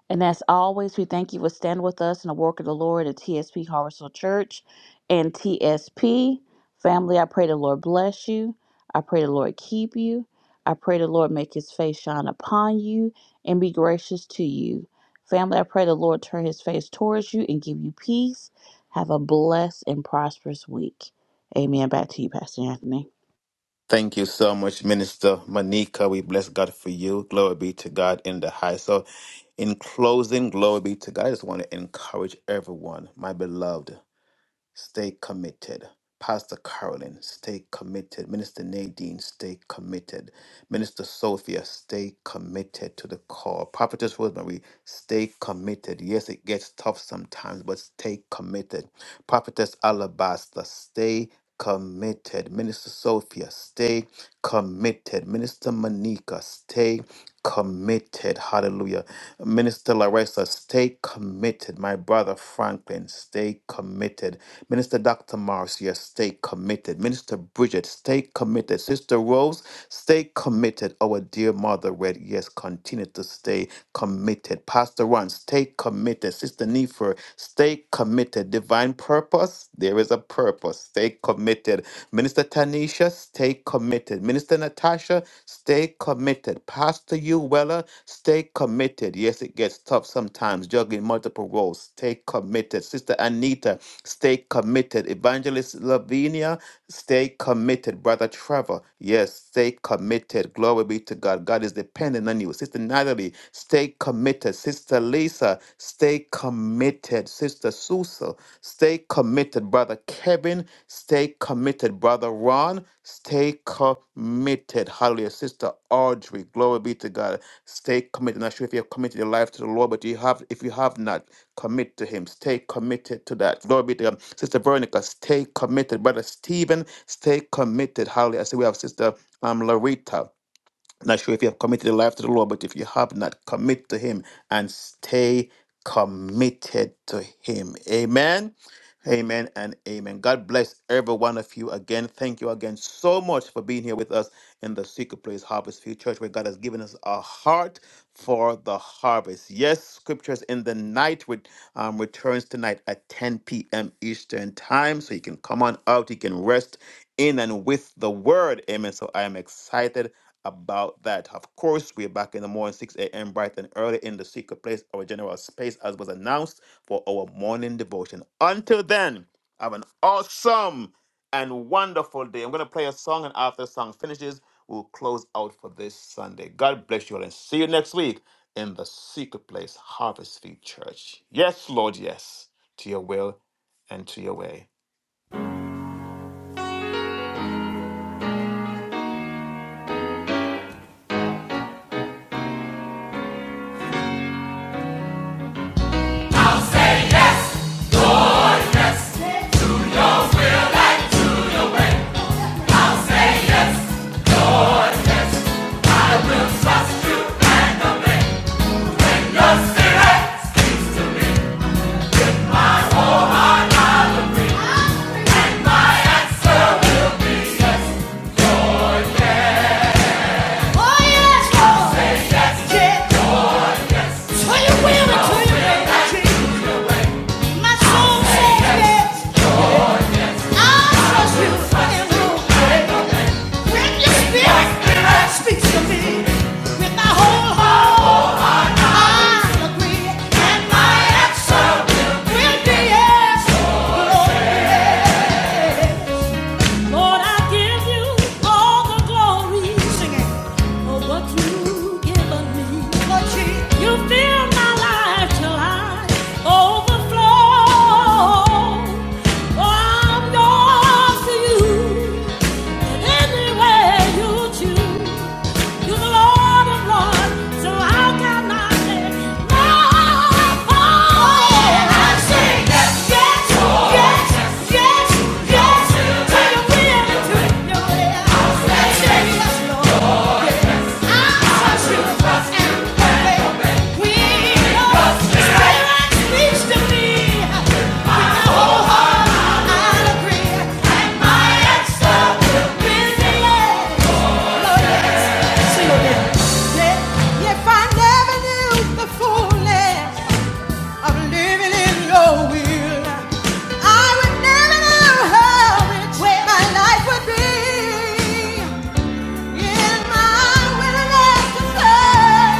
S6: And as always, we thank you for standing with us in the work of the Lord at TSP Harvestal Church and TSP. Family, I pray the Lord bless you. I pray the Lord keep you. I pray the Lord make his face shine upon you and be gracious to you. Family, I pray the Lord turn his face towards you and give you peace. Have a blessed and prosperous week. Amen. Back to you, Pastor Anthony.
S2: Thank you so much, Minister Monica. We bless God for you. Glory be to God in the highest. So, in closing, glory be to God. I just want to encourage everyone, my beloved stay committed. Pastor Carolyn, stay committed. Minister Nadine, stay committed. Minister Sophia, stay committed to the call. Prophetess Rosemary, stay committed. Yes, it gets tough sometimes, but stay committed. Prophetess Alabaster, stay committed. Minister Sophia, stay committed. Minister Monica, stay committed. Hallelujah. Minister Larissa, stay committed. My brother Franklin, stay committed. Minister Dr. Marcia, stay committed. Minister Bridget, stay committed. Sister Rose, stay committed. Our dear mother, Red, yes, continue to stay committed. Pastor Ron, stay committed. Sister Nefer, stay committed. Divine purpose, there is a purpose. Stay committed. Minister Tanisha, stay committed. Minister Natasha, stay committed. Pastor you stay committed. Yes, it gets tough sometimes juggling multiple roles. Stay committed. Sister Anita, Stay committed. Evangelist Lavinia, stay committed. Brother Trevor, yes, stay committed. Glory be to God. God is dependent on you. Sister Natalie, stay committed. Sister Lisa, stay committed. Sister Susa, stay committed. Brother Kevin, stay committed. Brother Ron, stay committed. Hallelujah. Sister Audrey, glory be to God. Stay committed. Not sure if you have committed your life to the Lord, but you have if you have not commit to Him. Stay committed to that. Glory be to God. Sister Veronica, stay committed. Brother Stephen, stay committed. Hallelujah. I see we have Sister um, Larita not sure if you have committed your life to the Lord, but if you have not, commit to Him and stay committed to Him. Amen. Amen and amen. God bless every one of you again. Thank you again so much for being here with us in the Secret Place Harvest Field Church, where God has given us a heart for the harvest. Yes, scriptures in the night with um, returns tonight at 10 p.m. Eastern time. So you can come on out, you can rest in and with the word. Amen. So I am excited about that. Of course, we're back in the morning, 6 a.m. bright and early in the secret place, our general space, as was announced for our morning devotion. Until then, have an awesome and wonderful day. I'm going to play a song, and after the song finishes, we'll close out for this Sunday. God bless you all, and see you next week in the secret place, Harvest Field Church. Yes, Lord, yes, to your will and to your way.
S1: Oh, yes. Oh, yes. Yes. Yes. Yes. What you wearing? What you wearing? My soul says yes, I trust you With your spirit, i agree, and my answer will be yes. Lord, I give you all the glory for what you've given me. You fill my life till I overflow. For I'm yours to you, anywhere you choose. You're the Lord of Lords, so how can I live? Oh, yeah, I say yes, yes, yes, yes, yes, to your will and to your way. I say yes, Lord, I trust you and obey. When your spirit speaks to me, i agree, and my answer will be yes. If I never knew the fullness i living in your will. I would never know how which way my life would be. In my willingness to serve,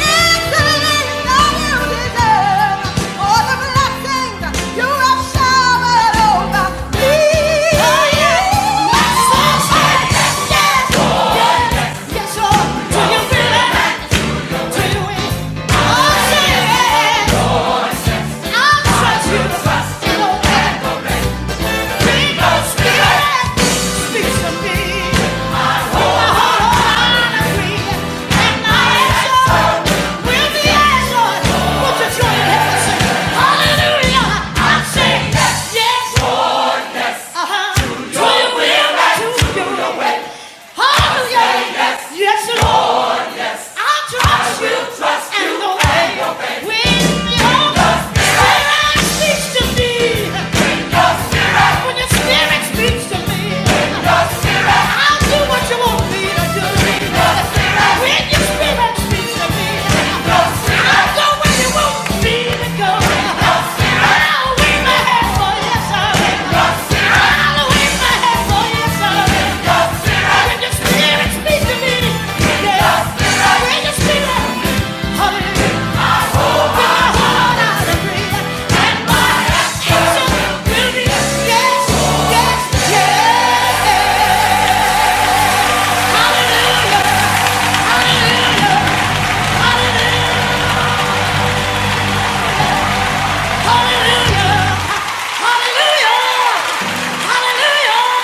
S1: yes, I know you deserve all the blessings you have showered over me. Oh yes, yes, yes, yes, yes, yes, yes, yes, Lord. Do you feel it? Do you? Oh, say yes. Yes, Lord. I'll trust you. Trust and you obey. obey. When your spirit speaks to me. When your spirit. When your spirit speaks to me. When your spirit. I'll do what you want me to do. When your spirit. When your spirit speaks to me. When your spirit. go where you want me to go. spirit. Hallelujah! Hallelujah! Hallelujah!